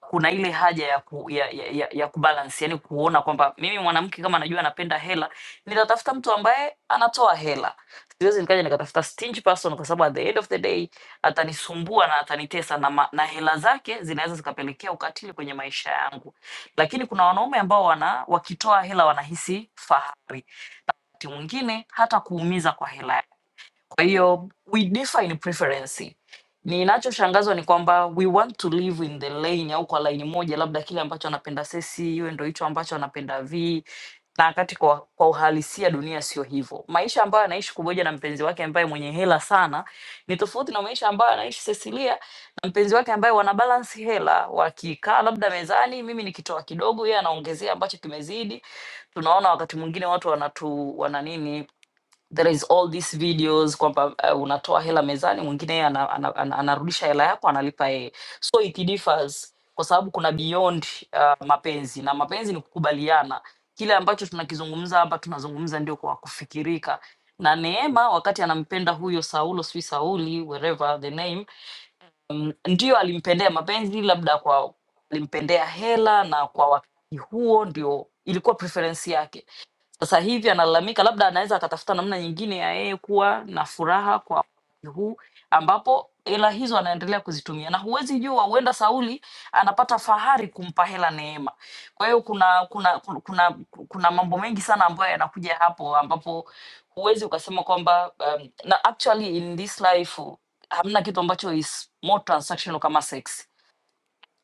kuna ile haja ya, ku, ya, ya, ya, ya kubalance, yani kuona kwamba mimi mwanamke kama najua anapenda hela, nitatafuta mtu ambaye anatoa hela. Siwezi nikaja nikatafuta stingy person, kwa sababu at the end of the day atanisumbua na atanitesa na, ma- na hela zake zinaweza zikapelekea ukatili kwenye maisha yangu. Lakini kuna wanaume ambao wana wakitoa hela wanahisi fahari, wakati mwingine hata kuumiza kwa hela kwa hiyo we differ in preference. Ninachoshangazwa ni kwamba we want to live in the lane au kwa laini moja, labda kile ambacho anapenda Sesi iwe ndo hicho ambacho anapenda V, na wakati kwa, kwa uhalisia dunia sio hivyo. Maisha ambayo anaishi Kuboja na mpenzi wake ambaye mwenye hela sana ni tofauti na maisha ambayo anaishi Cecilia na mpenzi wake ambaye wana balance hela, wakikaa labda mezani, mimi nikitoa kidogo, yeye anaongezea ambacho kimezidi. Tunaona wakati mwingine watu wanatu wana nini there is all these videos kwamba uh, unatoa hela mezani mwingine anarudisha ana, ana, ana, anarudisha hela yako analipa yeye so it differs kwa sababu kuna beyond uh, mapenzi na mapenzi ni kukubaliana kile ambacho tunakizungumza hapa tunazungumza ndio kwa kufikirika na neema wakati anampenda huyo saulo sijui sauli wherever the name mm, ndio alimpendea mapenzi labda kwa alimpendea hela na kwa wakati huo ndio ilikuwa preference yake sasa hivi analalamika, labda anaweza akatafuta namna nyingine ya yeye kuwa na furaha kwa wakati huu ambapo hela hizo anaendelea kuzitumia, na huwezi jua, huenda Sauli anapata fahari kumpa hela Neema. Kwa hiyo kuna kuna kuna kuna kuna mambo mengi sana ambayo yanakuja hapo, ambapo huwezi ukasema kwamba um, na actually in this life hamna kitu ambacho is more transactional kama sex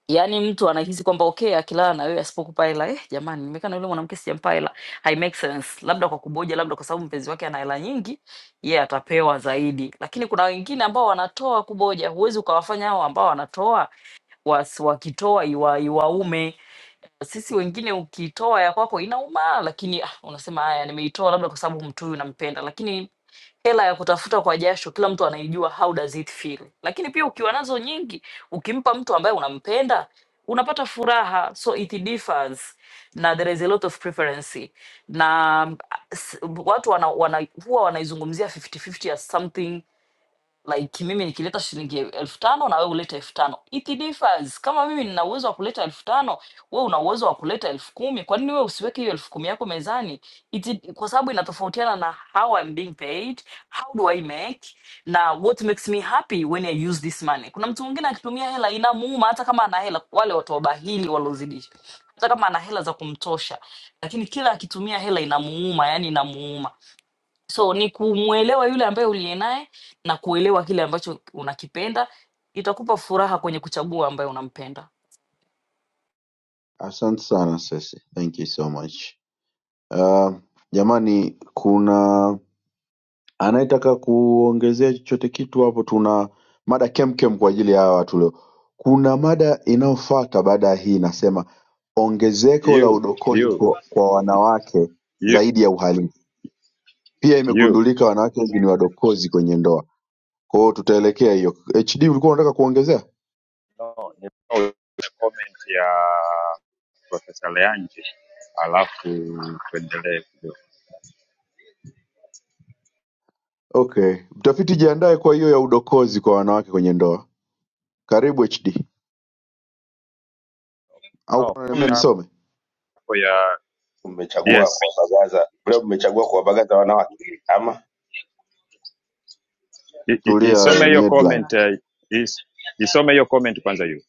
yaani mtu anahisi kwamba okay akilala na wewe asipokupa hela eh, jamani nimekana yule mwanamke sijampa hela hai make sense labda kwa kuboja labda kwa sababu mpenzi wake ana hela nyingi yeye atapewa zaidi lakini kuna wengine ambao wanatoa kuboja huwezi ukawafanya hao ambao wanatoa was, wakitoa iwa, iwaume sisi wengine ukitoa ya kwako inauma lakini ah, unasema haya nimeitoa labda kwa sababu mtu huyu nampenda lakini hela ya kutafuta kwa jasho kila mtu anaijua how does it feel lakini pia ukiwa nazo nyingi ukimpa mtu ambaye unampenda unapata furaha so it differs na there is a lot of preference na mm, s- watu wana, wana, huwa wanaizungumzia 50-50 as something like mimi nikileta shilingi elfu tano na wewe ulete elfu tano it differs kama mimi nina uwezo wa kuleta elfu tano wewe una uwezo wa kuleta elfu kumi kwa nini wewe usiweke hiyo elfu kumi yako mezani it, kwa sababu inatofautiana na how I'm being paid how do I make na what makes me happy when I use this money kuna mtu mwingine akitumia hela inamuuma hata kama ana hela wale watu wabahili waliozidisha hata kama ana hela za kumtosha lakini kila akitumia hela inamuuma yani inamuuma So ni kumwelewa yule ambaye uliye naye na kuelewa kile ambacho unakipenda, itakupa furaha kwenye kuchagua ambaye unampenda. Asante sana Sesi, thank you so much. Uh, jamani, kuna anayetaka kuongezea chochote kitu hapo? Tuna mada kemkem kwa ajili ya hawa watu leo. Kuna mada inayofuata baada ya hii inasema ongezeko la you udokozi you kwa, kwa wanawake you zaidi ya uhalifu. Pia you imegundulika wanawake wengi ni wadokozi kwenye ndoa. Kwa hiyo tutaelekea hiyo. HD, ulikuwa unataka kuongezea? No, ni comment ya Profesa Leanje alafu tuendelee kidogo. Okay, mtafiti jiandae kwa hiyo ya udokozi kwa wanawake kwenye ndoa. Karibu HD, au No, kuna niambia nisome? comment ya mmechagua yes kuwabagaza leo mmechagua kuwabagaza wanawake ama I- i- Tulia Isome wewe ni hiyo headline. comment eh, is- isome hiyo comment kwanza hiyo.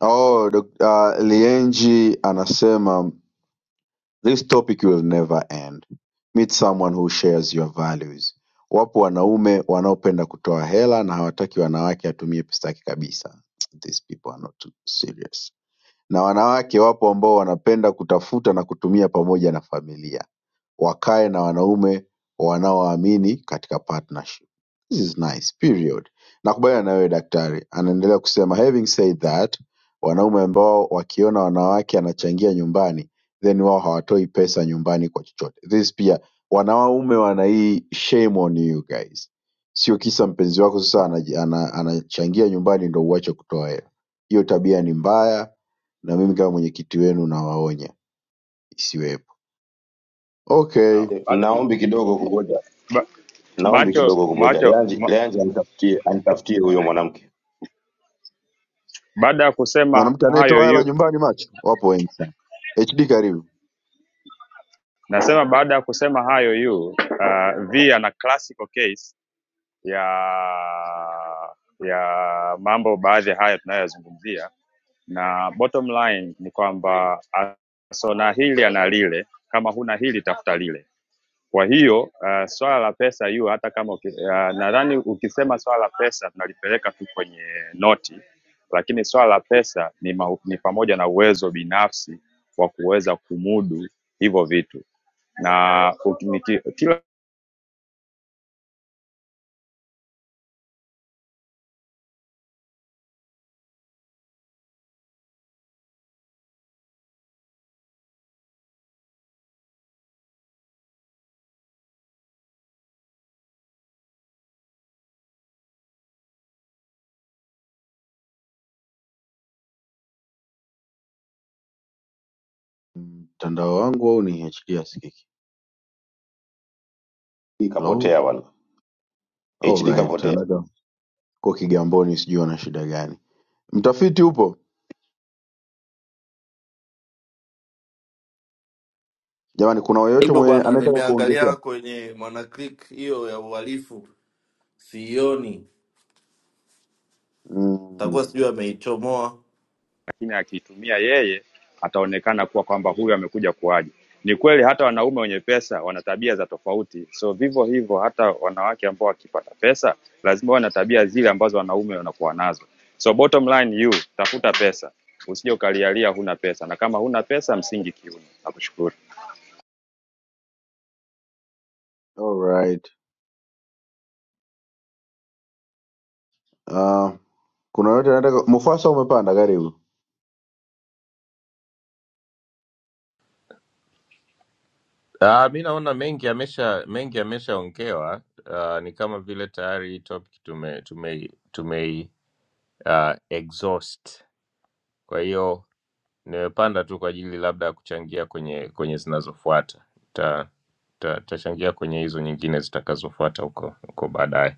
Oh, Dok- uh, Lienji anasema this topic will never end. Meet someone who shares your values. Wapo wanaume wanaopenda kutoa hela na hawataki wanawake atumie pesa yake kabisa. These people are not too serious. Na wanawake wapo ambao wanapenda kutafuta na kutumia pamoja na familia. wakae na wanaume wanaowaamini katika partnership. This is nice period. Nakubaliana na wewe daktari. Anaendelea kusema having said that, wanaume ambao wakiona wanawake anachangia nyumbani then wao hawatoi pesa nyumbani kwa chochote. This pia wanaume wana hii shame on you guys. Sio kisa mpenzi wako sasa anaji- ana- anachangia nyumbani ndo uache kutoa hela. Hiyo tabia ni mbaya na mimi kama mwenyekiti wenu nawaonya isiwepo. Okay. Sawa. eh, Baada ya naombi hapo, kidogo i- kuboja ba- naombi macho kidogo kuboja macho leanji ma, leanji anitafutie anitafutie huyo mwanamke baada ya kusema Mwanamke hayo anayetoa hela yu nyumbani macho, wapo wengi sana. HD karibu. nasema baada ya kusema hayo yu uh, V ana classical case ya ya mambo baadhi haya tunayoyazungumzia, na bottom line ni kwamba asona hili ana lile, kama huna hili tafuta lile. Kwa hiyo uh, swala la pesa hiyo hata kama uki, uh, nadhani ukisema swala la pesa tunalipeleka tu kwenye noti, lakini swala la pesa ni, ma, ni pamoja na uwezo binafsi wa kuweza kumudu hivyo vitu na uki- niki- kila mtandao wangu au ni HD asikiki. hii Hello? kapotea bwana hd Alright, kapotea anaka ko Kigamboni, sijui wana shida gani. Mtafiti upo jamani? Kuna yoyote hivyo mwe bwana. anayetaka kuongezea? Nimeangalia kwenye Mwanaclick hiyo ya uhalifu, sioni, takuwa Mm, sijui ameichomoa. lakini akiitumia yeye ataonekana kuwa kwamba huyu amekuja kuaje. Ni kweli hata wanaume wenye pesa wana tabia za tofauti, so vivyo hivyo hata wanawake ambao wakipata pesa lazima wawe na tabia zile ambazo wanaume wanakuwa nazo. So bottom line you, tafuta pesa, usije ukalialia huna pesa, na kama huna pesa msingi kiuno. Nakushukuru alright. Uh, kuna yoyote anataka? Mufasa umepanda, karibu. Uh, mi naona mengi yamesha mengi yameshaongewa. Uh, ni kama vile tayari hii topic tume tume tume uh, exhaust. Kwa hiyo nimepanda tu kwa ajili labda ya kuchangia kwenye kwenye zinazofuata. Ta, ta, tachangia kwenye hizo nyingine zitakazofuata huko huko baadaye,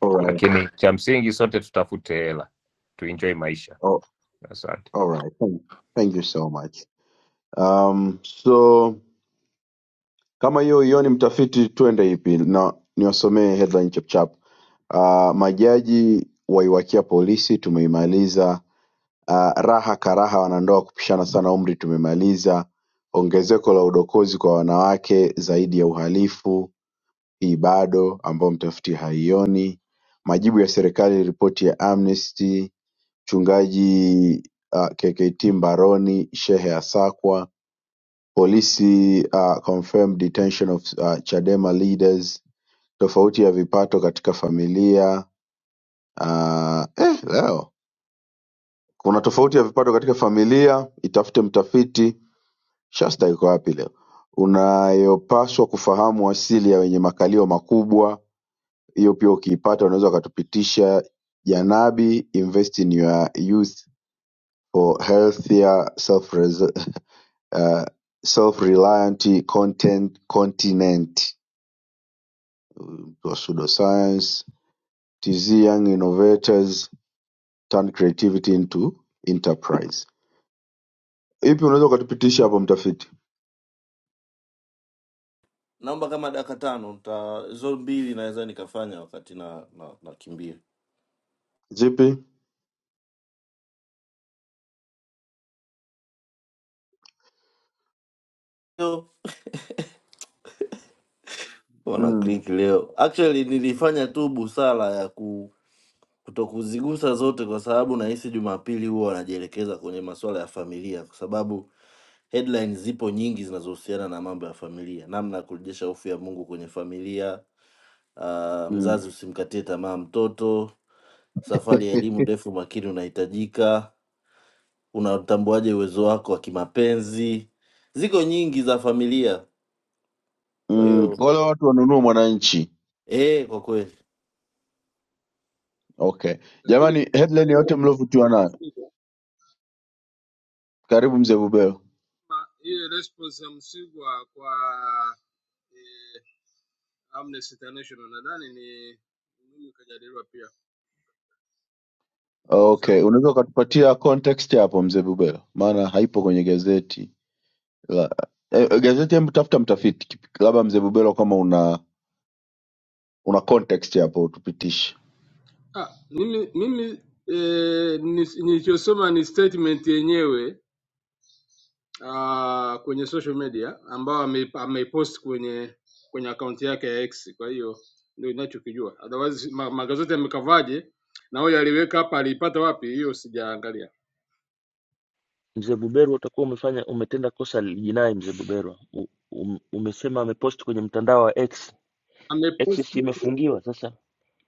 Alright, lakini cha msingi sote tutafute hela tuenjoy maisha. oh, Asante. alright. Thank, thank you so much. Um, so Kama hiyo huioni mtafiti, twende ipi? Na niwasomee headline chapchap. Uh, majaji waiwakia polisi, tumeimaliza. Uh, raha karaha, wanandoa kupishana sana umri, tumemaliza. Ongezeko la udokozi kwa wanawake zaidi ya uhalifu, hii bado ambao mtafiti haioni. Majibu ya serikali ripoti ya Amnesty. Mchungaji uh, KKT mbaroni, shehe asakwa Polisi uh, confirmed detention of uh, Chadema leaders tofauti ya vipato katika familia ah, eh, leo kuna tofauti ya vipato katika familia, itafute mtafiti. Shasta iko wapi leo? Unayopaswa kufahamu asili ya wenye makalio makubwa, hiyo pia ukiipata unaweza ukatupitisha. Janabi, invest in your youth for healthier self uh, self reliant content continent it was pseudoscience. TZ Young Innovators Turn Creativity into Enterprise. Ipi unaweza ukatupitisha hapo mtafiti? Naomba kama dakika tano, nta hizo mbili naweza nikafanya wakati na na nakimbia. Zipi? Yo, Mm, Mwanaclick leo actually nilifanya tu busara ya ku kutokuzigusa zote kwa sababu nahisi Jumapili huwa wanajielekeza kwenye masuala ya familia kwa sababu Headlines zipo nyingi zinazohusiana na mambo ya familia, namna ya kurejesha hofu ya Mungu kwenye familia, ah, mm, mzazi usimkatie tamaa mtoto, safari ya elimu ndefu makini unahitajika, unatambuaje uwezo wako wa kimapenzi. Ziko nyingi za familia, kwa mm. hiyo Wale watu wanunua Mwananchi. eh, kwa kweli Okay jamani, Lakini kwa headline yote hilo mliovutiwa nayo. Msigwa, Karibu mzee Bubelo. ile response ya Msigwa kwa eh, Amnesty International nadhani ni muhimu ikajadiliwa pia inagusa Okay, unaweza ukatupatia context hapo mzee Bubelo, maana haipo kwenye gazeti la eh, gazeti. Hebu tafuta mtafiti, labda mzee Bubelo, kama una una context hapo utupitishe. ah, mimi, mimi eh, nis- nilichosoma ni statement yenyewe ah, kwenye social media ambayo ame- ameipost kwenye kwenye akaunti yake ya X. Kwa hiyo ndio ninachokijua, otherwise ma, magazeti yamekavaje na huyo aliweka hapa aliipata wapi, hiyo sijaangalia. Mzee Buberwa, utakuwa umefanya umetenda kosa la jinai. Mzee Buberwa, U- um, umesema amepost kwenye mtandao wa X. X Amepost si imefungiwa sasa.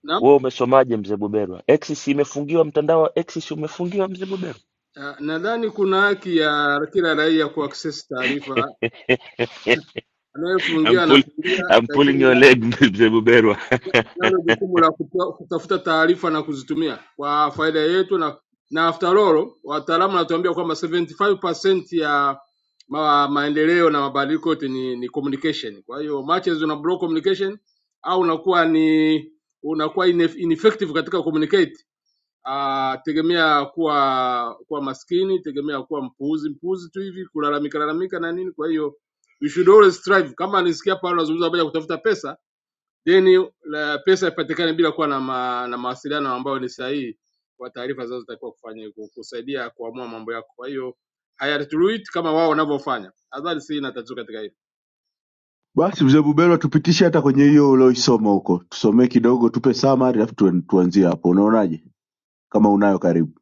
naam, Wewe umesomaje Mzee Buberwa? X si imefungiwa, mtandao wa X si umefungiwa Mzee Buberwa? ah, nadhani kuna haki ya kila raia kuaccess taarifa I'm, Anayefungia pull, anafungia, I'm pulling your lakini leg mzee Buberwa. nalo jukumu la kutoa- kutafuta taarifa na kuzitumia kwa faida yetu, na na after all wataalamu wanatuambia kwamba 75% ya ma, maendeleo na mabadiliko yote ni, ni communication. Kwa hiyo matches una block communication au unakuwa ni unakuwa ine- ineffective katika communicate ah, tegemea kuwa kuwa maskini, tegemea kuwa mpuuzi mpuuzi tu hivi, kulalamika lalamika na nini. Kwa hiyo we should always strive. Kama nisikia Paulo anazungumza habari ya kutafuta pesa, then la, pesa ipatikane bila kuwa na, ma, na mawasiliano ambayo ni sahihi kwa taarifa zinazotakiwa kufanya ku- kusaidia kuamua mambo yako. Kwa hiyo hayatuluit kama wao wanavyofanya. Nadhani si na tatizo katika hili. Basi mzee Bubelwa tupitishe hata kwenye hiyo ulioisoma huko, tusomee kidogo, tupe summary alafu tuen- tuanzie hapo. Unaonaje kama unayo? Karibu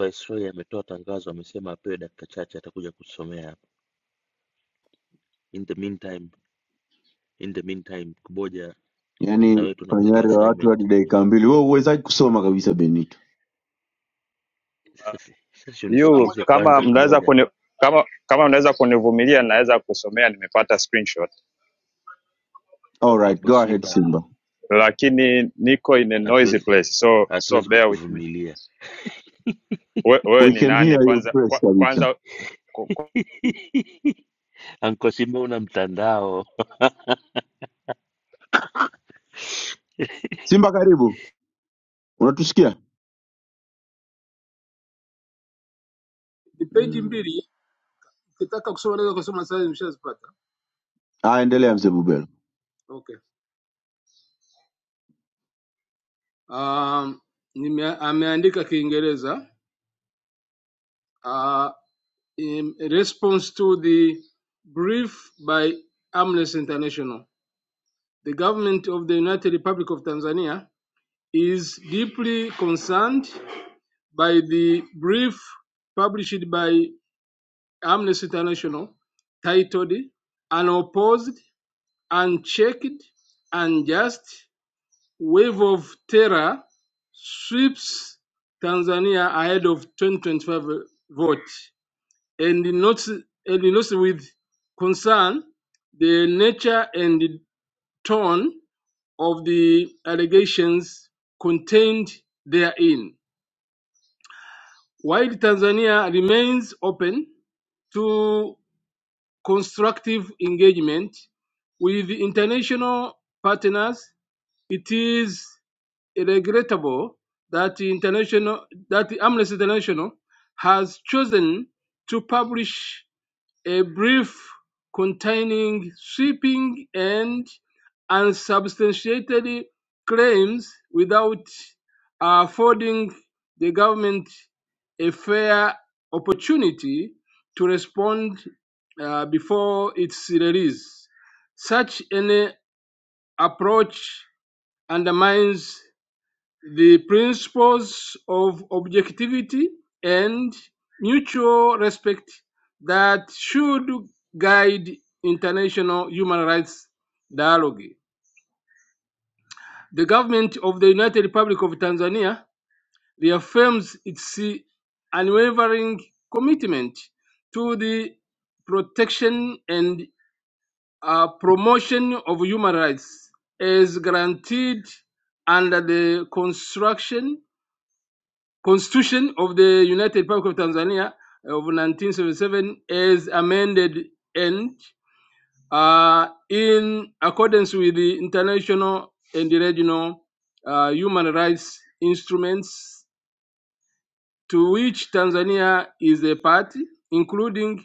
Viceroy ametoa tangazo, amesema apewe dakika chache, atakuja kusomea hapa. In the meantime, in the meantime, Kuboja na wewe yaani tunakupa fanyari wa watu assignment. hadi dakika mbili, wewe uwezaji kusoma kabisa Benito. Sasa si- sasa si you, unisikilize kama kwanza mnaweza Kuboja. kuni kama kama unaweza kunivumilia naweza kusomea, nimepata screenshot All right, Anko go ahead Simba Simba, lakini niko in a noisy hatuwezi place so so hatuwezi bear with me. kukuvumilia. We, wewe we ni can nani hear you kwanza? Kwa, fresh kabisa. kwanza ku- ku- Anko Simba una mtandao. Simba karibu, unatusikia? Ni peji Mm. mbili, ukitaka kusoma naweza kusoma sasa, nimeshazipata. Ah, endelea mzee Bubelwa, Okay. Um, nime, ameandika Kiingereza. Uh, In response to the brief by Amnesty International, the government of the United Republic of Tanzania is deeply concerned by the brief published by Amnesty International titled Unopposed, Unchecked, Unjust Wave of Terror Sweeps Tanzania Ahead of 2025 Vote. and not and notes with concern the nature and the tone of the allegations contained therein, while Tanzania remains open to constructive engagement with international partners, it is regrettable that international that Amnesty International has chosen to publish A brief containing sweeping and unsubstantiated claims without uh, affording the government a fair opportunity to respond uh, before its release. Such an approach undermines the principles of objectivity and mutual respect that should guide international human rights dialogue. The government of the United Republic of Tanzania reaffirms its unwavering commitment to the protection and uh, promotion of human rights as guaranteed under the construction Constitution of the United Republic of Tanzania uh, of 1977 as amended and uh, in accordance with the international and regional uh, human rights instruments to which Tanzania is a party, including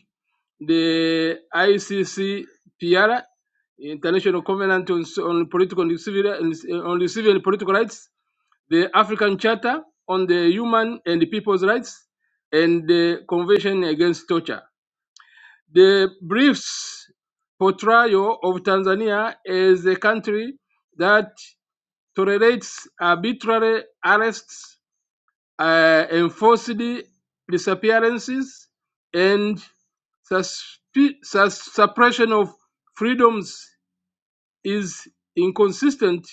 the ICCPR, International Covenant on, on Political and Civil, on Civil and Political Rights, the African Charter on the Human and the People's Rights, and the Convention Against Torture. The brief's portrayal of Tanzania as a country that tolerates arbitrary arrests, uh, enforced disappearances, and susp- sus- suppression of freedoms is inconsistent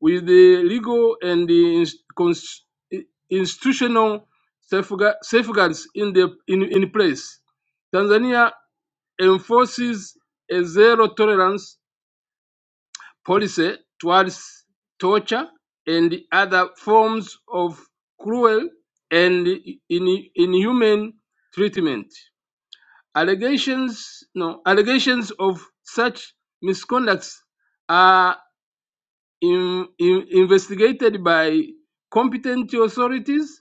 with the legal and the institutional safeguards in, the, in, in place. Tanzania enforces a zero tolerance policy towards torture and other forms of cruel and in, inhuman treatment. Allegations, no, allegations of such misconducts are in, in, investigated by competent authorities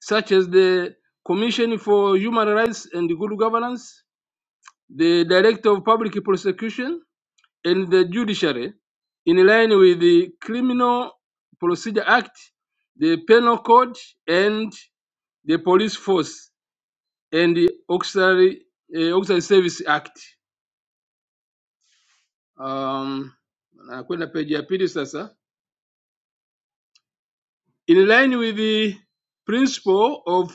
such as the Commission for Human Rights and Good Governance, the Director of Public Prosecution, and the Judiciary, in line with the Criminal Procedure Act, the Penal Code, and the Police Force and the Auxiliary, eh, Auxiliary Service Act. Um, nakwenda page ya pili sasa. In line with the principle of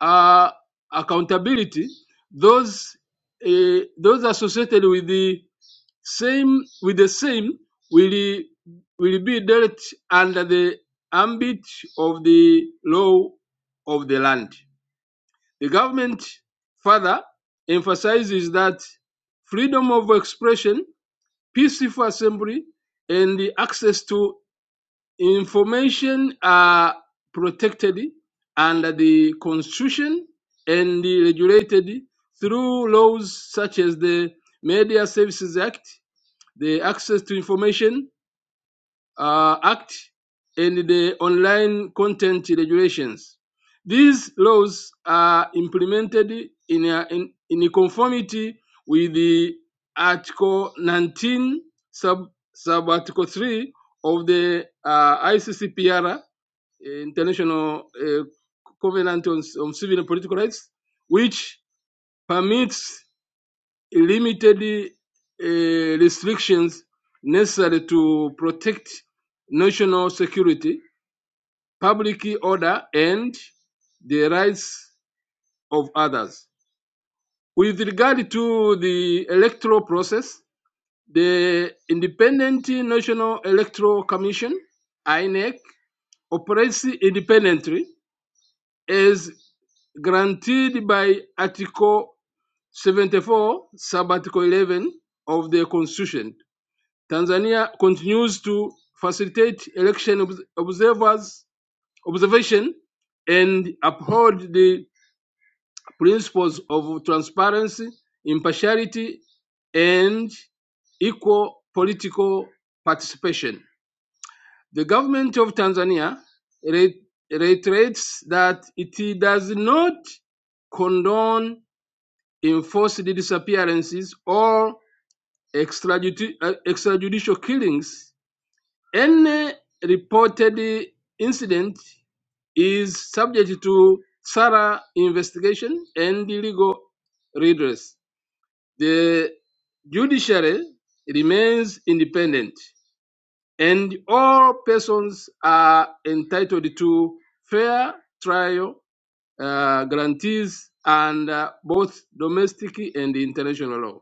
uh, accountability, those uh, those associated with the same with the same will will be dealt under the ambit of the law of the land. The government further emphasizes that freedom of expression, peaceful assembly, and access to information are protected under the Constitution and regulated through laws such as the Media Services Act, the Access to Information uh, Act and the Online Content Regulations. These laws are implemented in, uh, in, in conformity with the Article 19, sub, sub Article 3 of the uh, ICCPR, uh, International uh, Covenant on, on Civil and Political Rights, which permits limited uh, restrictions necessary to protect national security, public order, and the rights of others. With regard to the electoral process, the Independent National Electoral Commission (INEC) operates independently as granted by Article 74, Sub Article 11 of the Constitution Tanzania continues to facilitate election obs- observers observation and uphold the principles of transparency, impartiality, and equal political participation. The government of Tanzania re- reiterates that it does not condone enforced disappearances or extrajudi- uh, extrajudicial killings Any reported incident is subject to thorough investigation and legal redress. The judiciary remains independent, and all persons are entitled to fair trial uh, guarantees under both domestic and international law.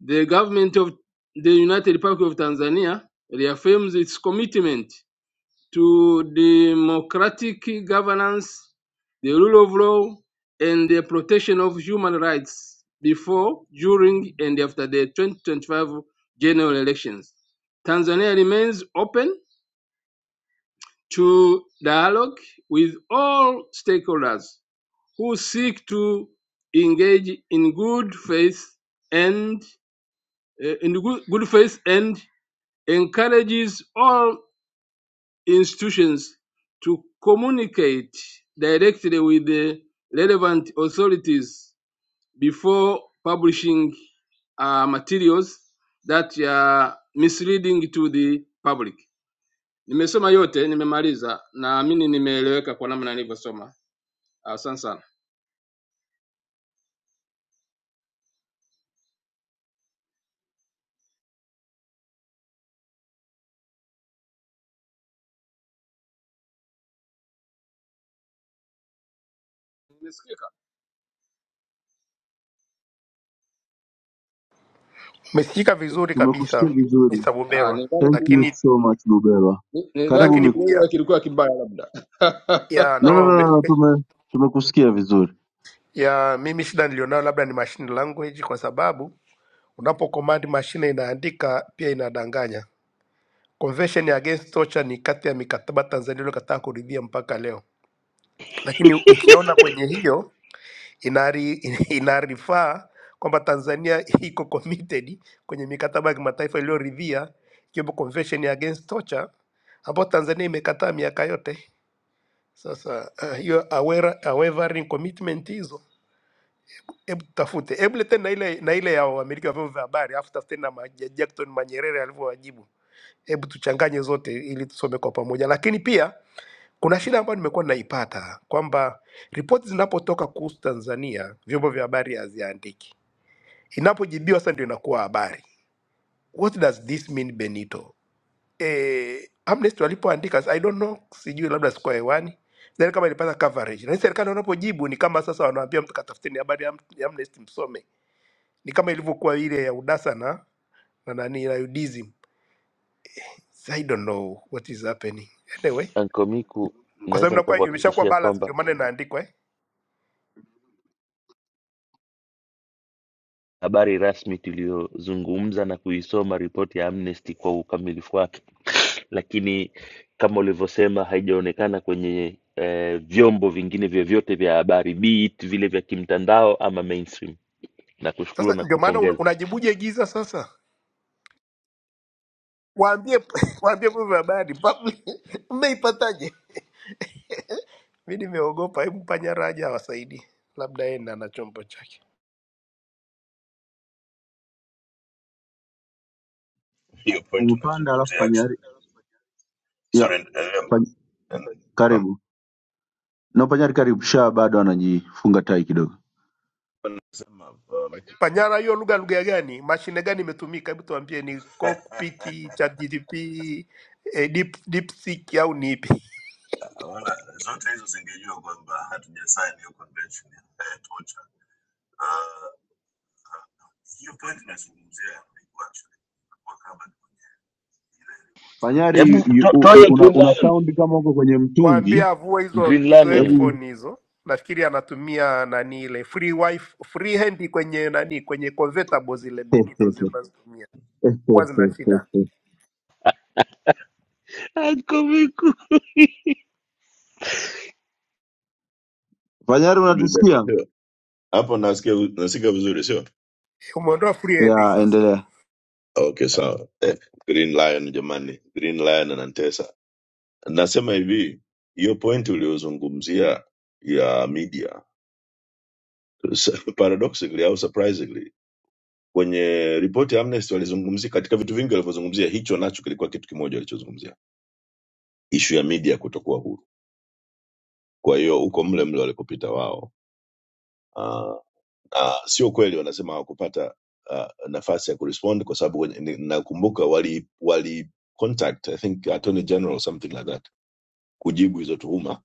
The government of the United Republic of Tanzania reaffirms its commitment to democratic governance, the rule of law, and the protection of human rights before, during, and after the 2025 general elections. Tanzania remains open to dialogue with all stakeholders who seek to engage in good faith and uh, in good, good faith and encourages all institutions to communicate directly with the relevant authorities before publishing uh, materials that are misleading to the public. Nimesoma yote, nimemaliza. Naamini nimeeleweka kwa namna nilivyosoma. Asante sana. Nimesikika? Umesikika vizuri kabisa tumekusikia vizuri. Mr. Ah, Buberwa, nidhani Thank ku- you lakini so much Bubelwa. ni- nidhani Karibu lakini Miku. pia Kiingereza kilikuwa kibaya labda. ya No, no, no no, ume, no, tume tumekusikia vizuri. ya mimi shida nilionayo labda ni machine language, kwa sababu unapo command mashine inaandika pia inadanganya. Convention Against Torture ni kati ya mikataba Tanzania iliyokataa kuridhia mpaka leo, lakini ukiona kwenye hiyo inari, inarifaa kwamba Tanzania iko committed kwenye mikataba ya kimataifa iliyoridhia ikiwemo Convention Against Torture ambayo Tanzania imekataa miaka yote. Sasa uh, hiyo aware- unwavering commitment hizo, hebu tutafute, hebu leteni na ile na ile ya wamiliki wa vyombo vya habari, alafu tafuteni na ma- Ja- Jackson Manyerere alivyowajibu, hebu tuchanganye zote ili tusome kwa pamoja. Lakini pia kuna shida ambayo nimekuwa naipata kwamba ripoti zinapotoka kuhusu Tanzania vyombo vya habari haziandiki, inapojibiwa sasa ndio inakuwa habari. What does this mean Benito? eh, Amnesty walipoandika I don't know, sijui labda sikuwa hewani then kama ilipata coverage, na serikali wanapojibu ni kama sasa wanaambia mtu katafuteni habari ya Am- ya Amnesty msome, ni kama ilivyokuwa ile ya UDASA na na nani na UDISM. So I don't know what is happening anyway, Anko Miku, kwa sababu naweza inakuwa imeshakuwa nikakuhakikishia balance, kwamba ndio maana inaandikwa eh. habari rasmi tuliyozungumza na kuisoma ripoti ya Amnesty kwa ukamilifu wake, lakini kama ulivyosema haijaonekana kwenye eh, vyombo vingine vyovyote vya habari, be it vile vya kimtandao ama mainstream. Nakushukuru Sasa na ndio maana un, kupongeza. unajibuje giza sasa, waambie waambie vyombo vya habari public, mmeipataje? Mimi nimeogopa, hebu panya raja awasaidie, labda yeye ndiye ana chombo chake. hiyo point Umepanda alafu unazungumzia actually. panyari sorry ya endelea pan... En- karibu No, Panyari karibu sha bado anajifunga tai kidogo. na- nasema uh, like- Panyara, hiyo lugha lugha gani? Mashine gani imetumika? Hebu tuambie, ni Cockpit, ChatGPT, eh, Deep DeepSeek au ni ipi? wala zote hizo zingejua kwamba hatujasaini hiyo convention ya eh, torture. Ah, hiyo point unazungumzia ilikuwa actually kwa kama ile ripoti ya Panyari Hebu you- to- u- toa u- hiyo una, Green una Lion. sound kama uko kwenye Waambie mtungi. avue hizo Green hizo Lion. Hebu headphone hizo. Nafikiri anatumia nani ile free wifi free hand kwenye nani kwenye convertible zile Benito zile unazitumia huwa zina shida. Anko Miku. Panyari unatusikia? Amnesty. Sio. hapo nasikia nasikia vizuri sio Umeondoa free hand Ya, sasa, endelea. okay sawa eh, green lion jamani green lion anantesa nasema hivi hiyo point uliozungumzia ya media paradoxically au surprisingly kwenye ripoti ya Amnesty walizungumzia katika vitu vingi walivyozungumzia, hicho nacho kilikuwa kitu kimoja walichozungumzia, ishu ya media kutokuwa huru. Kwa hiyo huko mle mle walikopita wao, Ah, na sio kweli wanasema hawakupata ah, nafasi ya kurespond kwa sababu wenye- ni- nakumbuka wali wali contact I think attorney general or something like that kujibu hizo tuhuma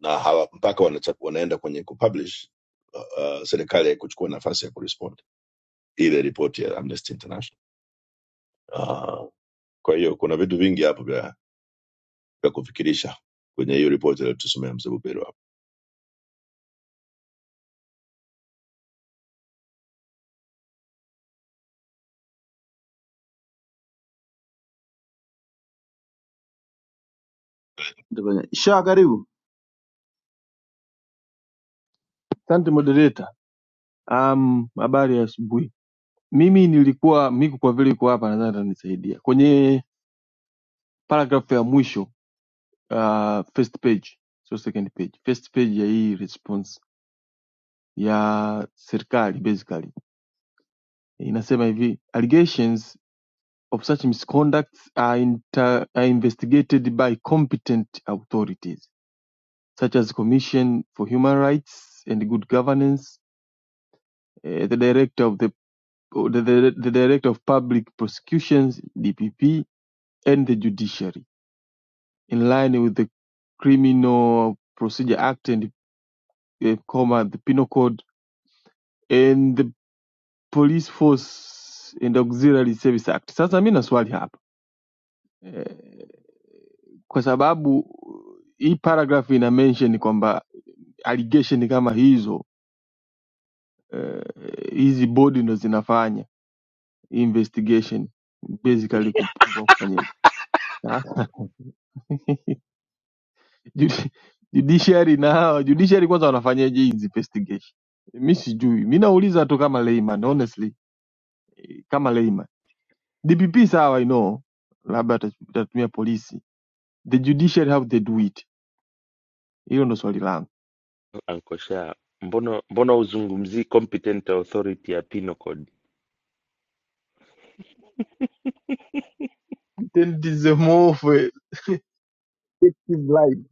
na hawa mpaka wanachap, wanaenda kwenye kupublish uh, serikali haikuchukua nafasi ya kurespond ile ripoti ya Amnesty International. Ah, Kwa hiyo kuna vitu vingi hapo vya, vya kufikirisha kwenye hiyo ripoti aliyotusomea mzee Buberu hapo. Ndio Panyari. Sha karibu. Asante moderator. Um, habari ya asubuhi. Mimi nilikuwa Miku kwa vile iko hapa nadhani atanisaidia. Kwenye paragraph ya mwisho uh, first page, so second page. First page ya hii response ya serikali basically inasema hivi allegations of such misconducts are, inter, are investigated by competent authorities such as Commission for Human Rights and Good Governance, eh, the Director of the the the, the Director of Public Prosecutions (DPP) and the judiciary, in line with the Criminal Procedure Act and uh, comma, the Penal Code and the Police Force and Auxiliary Service Act. Sasa mi na swali hapa eh, kwa sababu hii paragraph ina mention kwamba allegation kama hizo eh, hizi bodi ndo zinafanya investigation basically kuprove au kufanya sasa Judi- judiciary na hawa judiciary kwanza wanafanyaje hii investigation? Mi sijui, mi nauliza tu kama layman, honestly kama layman. DPP sawa, I know labda atach- atatumia polisi, the judiciary how they do it, hilo ndo swali langu. Ankosha, mbona mbona huzungumzii competent authority ya penal code? Tendizemofwe hiyo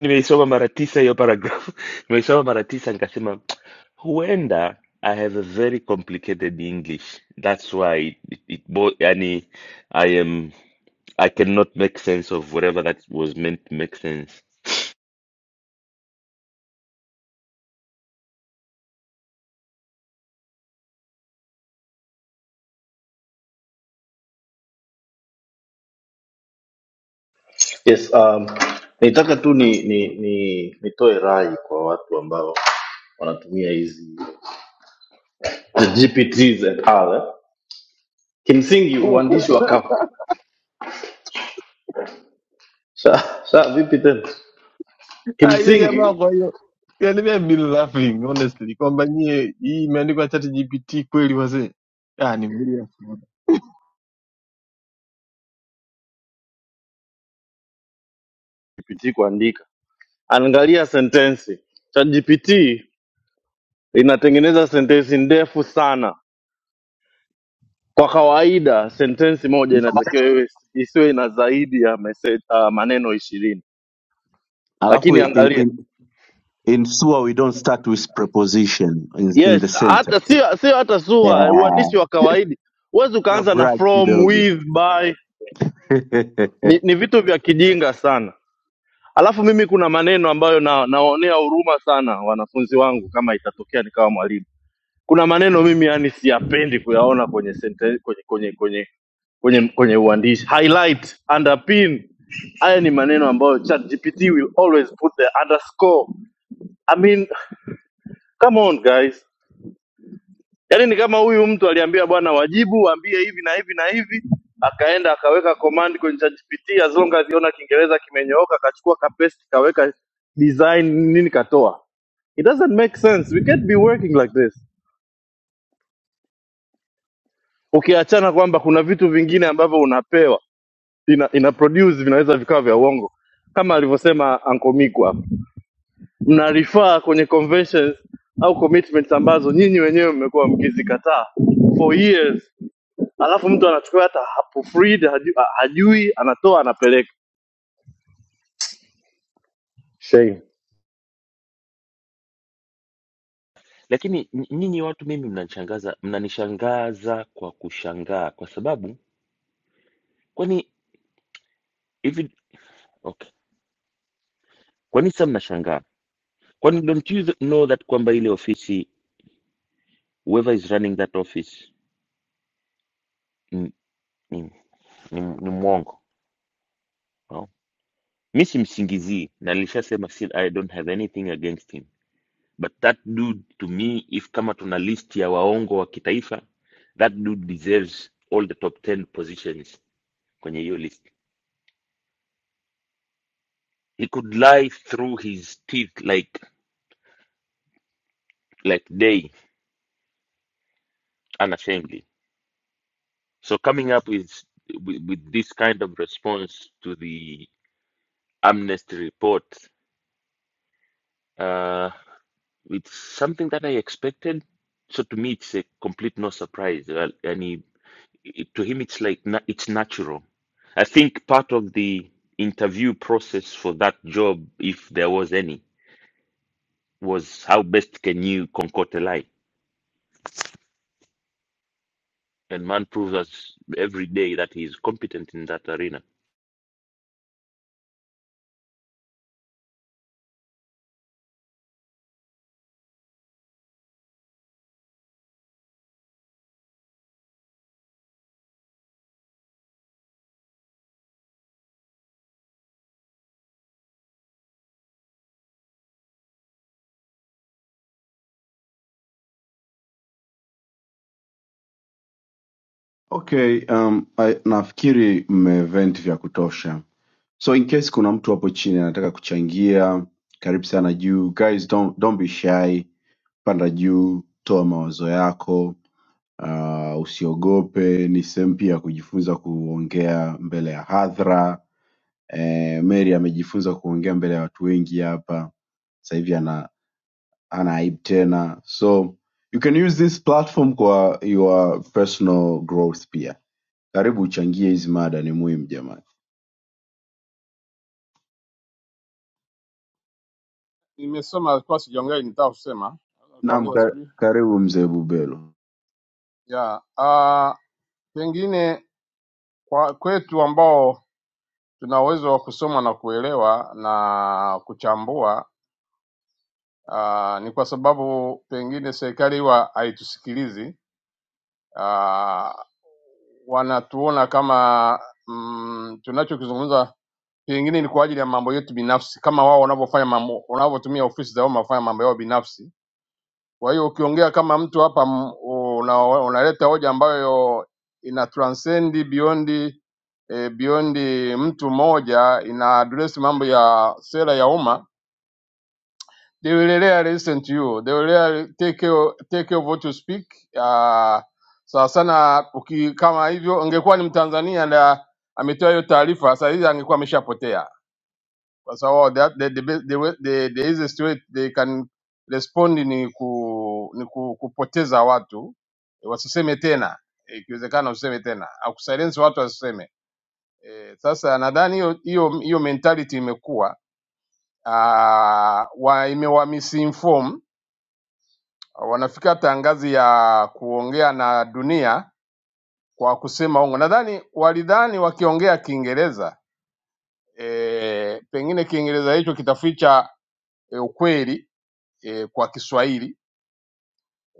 Nimeisoma mara tisa hiyo paragraph, nimeisoma mara tisa nikasema huenda I have a very complicated English. That's why it, it, it bo yani I am I cannot make sense of whatever that was meant to make sense. Yes, um, nitaka tu ni, ni, ni nitoe rai kwa watu ambao wanatumia hizi the GPTs and all. eh. Kimsingi uandishi wa kapu sha, sha vipi tena jamaa, Kimsingi kwa hiyo yani mimi been laughing honestly kwamba nyie hii imeandikwa chat GPT kweli wazee, ah, ni mbili ya GPT kuandika, angalia sentensi. ChatGPT inatengeneza sentensi ndefu sana. Kwa kawaida sentensi moja inatakiwa iwe isiwe na zaidi ya message, uh, maneno ishirini, Alafu lakini in, angalia in, in Sua we don't start with preposition in, in yes, the hata sentence. sio sio hata sua Yeah. uandishi wa kawaida huwezi Una ukaanza na brag from, kidogo. with, by. Ni, ni vitu vya kijinga sana. Alafu mimi kuna maneno ambayo na, nawaonea huruma sana wanafunzi wangu, kama itatokea nikawa mwalimu kuna maneno mimi yani siyapendi kuyaona kwenye sente, kwenye kwenye kwenye kwenye kwenye uandishi highlight underpin haya ni maneno ambayo ChatGPT will always put the underscore I mean come on guys yani ni kama huyu mtu aliambia bwana wajibu waambie hivi na hivi na hivi akaenda akaweka command kwenye ChatGPT as long as iona kiingereza kimenyooka akachukua kapesti kaweka design nini katoa it doesn't make sense we can't be working like this ukiachana kwamba kuna vitu vingine ambavyo unapewa ina, ina produce vinaweza vikawa vya uongo kama alivyosema Uncle Miku hapa, mna refer kwenye conventions au commitments ambazo nyinyi wenyewe mmekuwa mkizikataa for years, alafu mtu anachukua hata hapo freed hajui, hajui anatoa anapeleka. Shame. Lakini n- nyinyi watu mimi mnanishangaza, mnanishangaza kwa kushangaa kwa sababu kwani hivi okay. Kwani sasa mnashangaa Kwani don't you th- know that kwamba ile ofisi whoever is running that office ni, ni, ni, ni mwongo no? mi simsingizii na nilishasema si- i don't have anything against him but that dude to me if kama tuna list ya waongo wa kitaifa that dude deserves all the top 10 positions kwenye hiyo list he could lie through his teeth like like day unashamedly so coming up with, with with this kind of response to the amnesty report Uh, it's something that I expected. So to me, it's a complete no surprise. Well, and he, it, to him, it's like na it's natural. I think part of the interview process for that job, if there was any, was how best can you concoct a lie? And man proves us every day that he's competent in that arena. Okay, um, I, nafikiri mmevent vya kutosha So in case kuna mtu hapo chini anataka kuchangia, karibu sana juu. Guys, don't, don't be shy. Panda juu, toa mawazo yako. Uh, usiogope, ni sehemu pia ya kujifunza kuongea mbele ya hadhara. Eh, Mary amejifunza kuongea mbele ya watu wengi hapa. Sasa hivi ana ana aibu tena. So you can use this platform kwa your personal growth pia. Karibu uchangie hizi mada, ni muhimu jamani. Nimesoma kwa sijaongea nitaka kusema. Naam, Kuongeza ka- sijui. karibu mzee Bubelo. Yeah. Pengine kwa kwetu ambao tuna uwezo wa kusoma na kuelewa na kuchambua aa, ni kwa sababu pengine serikali huwa haitusikilizi aa, wanatuona kama mm, tunachokizungumza pengine ni kwa ajili ya mambo yetu binafsi, kama wao wanavyofanya mambo, wanavyotumia ofisi za wao wanafanya mambo yao binafsi Kwa hiyo ukiongea kama mtu hapa m- una, unaleta hoja ambayo ina transcend beyond eh, beyond mtu mmoja, ina address mambo ya sera ya umma, they will really listen to you, they will really take your, take your vote to speak uh, sawa sana uki, kama hivyo ingekuwa ni Mtanzania na ametoa hiyo taarifa, saa hizi angekuwa ameshapotea kwa sababu that the, the, best- the, way- the, the easiest way they can respond ni ku ni ku, kupoteza watu eh, wasiseme tena Eh, ikiwezekana usiseme tena au kusilence watu wasiseme. Eh, sasa nadhani hiyo hiyo hiyo mentality imekuwa ah, wa imewa misinform wanafika hata ngazi ya kuongea na dunia kwa kusema uongo. Nadhani walidhani wakiongea Kiingereza e, pengine Kiingereza hicho kitaficha e, ukweli e, kwa Kiswahili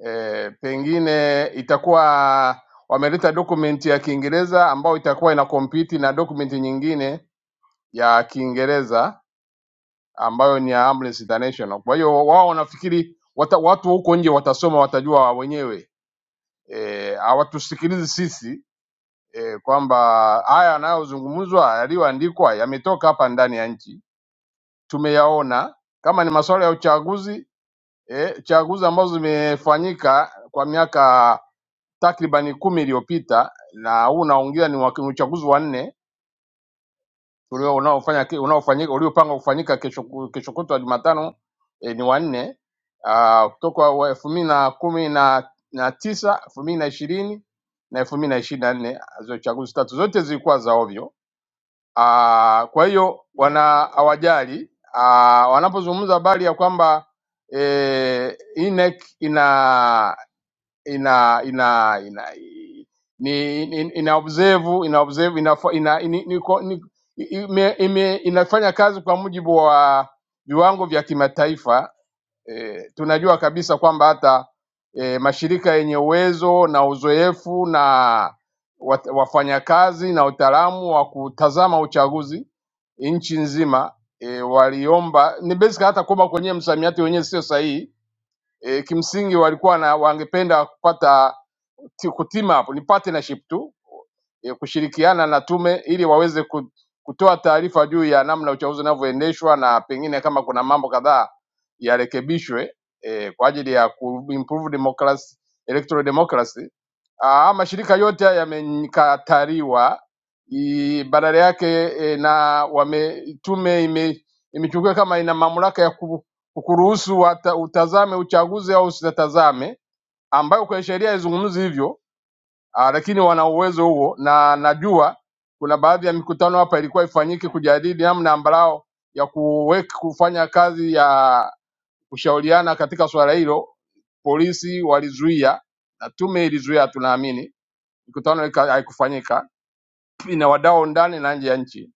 e, pengine itakuwa wameleta dokumenti ya Kiingereza ambayo itakuwa ina compete na dokumenti nyingine ya Kiingereza ambayo ni ya Amnesty International. Kwa hiyo wao wanafikiri wata, watu huko nje watasoma watajua wenyewe, Eh, hawatusikilizi sisi e, kwamba haya yanayozungumzwa yaliyoandikwa yametoka hapa ndani ya nchi, tumeyaona kama ni masuala ya uchaguzi e, chaguzi ambazo zimefanyika kwa miaka takribani kumi iliyopita na huu unaongea ni wa- ni uchaguzi wa nne ulio- unaofanya unaofanyika uliopangwa kufanyika kesho ku- kesho kutwa Jumatano eh, ni wa nne ah, kutoka wa elfu mbili na kumi na na tisa elfu mbili na ishirini na elfu mbili na ishirini na nne hizo chaguzi tatu zote zilikuwa za ovyo. Ah, Kwa hiyo wana hawajali Ah, wanapozungumza habari ya kwamba eh, INEC ina ina ina ina ni, ni, ina observe ina observe ina, ina, ni, ni, ni, ime, ime, inafanya kazi kwa mujibu wa viwango vya kimataifa. E, tunajua kabisa kwamba hata e, mashirika yenye uwezo na uzoefu na wat- wafanyakazi na utaalamu wa kutazama uchaguzi nchi nzima e, waliomba ni basic hata kwamba kwenye msamiati wenyewe sio sahihi e, kimsingi walikuwa na wangependa kupata sikutima hapo, ni partnership tu ya kushirikiana na tume ili waweze ku- kutoa taarifa juu ya namna uchaguzi unavyoendeshwa na pengine kama kuna mambo kadhaa yarekebishwe eh, kwa ajili ya kuimprove democracy, electoral democracy. Ah, mashirika yote haya yamekataliwa, i- badala yake eh, na wame, tume ime, imechukuliwa kama ina mamlaka ya ku- kukuruhusu wata- utazame uchaguzi au usitazame, ambayo kwa sheria haizungumzi hivyo Ah, lakini wana uwezo huo, na najua kuna baadhi ya mikutano hapa ilikuwa ifanyike kujadili namna ambalao ya kuweka kufanya kazi ya kushauriana katika swala hilo. Polisi walizuia na tume ilizuia, tunaamini mikutano ika- haikufanyika, ina wadau ndani na nje ya nchi.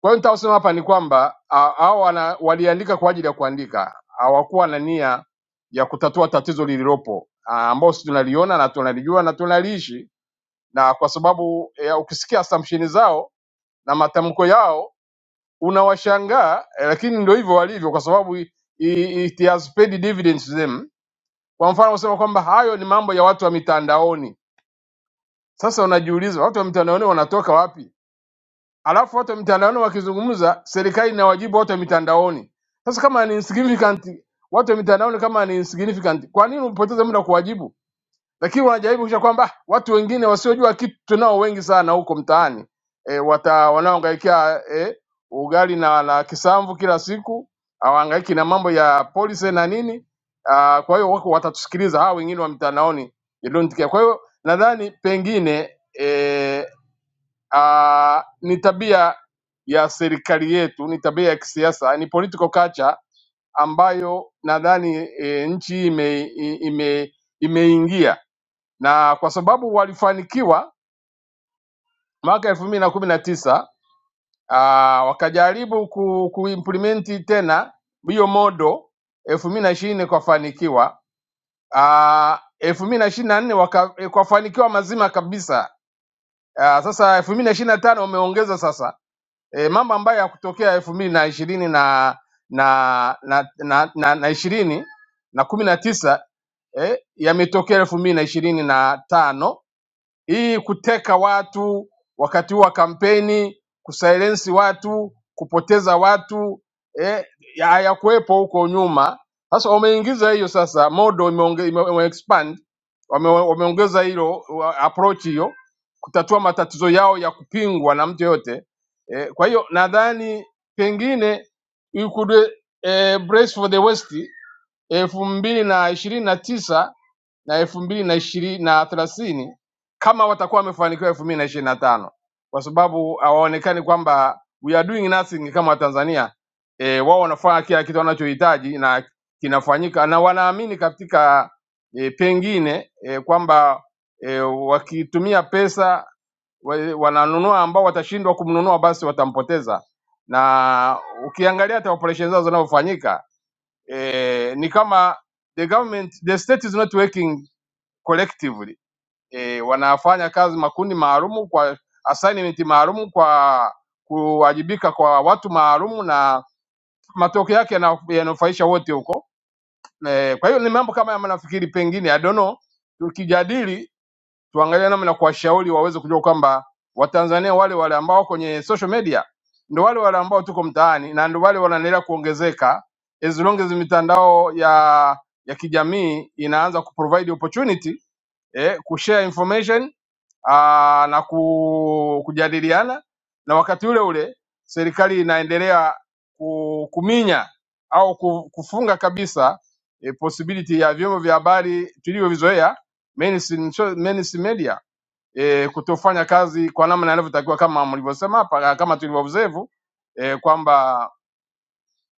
Kwa hiyo nitaosema hapa ni kwamba ah, hao wana- waliandika kwa ajili ya kuandika, hawakuwa na nia ya kutatua tatizo lililopo ah, ambao sisi tunaliona na tunalijua na tunaliishi na kwa sababu ya ukisikia assumption zao na matamko yao unawashangaa eh, lakini ndio hivyo walivyo, kwa sababu i- i- it has paid dividends to them. Kwa mfano kusema kwamba hayo ni mambo ya watu wa mitandaoni. Sasa unajiuliza watu wa mitandaoni wanatoka wapi? Alafu watu wa mitandaoni wakizungumza, serikali inawajibu watu wa mitandaoni. Sasa kama ni insignificant, watu wa mitandaoni kama ni insignificant, kwa nini upoteze muda kuwajibu? lakini wanajaribu kisha kwamba "Ah, watu wengine wasiojua kitu tunao wengi sana huko mtaani e, wata wanaohangaikia e, ugali na, na kisamvu kila siku hawahangaiki na mambo ya polisi na nini ah, kwa hiyo wako watatusikiliza hawa wengine wa mtandaoni they don't care. Kwa hiyo nadhani pengine e, a, ni tabia ya serikali yetu, ni tabia ya kisiasa, ni political culture ambayo nadhani e, nchi hii ime, ime, imeingia na kwa sababu walifanikiwa mwaka elfu mbili na kumi na tisa ah, wakajaribu ku, kuimplementi tena hiyo modo elfu mbili na ishirini kwafanikiwa. Ah, elfu mbili na ishirini na nne waka- eh, kwafanikiwa mazima kabisa. Ah, sasa elfu mbili na ishirini na tano wameongeza sasa e, mambo ambayo yakutokea elfu mbili na ishirini na na na na, na, na ishirini na kumi na tisa eh, yametokea elfu mbili na ishirini na tano Hii kuteka watu wakati wa kampeni, kusilensi watu, kupoteza watu eh, ya- hayakuwepo huko nyuma. Sasa wameingiza hiyo sasa, modo imeonge- ime- ime-expand, wame- wameongeza hilo wa- approach hiyo kutatua matatizo yao ya kupingwa na mtu yoyote eh, kwa hiyo nadhani pengine you could eh, brace for the West elfu mbili na ishirini na tisa na elfu mbili na ishirini na thelathini kama watakuwa wamefanikiwa elfu mbili na ishirini na tano kwa sababu hawaonekani kwamba we are doing nothing kama Watanzania e, wao wanafanya kila kitu wanachohitaji na kinafanyika na wanaamini katika e, pengine e, kwamba e, wakitumia pesa wa- wananunua ambao watashindwa kumnunua basi watampoteza, na ukiangalia hata operation zao zinazofanyika e, ni kama the government the state is not working collectively e, wanafanya kazi makundi maalumu kwa assignment maalumu kwa kuwajibika kwa watu maalumu na matokeo yake yana- yananufaisha wote huko e, kwa hiyo ni mambo kama haya nafikiri pengine I don't know tukijadili tuangalie namna ya kuwashauri waweze kujua kwamba Watanzania wale wale ambao kwenye social media ndo wale wale ambao tuko mtaani na ndo wale wanaendelea kuongezeka as long as mitandao ya ya kijamii inaanza kuprovide opportunity eh, kushare information aa, na ku, kujadiliana na wakati ule ule serikali inaendelea ku- kuminya au ku- kufunga kabisa e, possibility ya vyombo vya habari tulivyovizoea mainstream cho- mainstream media e, kutofanya kazi kwa namna inavyotakiwa kama mlivyosema hapa kama tulivyo observe e, kwamba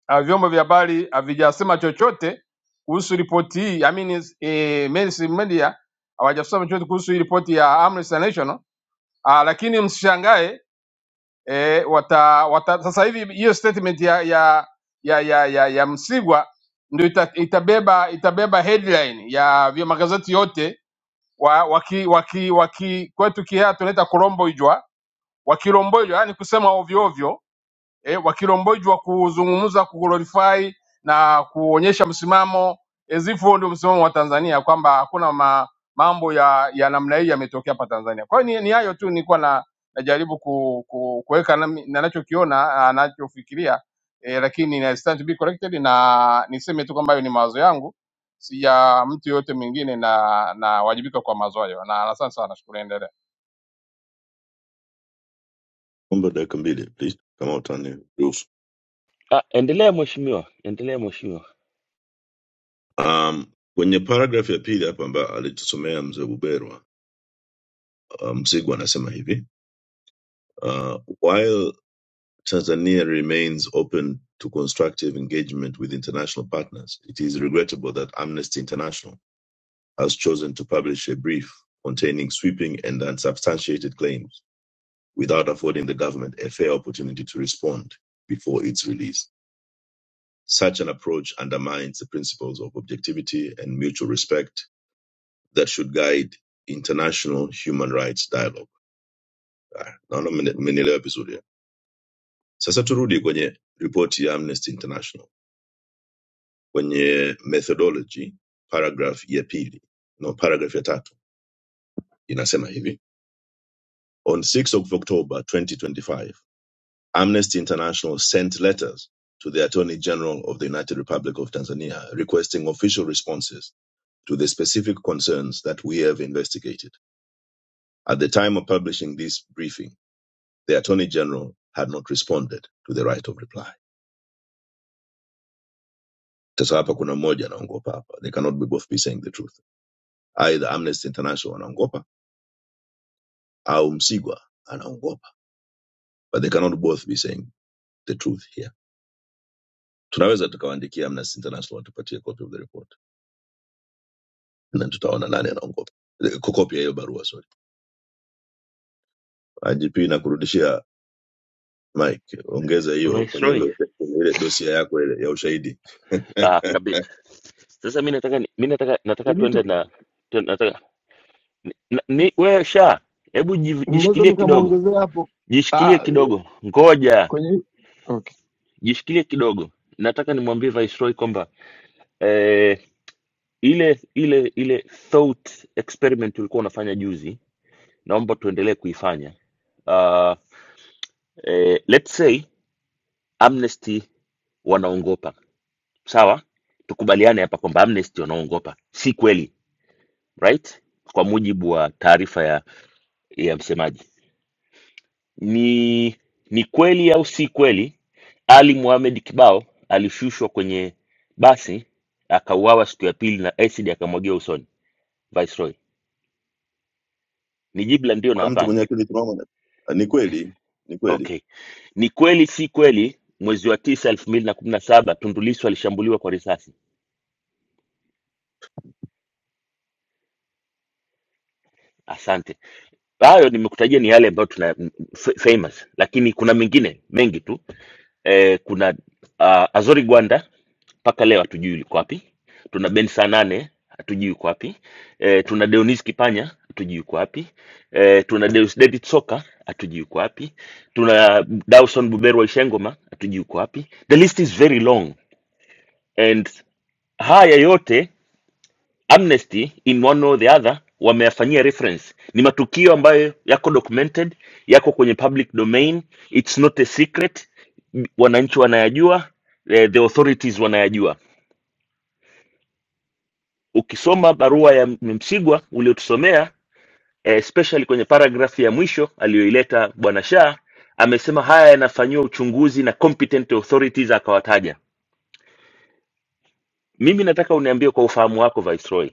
ah, vyombo vya habari havijasema chochote kuhusu ripoti hii, I mean, eh, mainstream media hawajasema chochote kuhusu hii ripoti ya Amnesty International ah, lakini msishangae eh, wata, wata, sasa hivi hiyo statement ya ya ya ya, ya, ya Msigwa ndio ita, itabeba itabeba headline ya vya magazeti yote wa, waki, waki, waki, kwetu kihaa tunaita kuromboijwa wakiromboijwa, yani kusema ovyo ovyo eh, wakilombojwa kuzungumza kuglorify na kuonyesha msimamo as if huo ndio msimamo wa Tanzania kwamba hakuna ma, mambo ya, ya namna hii yametokea hapa Tanzania. Kwa hiyo ni ni hayo tu nilikuwa na najaribu ku, ku, kuweka nami- ninachokiona anachofikiria eh, lakini na stand to be corrected na niseme tu kwamba hayo ni mawazo yangu, si ya mtu yoyote mwingine na na wajibika kwa mawazo hayo. Na asante sana, nashukuru, endelea. Omba dakika mbili please, kama utaniruhusu. Ah, endelea mheshimiwa, endelea mheshimiwa. Um, kwenye paragraph ya pili hapa ambayo alitusomea mzee Buberu, uh, Msigu anasema hivi uh, while Tanzania remains open to constructive engagement with international partners, it is regrettable that Amnesty International has chosen to publish a brief containing sweeping and unsubstantiated claims without affording the government a fair opportunity to respond before its release. Such an approach undermines the principles of objectivity and mutual respect that should guide international human rights dialogue. Ah, Naona mmene- mmenielewa vizuri. eh? Sasa turudi kwenye ripoti ya Amnesty International kwenye methodology, paragraph ya pili, no, paragraph ya tatu inasema hivi: On 6 of October 2025 Amnesty International sent letters to the Attorney General of the United Republic of Tanzania requesting official responses to the specific concerns that we have investigated. At the time of publishing this briefing, the Attorney General had not responded to the right of reply. Sasa hapa kuna mmoja anaongopa hapa. They cannot be both be saying the truth. Either Amnesty International anaongopa au Msigwa anaongopa. But they cannot both be saying the truth here. Tunaweza tukawaandikia Amnesty International watupatie copy of the report. na tutaona nani anaongopa Eh, kukopia hiyo barua sorry. IGP na kurudishia Mike, ongeza hiyo kwenye Viceroy. ule kwenye ile dosia yako ile ya ushahidi. Ah, kabisa. Sasa mi nataka ni- mi nataka nataka Benito, tuende na tu- nataka Na- ni wewe sha hebu jiv- mnaweza jishikilie kidogo nikamuongezea hapo jishikilie ah, kidogo ngoja kwenye okay. jishikilie kidogo nataka nimwambie viceroy kwamba eh, ile ile ile thought experiment ulikuwa unafanya juzi naomba tuendelee kuifanya uh, eh, let's say amnesty wanaongopa sawa tukubaliane hapa kwamba amnesty wanaongopa si kweli right kwa mujibu wa taarifa ya ya msemaji Ni ni kweli au si kweli Ali Mohamed Kibao alishushwa kwenye basi akauawa siku ya pili na acid akamwagiwa usoni Viceroy? Ni jibu la ndio na Kuna mtu hapana. mwenye akili timamu? na- Ah, Ni kweli, ni kweli. Okay. Ni kweli si kweli mwezi wa tisa elfu mbili na kumi na saba Tundu Lissu alishambuliwa kwa risasi? Asante. Hayo nimekutajia ni yale ambayo tuna f- famous, lakini kuna mengine mengi tu. eh, kuna uh, Azori Gwanda mpaka leo hatujui yuko wapi. Tuna Ben Sanane hatujui yuko wapi. E, tuna Deonis Kipanya hatujui yuko wapi. E, tuna Deus David Soka hatujui yuko wapi. Tuna Dawson Buberu wa Ishengoma hatujui yuko wapi. The list is very long and haya yote amnesty in one way or the other wameyafanyia reference ni matukio ambayo yako documented yako kwenye public domain it's not a secret M- wananchi wanayajua eh, the authorities wanayajua ukisoma barua ya M- msigwa uliotusomea eh, especially kwenye paragraph ya mwisho aliyoileta bwana shah amesema haya yanafanyiwa uchunguzi na competent authorities akawataja mimi nataka uniambie kwa ufahamu wako viceroy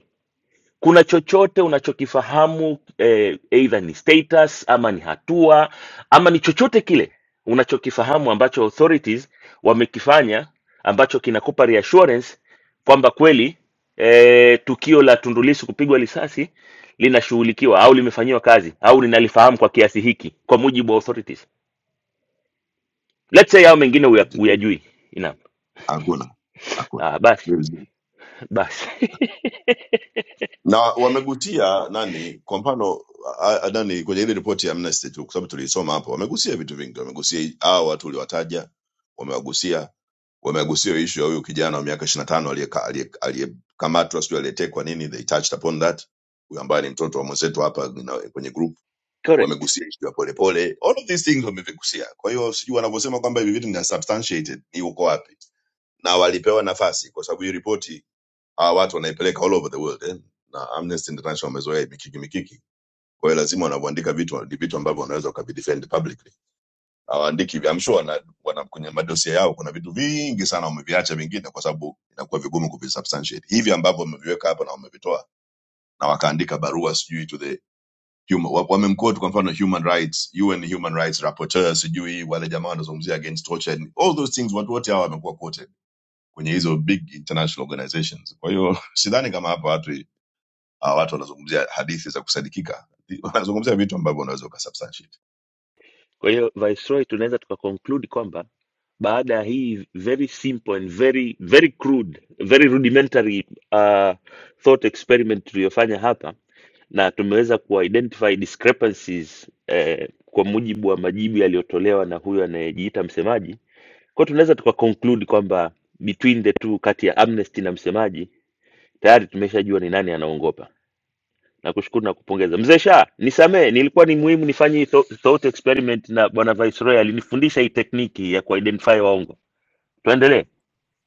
kuna chochote unachokifahamu eh, either ni status ama ni hatua ama ni chochote kile unachokifahamu ambacho authorities wamekifanya ambacho kinakupa reassurance kwamba kweli eh, tukio la Tundu Lissu kupigwa risasi linashughulikiwa au limefanyiwa kazi au linalifahamu kwa kiasi hiki kwa mujibu wa authorities. Let's say hao mengine huya- IGP, huyajui. Naam. Hakuna, hakuna. Ah, basi basi Na wamegutia nani, kwa mfano a- a- nani kwenye ile ripoti ya Amnesty tu, kwa sababu tuliisoma hapo, wamegusia vitu vingi, wamegusia hii- hawa watu uliwataja, wamewagusia wamegusia ishu ya huyu kijana wa miaka ishiri na tano aliyekamatwa sijui aliyetekwa nini they touched upon that huyu ambaye ni mtoto wa mwenzetu hapa na- kwenye group correct. wamegusia ishu ya polepole all of these things wamevigusia kwa hiyo sijui wanavyosema kwamba hivi vitu ni unsubstantiated ni uko wapi na walipewa nafasi kwa sababu hii ripoti hawa watu wanaipeleka all over the world eh? na amnesty international wamezoea mikiki mikiki kwa hiyo lazima wanavyoandika vitu ni vitu ambavyo wanaweza wakabidefend publicly hawaandiki I'm sure wana, wana kwenye madosia yao kuna vitu vingi sana wameviacha vingine kwa sababu inakuwa vigumu kuvisubstantiate hivi ambavyo wameviweka hapa na wamevitoa na wakaandika barua sijui to the human wa- wamemquote kwa mfano human rights UN human rights rapporteur sijui wale jamaa wanazungumzia against torture and all those things watu wote hawa wamekuwa quoted kwenye hizo big international organizations kwa hiyo sidhani kama hapa watu hawa watu wanazungumzia hadithi za kusadikika wanazungumzia vitu ambavyo unaweza ukasubstantiate Kwa hiyo Viceroy, tunaweza tukaconclude kwamba baada ya hii very simple and very very crude very rudimentary uh, thought experiment tuliyofanya hapa na tumeweza kuidentify discrepancies eh, kwa mujibu wa majibu yaliyotolewa na huyo anayejiita msemaji kwao tunaweza tukaconclude kwamba between the two kati ya amnesty na msemaji tayari tumeshajua ni nani anaongopa Nakushukuru na kupongeza mzee Shah, nisamee, nilikuwa ni muhimu nifanye hii thou- thought experiment, na bwana Viceroy alinifundisha hii tekniki ya kuidentify waongo. Tuendelee.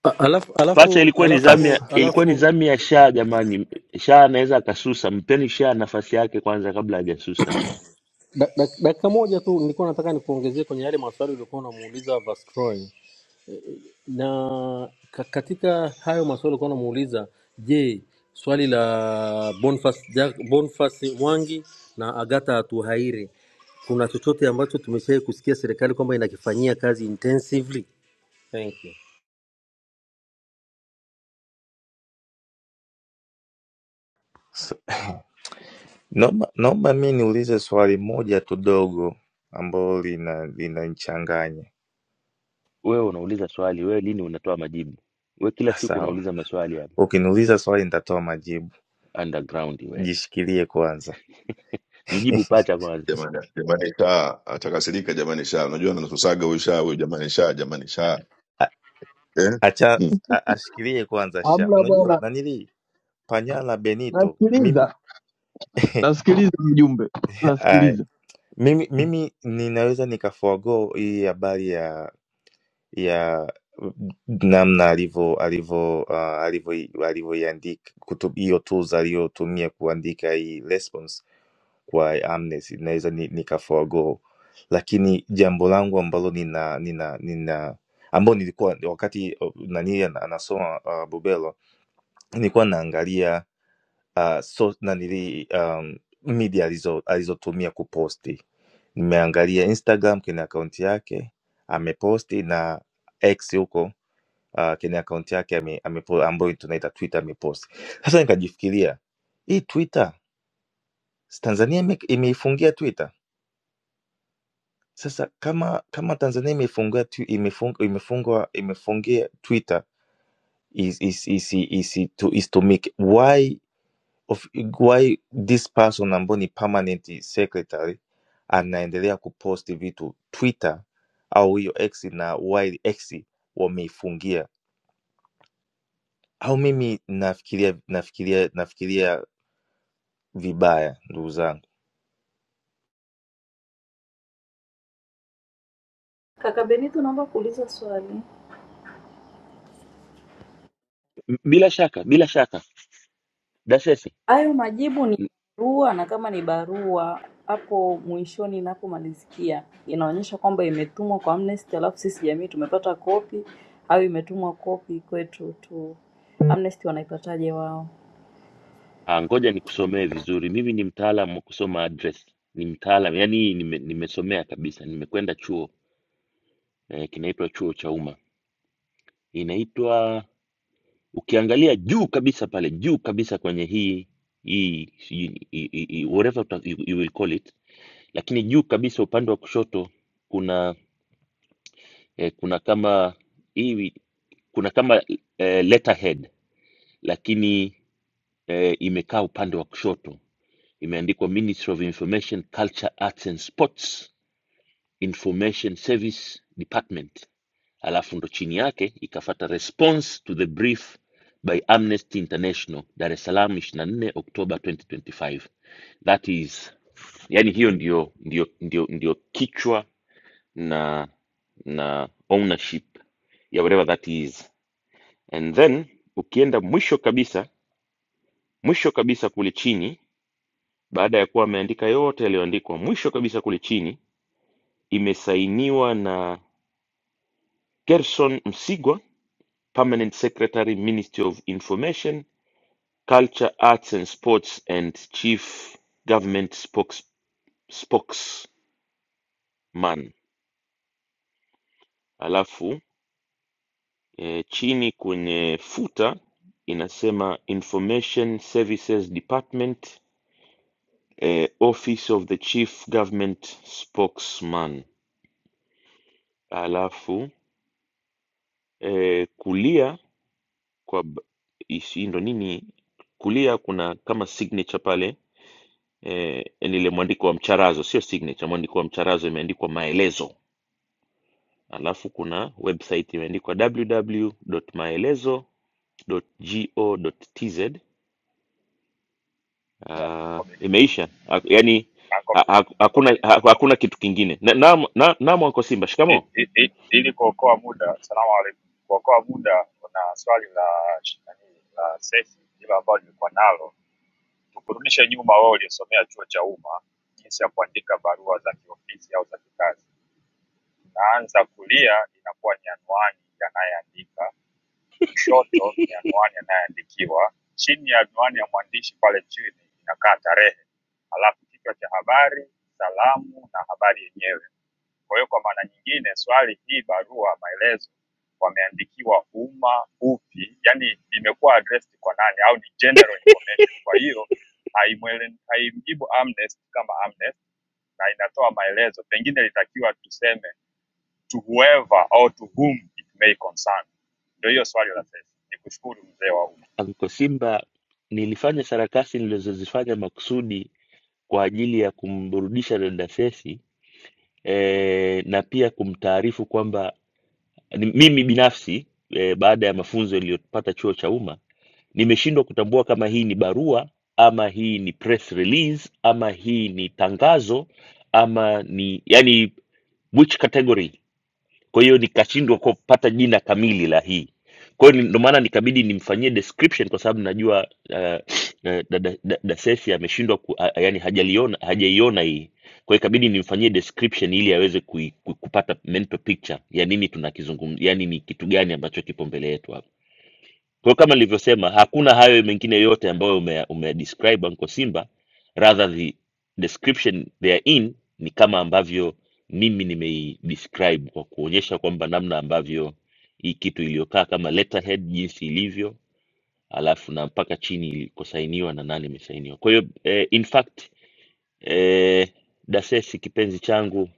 A- Alafu Pacha alafu ilikuwa ni zamu As- ya alafu ilikuwa ni alafu zamu ya Shah. Jamani, Shah anaweza akasusa, mpeni Shah nafasi yake kwanza kabla hajasusa. da- da- dakika moja tu nilikuwa nataka nikuongezee kwenye yale maswali uliokuwa unamuuliza Vastroy na ka- katika hayo maswali ulikuwa unamuuliza, je, swali la Boniface Ja- Boniface Mwangi na Agata Atuhaire, kuna chochote ambacho tumeshawahi kusikia serikali kwamba inakifanyia kazi intensively? Thank you. s- Naomba naomba mi niulize swali moja tu dogo ambalo lina linanichanganya. Wewe unauliza swali, wewe lini unatoa majibu? Wewe kila Ah, siku Sawa, unauliza maswali ya ukiniuliza swali nitatoa majibu. underground wewe. Jishikilie kwanza, Mjibu pacha kwanza. jamani jamani sha atakasirika jamani sha unajua anatusaga huyu sha huyu jamani sha jamani sha A- eh acha hmm. a- ashikilie kwanza sha. Unajua nanili Panyala Benito, mimi Nasikiliza mjumbe, aya, nasikiliza mimi mimi ninaweza nikaforgo hii habari ya ya namna alivyo alivyo ah, alivyo- alivyoiandika kutu- hiyo tools aliyotumia kuandika hii response kwa Amnesty, naweza ni- nika forgo, lakini jambo langu ambalo nina nina nina ambao nilikuwa wakati oh, nani ana- anasoma uh, Bubelo nilikuwa naangalia uh, so, nanili um, media alizo alizotumia kuposti. Nimeangalia Instagram kwenye akaunti yake ameposti na X huko uh, kwenye akaunti yake ame, amepo- ambayo tunaita Twitter amepost. Sasa nikajifikiria hii Twitter si Tanzania ime, imeifungia Twitter. Sasa kama kama Tanzania imeifungia tu- imefung, imefungwa imefungia Twitter is is is is to is to make why of why this person ambayo ni permanent secretary anaendelea kupost vitu Twitter au hiyo X na why X wameifungia au mimi nafikiria nafikiria nafikiria vibaya ndugu zangu Kaka Benito, naomba kuuliza swali. M- Bila shaka, bila shaka. Hayo majibu ni barua, na kama ni barua hapo mwishoni inapomalizikia inaonyesha kwamba imetumwa kwa Amnesty, alafu sisi jamii tumepata kopi au imetumwa kopi kwetu tu. Amnesty wanaipataje wao? Ah, ngoja nikusomee vizuri. Mimi ni mtaalamu wa kusoma address, ni mtaalamu yani nime, nimesomea kabisa, nimekwenda chuo eh, kinaitwa chuo cha umma, inaitwa ukiangalia juu kabisa pale juu kabisa kwenye hii hii sijui hii- hii- hii- whatever uta- you, you will call it, lakini juu kabisa upande wa kushoto kuna eh, kuna kama hii kuna kama eh, letterhead lakini eh, imekaa upande wa kushoto, imeandikwa Ministry of Information, Culture, Arts and Sports Information Service Department, alafu ndo chini yake ikafata response to the brief by Amnesty International Dar es Salaam 24 Oktoba 2025. That is, yani hiyo ndio, ndio, ndio, ndio kichwa na na ownership ya whatever that is. And then ukienda mwisho kabisa, mwisho kabisa kule chini, baada ya kuwa ameandika yote yaliyoandikwa, mwisho kabisa kule chini imesainiwa na Gerson Msigwa Permanent Secretary, Ministry of Information, Culture, Arts and Sports, and Chief Government Spokes, Spokesman. Alafu eh, chini kwenye futa inasema Information Services Department, eh, Office of the Chief Government Spokesman. Alafu eh, kulia kwa b- hii si ndo nini, kulia kuna kama signature pale eh, yani ile mwandiko wa mcharazo, sio signature, mwandiko wa mcharazo imeandikwa maelezo, alafu kuna website imeandikwa www.maelezo.go.tz. Uh, Uncle Benito, imeisha ha, yani ha, Uncle ha, Uncle hakuna Benito, ha, hakuna kitu kingine. Na, na, na, naam Anko Simba, i- shikamo i- i- ili kuokoa muda, salamu alaikum, kuokoa muda, kuna swali la sh- nani la Sethi hilo ambalo nilikuwa nalo, tukurudishe nyuma, wewe uliyesomea chuo cha umma, jinsi ya kuandika barua za kiofisi au za kikazi. Naanza kulia inakuwa ni anwani ya anayeandika, kushoto ni anwani anayeandikiwa, chini ya anwani ya mwandishi pale chini inakaa tarehe, alafu kichwa cha habari, salamu na habari yenyewe. Kwa hiyo kwa maana nyingine, swali hii barua maelezo wameandikiwa umma upi, yani imekuwa addressed kwa nani, au ni general information. Kwa hiyo haimwele- haimjibu Amnesty kama Amnesty na inatoa maelezo, pengine litakiwa tuseme to whoever or to whom it may concern. Ndio hiyo swali la sasa. Ni kushukuru mzee wa umma Anko Simba. Nilifanya sarakasi nilizozifanya makusudi kwa ajili ya kumburudisha dada Sesi eh, na pia kumtaarifu kwamba Yaani mimi binafsi eh, baada ya mafunzo yaliyopata chuo cha umma nimeshindwa kutambua kama hii ni barua ama hii ni press release ama hii ni tangazo ama ni yani which category kwa hiyo nikashindwa kupata jina kamili la hii kwa hiyo ni- ndo maana nikabidi nimfanyie description kwa sababu najua uh, na- dada da, da Sefi ameshindwa ku- a- yaani hajaliona hajaiona hii kwa hiyo ikabidi nimfanyie description ili aweze kui, ku- kupata mental picture ya nini tunakizungumza yani ni kitu gani ambacho kipo mbele yetu hapa kwa hiyo kama nilivyosema, hakuna hayo mengine yote ambayo ume, ume describe Uncle Simba, rather the description they are in ni kama ambavyo mimi nimei describe kwa kuonyesha kwamba namna ambavyo hii kitu iliyokaa kama letterhead jinsi ilivyo, alafu na mpaka chini ilikosainiwa na nani imesainiwa. Kwa hiyo eh, in fact eh, Dasesi kipenzi changu,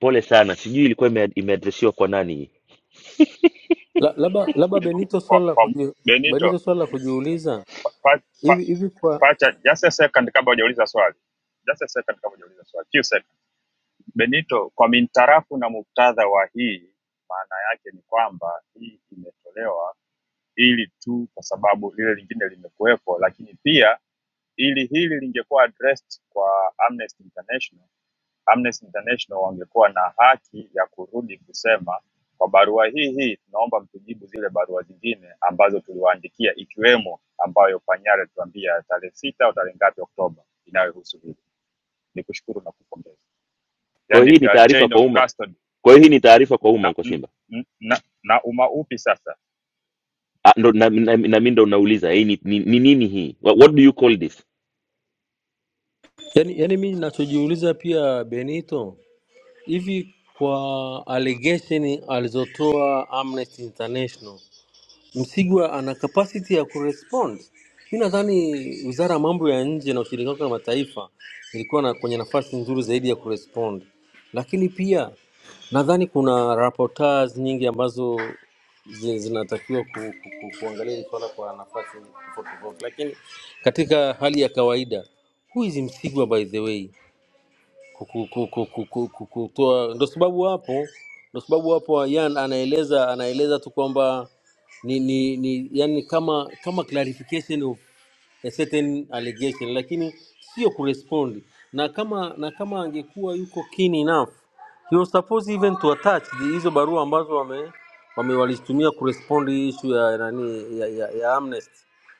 pole sana, sijui ilikuwa ime- imeadresiwa kwa nani. La- Labda labda Benito, kwa, swali la kwa kuji, Benito Benito swali la kujiuliza pacha pa, pa, pa, hivi hivi kwa pacha, just a second kabla hujauliza swali, just a second kabla hujauliza swali, few seconds. Benito, kwa mintarafu na muktadha wa hii, maana yake ni kwamba hii imetolewa ili tu kwa sababu lile lingine limekuwepo, lakini pia ili hili lingekuwa addressed kwa Amnesty International Amnesty International wangekuwa na haki ya kurudi kusema kwa barua hii hii tunaomba mtujibu zile barua zingine ambazo tuliwaandikia ikiwemo ambayo Panyari alituambia tarehe sita au tarehe ngapi Oktoba inayohusu hili. Ni kushukuru na kupongeza, Kwa yani hiyo hii ni uh, taarifa chain kwa of umma, custody kwa hiyo hii ni taarifa kwa umma na, Uncle n- Simba. n- na, na umaupi sasa Ah, ndo na, na, na mi ndo nauliza hii ni, ni, ni nini hii what, what do you call this Yani, yani mi nachojiuliza pia Benito, hivi kwa allegation alizotoa Amnesty International Msigwa ana capacity ya kurespond. Mi nadhani wizara ya mambo ya nje na ushirikiano wa kimataifa ilikuwa na kwenye nafasi nzuri zaidi ya kurespond, lakini pia nadhani kuna rapporteurs nyingi ambazo zi- zinatakiwa ku, ku, ku, kuangalia hili swala kwa nafasi tofauti tofauti, lakini katika hali ya kawaida, who is Msigwa by the way? ku- ku- ku- ku- ku- ku- kutoa. Ndo sababu hapo, ndo sababu hapo Yan anaeleza anaeleza tu kwamba ni, ni, ni yani kama kama clarification of a certain allegation lakini sio kurespond na kama na kama angekuwa yuko keen enough he was supposed even to attach the- hizo barua ambazo wame, wame walizitumia kurespond hii issue ya nani ya, ya, ya amnesty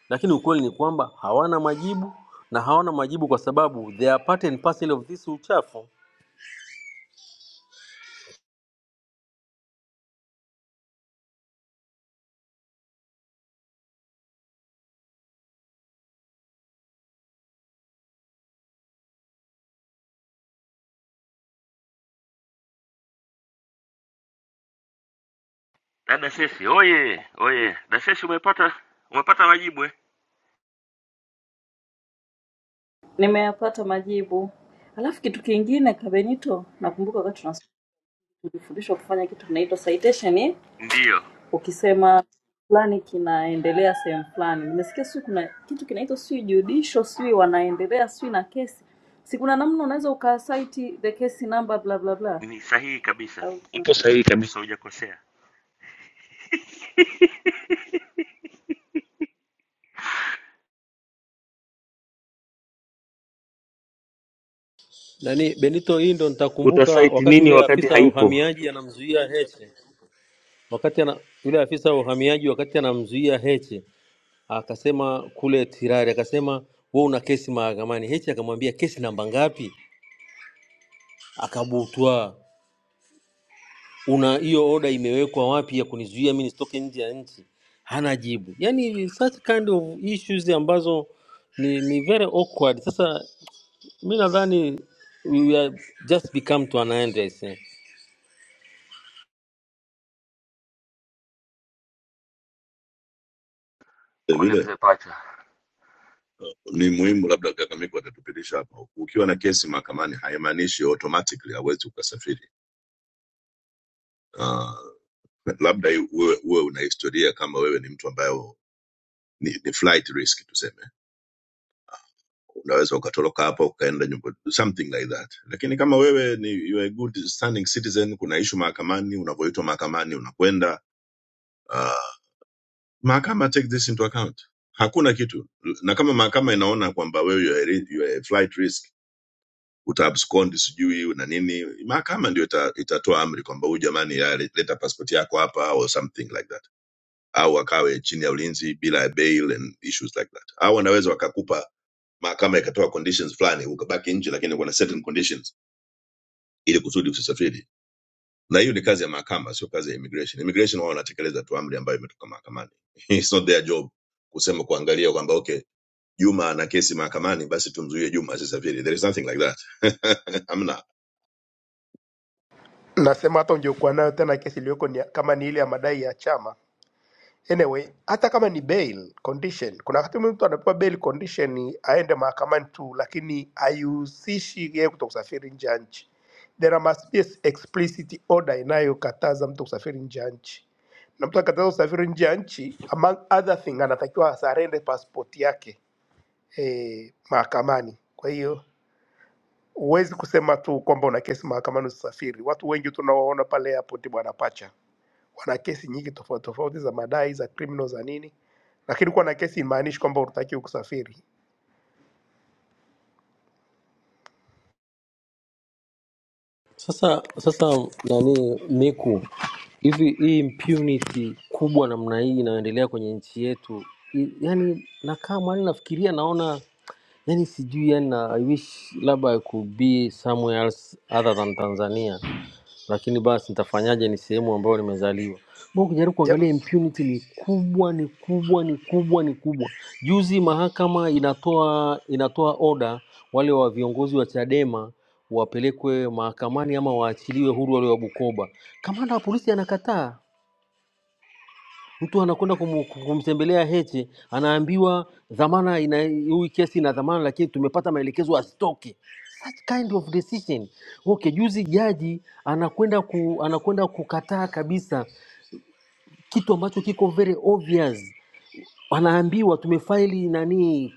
lakini ukweli ni kwamba hawana majibu na hawana majibu kwa sababu they are part and parcel of this uchafu Dada Sesi, oye oye, dada Sesi, umepata umepata majibu eh? Nimeyapata majibu. Alafu kitu kingine, Kaka Benito, nakumbuka wakati tunasoma tulifundishwa kufanya kitu kinaitwa citation eh? Hiyo ukisema fulani kinaendelea sehemu fulani nimesikia sijui kuna kitu kinaitwa sijui judicial sijui wanaendelea sijui na kesi si kuna namna unaweza ukasaiti the case number bla bla bla ni sahihi kabisa, au upo sahihi kabisa, hujakosea. nani benito hii ndo nitakumbuka utasaiti wakati nini yule wakati afisa wa haipo uhamiaji anamzuia heche wakati ana, yule afisa wa uhamiaji wakati anamzuia heche akasema kule Tirari, akasema wewe una kesi mahakamani. Heche akamwambia kesi namba ngapi? Akabutwa, una hiyo oda imewekwa wapi ya kunizuia mimi nisitoke nje ya nchi? Hana jibu. Yani such kind of issues ambazo ni, ni very awkward. Sasa mi nadhani we are just become to an end. I say. vile uh, ni muhimu labda kakamiko atatupitisha hapa ukiwa na kesi mahakamani haimaanishi automatically hawezi ukasafiri uh, labda uwe, uwe una historia kama wewe ni mtu ambaye ni, ni flight risk tuseme unaweza ukatoroka hapo ukaenda nyumba something like that lakini kama wewe ni you are a good standing citizen kuna ishu mahakamani unavyoitwa mahakamani unakwenda uh, mahakama take this into account hakuna kitu na kama mahakama inaona kwamba wewe you are ri- you are a flight risk utaabscond sijui na nini mahakama ndio ita, itatoa amri kwamba huyu jamani ya, leta passport yako hapa or something like that au akawe chini ya ulinzi bila ya bail and issues like that au wanaweza wakakupa mahakama ikatoa conditions fulani ukabaki nje lakini kuna certain conditions ili kusudi usisafiri na hiyo ni kazi ya mahakama sio kazi ya immigration immigration wao wanatekeleza tu amri ambayo imetoka mahakamani it's not their job kusema kuangalia kwamba okay Juma ana kesi mahakamani, basi tumzuie Juma asisafiri. There is nothing like that. Hamna. nasema hata ungekuwa nayo tena, kesi iliyoko ni, kama ni ile ya madai ya chama anyway hata kama ni bail condition kuna wakati mwingine mtu anapewa bail condition ni aende mahakamani tu lakini haihusishi yeye kuto kusafiri nje ya nchi there must be a explicit order inayokataza mtu kusafiri nje ya nchi na mtu akataza kusafiri nje ya nchi among other thing anatakiwa asarende passport yake eh, mahakamani kwa hiyo huwezi kusema tu kwamba una kesi mahakamani usafiri watu wengi tunawaona pale airport bwana pacha wana kesi nyingi tofauti tofauti za madai za criminal za nini, lakini kuwa na kesi imaanishi kwamba unatakiwa kusafiri. Sasa sasa nani Miku, hivi hii impunity kubwa namna hii inayoendelea kwenye nchi yetu, i- yani nakaa mwani nafikiria, naona yani sijui, yani na, I wish labda I could be somewhere else other than Tanzania lakini basi nitafanyaje? Ni sehemu ambayo nimezaliwa. Mbona ukijaribu Ja- kuangalia impunity ni kubwa, ni kubwa, ni kubwa, ni kubwa. Juzi mahakama inatoa inatoa oda wale wa viongozi wa Chadema wapelekwe mahakamani ama waachiliwe huru wale wa Bukoba. Kamanda wa polisi anakataa, mtu anakwenda kumu- kumtembelea Heche, anaambiwa dhamana ina hii kesi ina dhamana, lakini tumepata maelekezo asitoke. Such kind of decision. Okay, juzi jaji anakwenda ku, anakwenda kukataa kabisa kitu ambacho kiko very obvious wanaambiwa tumefaili nani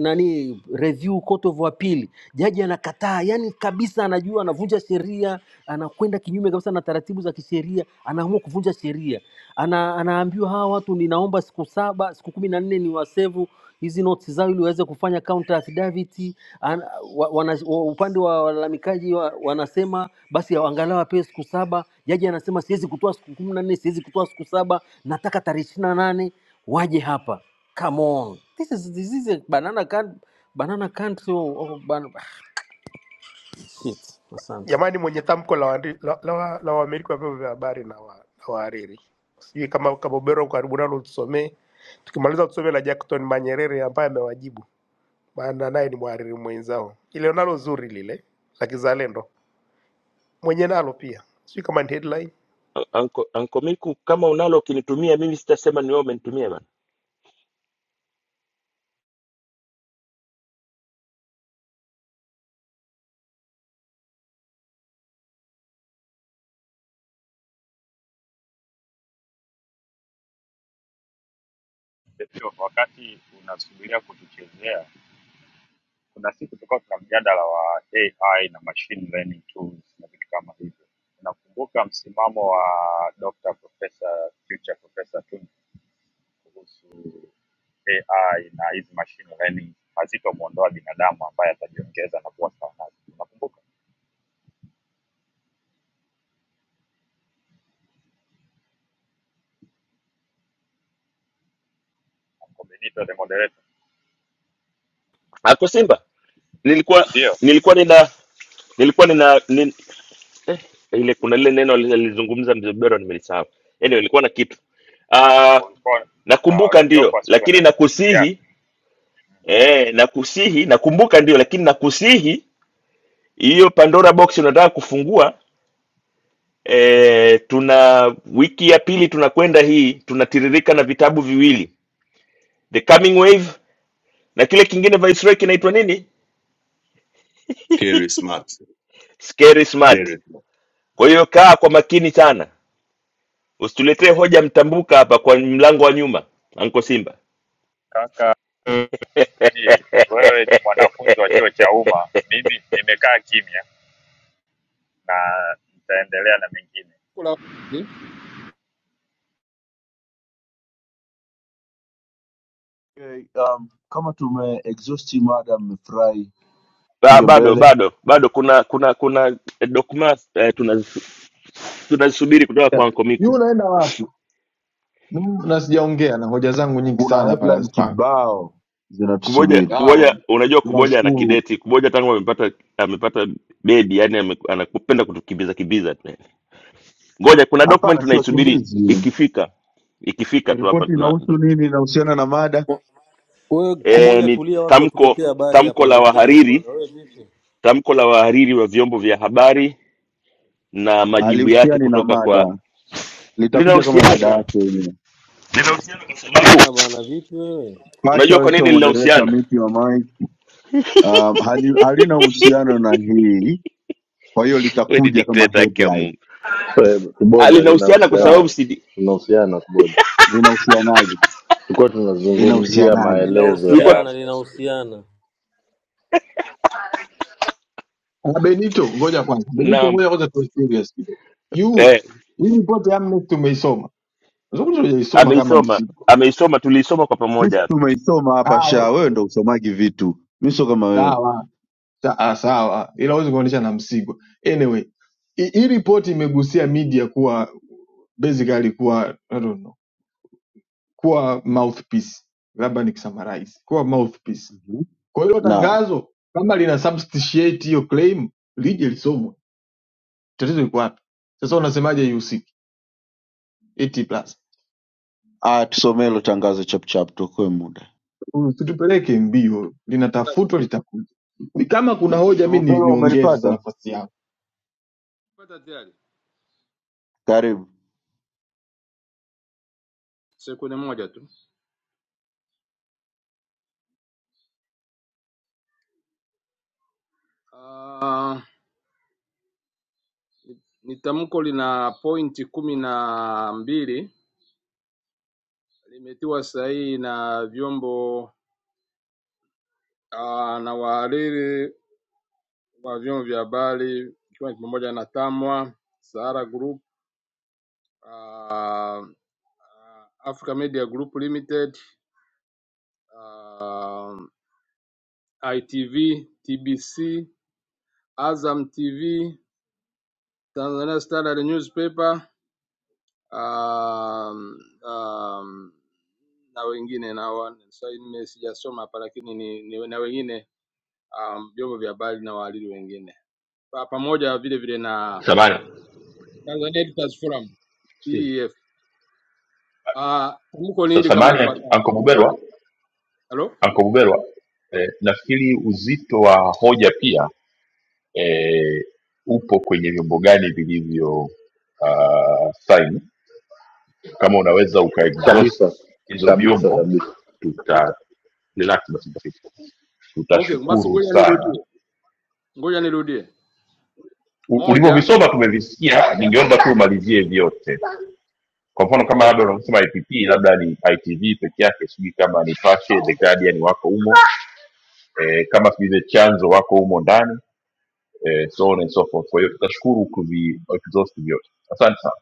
nani review court of appeal, jaji anakataa, yani kabisa anajua anavunja sheria, anakwenda kinyume kabisa na taratibu za kisheria, anaamua kuvunja sheria. Ana, anaambiwa hawa watu, ninaomba siku saba siku kumi na nne ni wasevu hizi notes zao ili waweze kufanya counter affidavit. Ana- wa- wana- wa- Upande wa walalamikaji wa- wanasema basi angalau apewe siku saba. Jaji anasema siwezi kutoa siku kumi na nne, siwezi kutoa siku saba, nataka tarehe ishirini na nane waje hapa come on this is, this is a banana can, banana country or, or ban Ah, shit asante Jamani, mwenye tamko la waandi- la la wa- la wamiliki wa vyombo vya habari na wa- na wahariri, sijui kama Kabobero uko karibu nalo tusomee, tukimaliza tusome la Jackton Manyerere ambaye amewajibu, maana naye ni mhariri mwenzao. Ile nalo zuri lile la kizalendo, mwenye nalo pia sijui kama ni headline A- anko, anko miku kama unalo ukinitumia mimi sitasema ni wewe umenitumia bana Ndio, wakati unasubiria kutuchezea kuna siku tulikuwa tuna mjadala wa AI na machine learning tools na vitu kama hivyo. Nakumbuka msimamo wa Dr. Professor future Professor Tundu kuhusu AI na hizi machine learning hazitomwondoa binadamu ambaye atajiongeza na kuwa sawa nazo. Unakumbuka Uncle Benito the moderator? ako simba nilikuwa Ndio, nilikuwa nina nilikuwa nina nin, eh, ile kuna lile neno li- lilizungumza mzee Bero nimelisahau anyway nilikuwa na kitu ah kulikuwa kuna nakumbuka Rojoko ndio sijui wana lakini ya nakusihi Eh, nakusihi, nakumbuka ndio, lakini nakusihi hiyo Pandora box unataka kufungua. Eh, tuna wiki ya pili tunakwenda hii, tunatiririka na vitabu viwili, The Coming Wave na kile kingine Viceroy kinaitwa nini, Kerry Smart. Scary Smart. Kerry Smart. Kwa hiyo kaa kwa makini sana, usituletee hoja mtambuka hapa kwa mlango wa nyuma, Anko Simba. kaka nani, wewe ni mwanafunzi wa chuo cha umma, mimi nimekaa kimya na nitaendelea na mengine. Kula- ni- Okay, um, kama tume exhaust mada, mmefurahi Ba, inge bado mbele. bado bado kuna kuna kuna eh, dokuma eh, tunaz- tunazisubiri kutoka kwa Yeah. Anko Yu Miku. unaenda wapi? Mm, Na sijaongea na hoja zangu nyingi Tamko la- Kuna sana hapa headline la- nazipanga. kibao kumoja zinatusubiri. kumoja Sawa, unajua kumoja ana tunashukuru. kideti kumoja tangu amepata amepata bedi yani ame- anapenda kutukimbiza kimbiza tu yani. ngoja kuna document Hapana, si tunaisubiri wakimbizi. ikifika ikifika tu hapa Ripoti tuna inahusu ndo- nini? Inahusiana na mada? We e, kuboja, ni tulia, watu tamko watuletee habari tamko hapa, la ndugu yangu wahariri bwana. We vipi tamko la wahariri wa vyombo vya habari na majibu yake Alihusiani na kutoka kwa mada, litakuja kama mada linahusiana yake yenyewe. linahusiana kwa sababu na bwana, vipi wewe? Pacha unajua kwa wewe sio nini moderator, linahusiana mute your mic. Um, hali- halina uhusiano na hii, kwa hiyo we ni litakuja kama dikteta yake ya headline. mungu Eh, ah, Kuboja linahusiana kwa Sawa, sababu linahusiana si linahusiana kuboja. linahusianaje? Tulikuwa tunazungumzia Linahusianaje? maelezo ya tulikuwa Linahusiana, hapo. linahusiana. Na Benito, ngoja kwanza. Benito, naam ngoja kwanza tuwe serious kidogo. Yu, eh, hii pote Amnesty umeisoma. Unazungumza hujaisoma kama ameisoma Msigwa. ameisoma tuliisoma kwa Sisi pamoja hapa tumeisoma hapa Sawa, sha, wewe ndo usomagi vitu, mi sio kama wewe. sawa, sa- ah, sawa. Ila huwezi kuonyesha na Msigwa. Anyway, hi- hii ripoti imegusia media kuwa basically kuwa I don't know, kuwa mouthpiece. Labda nikisummarize. Kuwa mouthpiece Mhm. Kwa hiyo hilo Naam, tangazo kama lina substantiate hiyo claim lije lisomwe. Tatizo liko wapi? Sasa unasemaje haihusiki? Eti plus. ah, tusomee hilo tangazo chapchap, tuokoe muda. Usitupeleke mbio, linatafutwa litakuja. Ni kama kuna hoja Mzee mimi ni, Bubelo, niongee sasa umelipata? nafasi yangu. la- tayari. Karibu. Sekunde moja tu. Ah, ni tamko lina pointi kumi na mbili limetiwa sahihi na vyombo ah, na wahariri wa vyombo vya habari ikiwa ni pamoja na TAMWA, Sahara Group, ah, ah, Africa Media Group Limited, ah, ITV, TBC, Azam TV, Tanzania Standard Newspaper um, um, na wengine na wa- sorry, nime sijasoma hapa lakini ni, ni, na wengine um, vyombo vya habari na wahariri wengine pa, pamoja vile vile na samani Tanzania Editors Forum Steve. TEF. Uh, tamko ni so, hili kama samani ifuatavyo. anko buberwa Halo? anko buberwa eh, nafikiri uzito wa hoja pia eh, upo kwenye vyombo gani vilivyo uh, kama unaweza kabisa ukaexhaust hizo kabisa vyombo kabisa. tuta relax basi mtafiti. Okay, basi tutashukuru ngoja sana nirudie. Ngoja nirudie. U- Moja, ulivyovisoma tumevisikia ningeomba tu umalizie vyote kwa mfano kama okay, labda unavyosema ipp labda ni itv peke yake sijui kama ni Pashe, the guardian wako humo eh, kama sijui the chanzo wako humo ndani eh, so on and so forth kwa hiyo tutashukuru kuvi exhaust vyote asante sana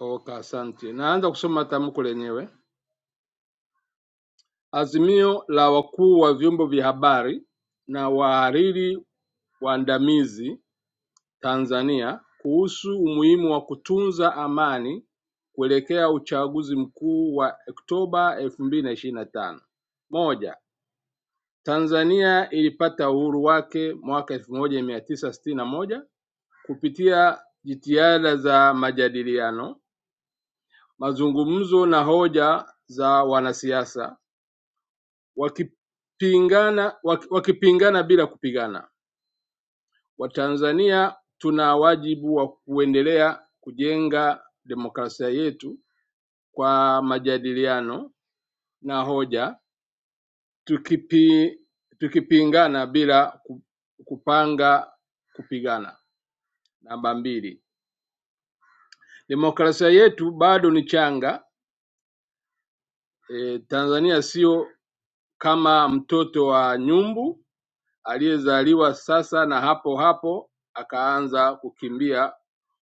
okay, asante. Naanza kusoma tamko lenyewe. Azimio la wakuu wa vyombo vya habari na wahariri waandamizi Tanzania kuhusu umuhimu wa kutunza amani kuelekea uchaguzi mkuu wa Oktoba elfu mbili na ishirini na tano. Moja, Tanzania ilipata uhuru wake mwaka elfu moja mia tisa sitini na moja kupitia jitihada za majadiliano, mazungumzo na hoja za wanasiasa wakipingana, waki- wakipingana bila kupigana. Watanzania tuna wajibu wa kuendelea kujenga demokrasia yetu kwa majadiliano na hoja, tukipi, tukipingana bila ku- kupanga kupigana. Namba mbili, demokrasia yetu bado ni changa. E, Tanzania sio kama mtoto wa nyumbu aliyezaliwa sasa na hapo hapo akaanza kukimbia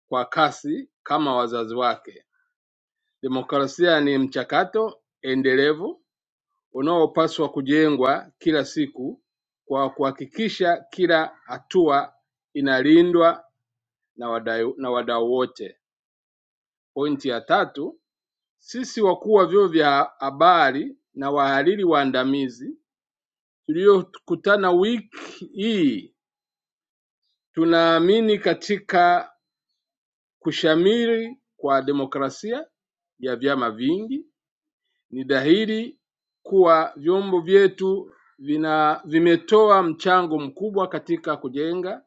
kwa kasi kama wazazi wake. Demokrasia ni mchakato endelevu unaopaswa kujengwa kila siku kwa kuhakikisha kila hatua inalindwa na wadau na wadau wote. Pointi ya tatu, sisi wakuu wa vyombo vya habari na wahariri waandamizi tuliokutana wiki hii tunaamini katika kushamiri kwa demokrasia ya vyama vingi Ni dhahiri kuwa vyombo vyetu vina vimetoa mchango mkubwa katika kujenga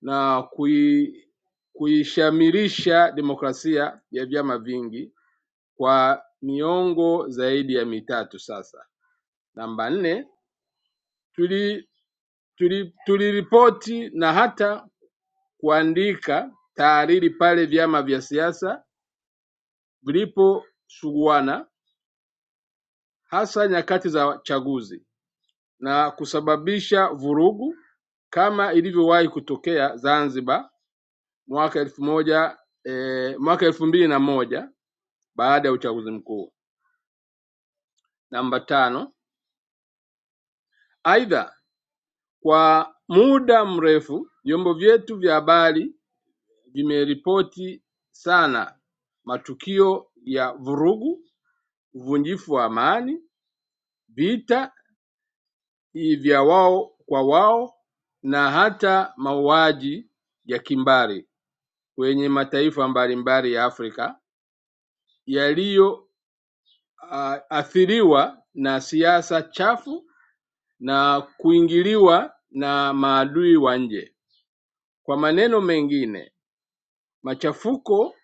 na kui, kuishamirisha demokrasia ya vyama vingi kwa miongo zaidi ya mitatu sasa. Namba nne, tuli tuli- tuliripoti na hata kuandika tahariri pale vyama vya siasa viliposuguana, hasa nyakati za chaguzi. na kusababisha vurugu kama ilivyowahi kutokea Zanzibar mwaka elfu moja eh, mwaka elfu mbili na moja baada ya uchaguzi mkuu. Namba tano. Aidha, kwa muda mrefu vyombo vyetu vya habari vimeripoti sana matukio ya vurugu, uvunjifu wa amani, vita vya wao kwa wao na hata mauaji ya kimbari. wenye mataifa mbalimbali ya Afrika yaliyoathiriwa na siasa chafu na kuingiliwa na maadui wa nje. Kwa maneno mengine, machafuko,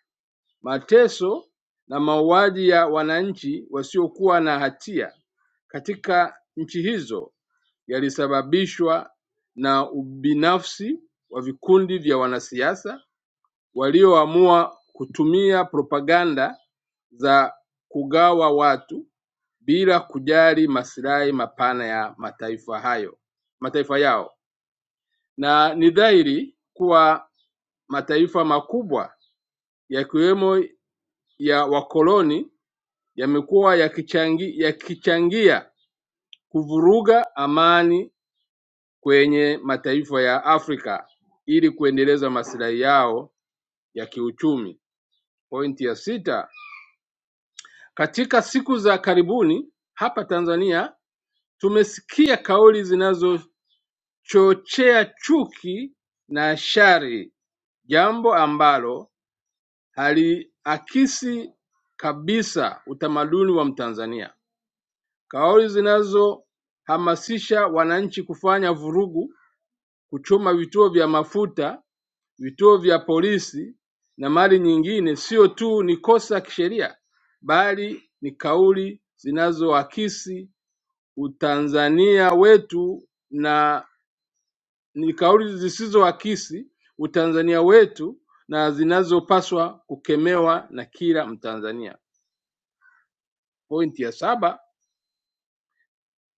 mateso na mauaji ya wananchi wasiokuwa na hatia katika nchi hizo yalisababishwa na ubinafsi wa vikundi vya wanasiasa walioamua kutumia propaganda za kugawa watu bila kujali maslahi mapana ya mataifa hayo mataifa yao, na ni dhahiri kuwa mataifa makubwa yakiwemo ya wakoloni yamekuwa yakichangi, yakichangia kuvuruga amani kwenye mataifa ya Afrika ili kuendeleza maslahi yao ya kiuchumi. Pointi ya sita, katika siku za karibuni hapa Tanzania Tumesikia kauli zinazochochea chuki na shari, jambo ambalo haliakisi kabisa utamaduni wa Mtanzania. Kauli zinazohamasisha wananchi kufanya vurugu, kuchoma vituo vya mafuta, vituo vya polisi na mali nyingine, sio tu ni kosa kisheria, bali ni kauli zinazoakisi utanzania wetu na ni kauli zisizoakisi utanzania wetu na zinazopaswa kukemewa na kila Mtanzania. Pointi ya saba,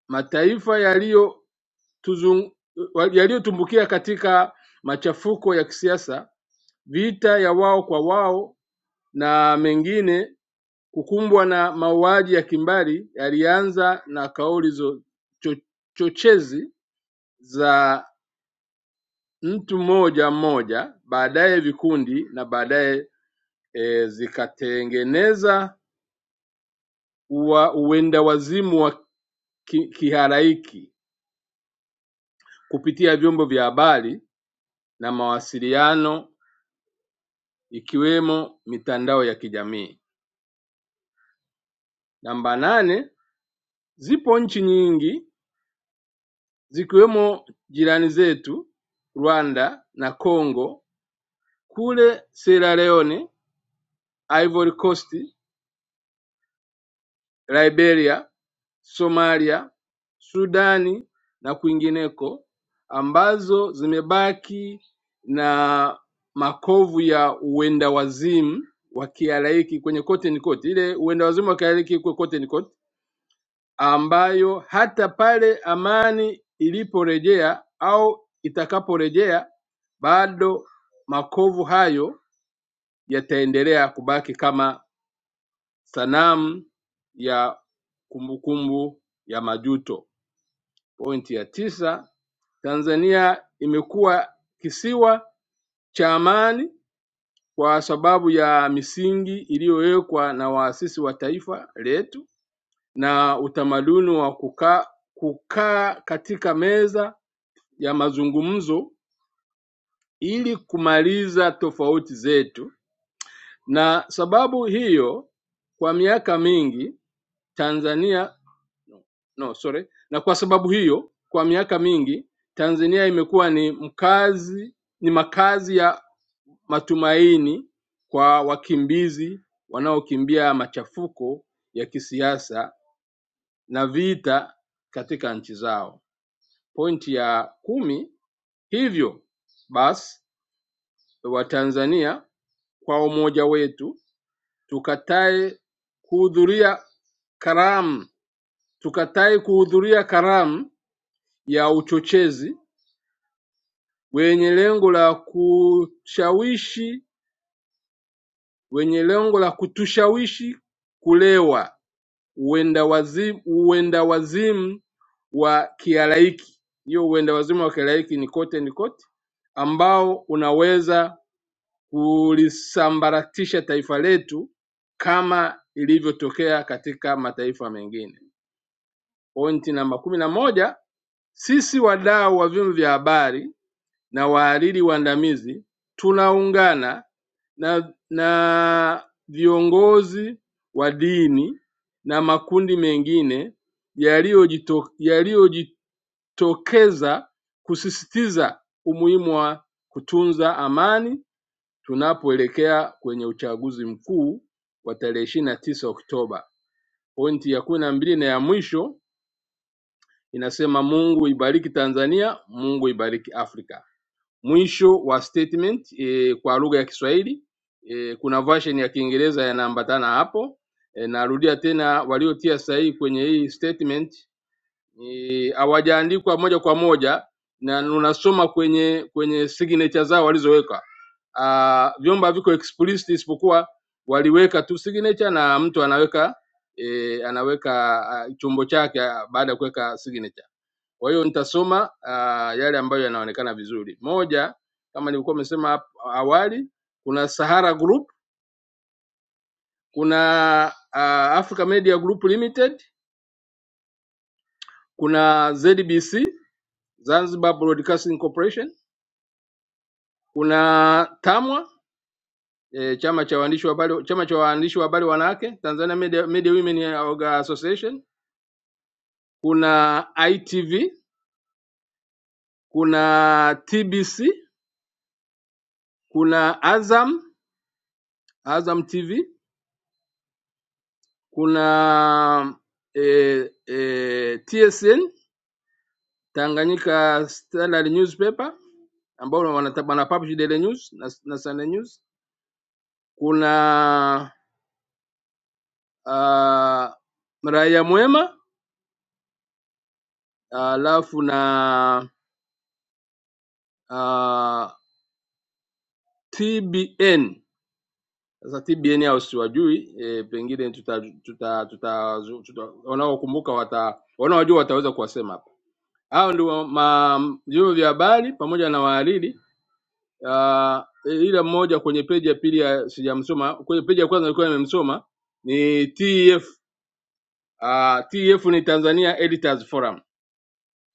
mataifa yaliyotuzung- yaliyotumbukia katika machafuko ya kisiasa, vita ya wao kwa wao na mengine, kukumbwa na mauaji ya kimbari yalianza na kauli zo, cho, chochezi za mtu mmoja mmoja, baadaye vikundi na baadaye e, zikatengeneza ua uwendawazimu wa ki, kihalaiki kupitia vyombo vya habari na mawasiliano ikiwemo mitandao ya kijamii. Namba nane, zipo nchi nyingi zikiwemo jirani zetu Rwanda na Congo, kule Sierra Leone, Ivory Coast, Liberia Somalia, Sudan na kwingineko ambazo zimebaki na makovu ya uendawazimu wa kialaiki kwenye kote ni kote, ile uendawazimu wa kialaiki iko kote ni kote, ambayo hata pale amani iliporejea au itakaporejea bado makovu hayo yataendelea kubaki kama sanamu ya kumbukumbu ya majuto. Pointi ya tisa Tanzania imekuwa kisiwa cha amani kwa sababu ya misingi iliyowekwa na waasisi wa taifa letu na utamaduni wa kukaa kukaa katika meza ya mazungumzo ili kumaliza tofauti zetu, na sababu hiyo kwa miaka mingi Tanzania no, no, sorry. Na kwa sababu hiyo, kwa miaka mingi Tanzania imekuwa ni mkazi ni makazi ya matumaini kwa wakimbizi wanaokimbia machafuko ya kisiasa na vita katika nchi zao. Pointi ya kumi, hivyo basi Watanzania kwa umoja wetu tukatae kuhudhuria karamu tukatae kuhudhuria karamu ya uchochezi wenye lengo la kushawishi wenye lengo la kutushawishi kulewa uendawazimu wa kihalaiki Hiyo uenda wazimu wa kihalaiki ni kote ni kote, ambao unaweza kulisambaratisha taifa letu kama ilivyotokea katika mataifa mengine. Pointi namba kumi na moja, sisi wadau wa vyombo vya habari na wahariri waandamizi tunaungana na na viongozi wa dini na makundi mengine yaliyojito- yaliyojitokeza kusisitiza umuhimu wa kutunza amani tunapoelekea kwenye uchaguzi mkuu wa tarehe ishirini na tisa Oktoba. Pointi ya kumi na mbili na ya mwisho inasema Mungu ibariki Tanzania, Mungu ibariki Afrika. Mwisho wa statement e, kwa lugha ya Kiswahili e, kuna version ya Kiingereza yanaambatana hapo. E, narudia tena, waliotia sahihi kwenye hii statement eh, hawajaandikwa e, moja kwa moja na unasoma kwenye kwenye signature zao walizoweka. Ah, vyombo haviko explicit isipokuwa waliweka tu signature na mtu anaweka e, anaweka ah, chombo chake ah, baada ya kuweka signature. Kwa hiyo nitasoma uh, yale ambayo yanaonekana vizuri. Moja, kama nilikuwa nimesema hapo awali, kuna Sahara Group, kuna uh, Africa Media Group Limited, kuna ZBC Zanzibar Broadcasting Corporation, kuna TAMWA eh, chama cha waandishi wa habari chama cha waandishi wa habari wanawake Tanzania Media, Media Women Association, kuna ITV, kuna TBC, kuna Azam Azam TV, kuna eh, eh, TSN Tanganyika Standard Newspaper ambao wana wana publish Daily News na, na Sunday News. Kuna uh, Raia Mwema alafu uh, na uh, TBN. Sasa TBN hao siwajui, eh, pengine tuta tuta tuta, tuta wanaokumbuka wata wanaojua wataweza kuwasema hapa. Hao ndio ma- vyombo vya habari pamoja na wahariri uh, ile mmoja kwenye peji ya pili ya- sijamsoma, kwenye peji ya kwanza nilikuwa nimemsoma ni TEF. Uh, TEF ni Tanzania Editors Forum.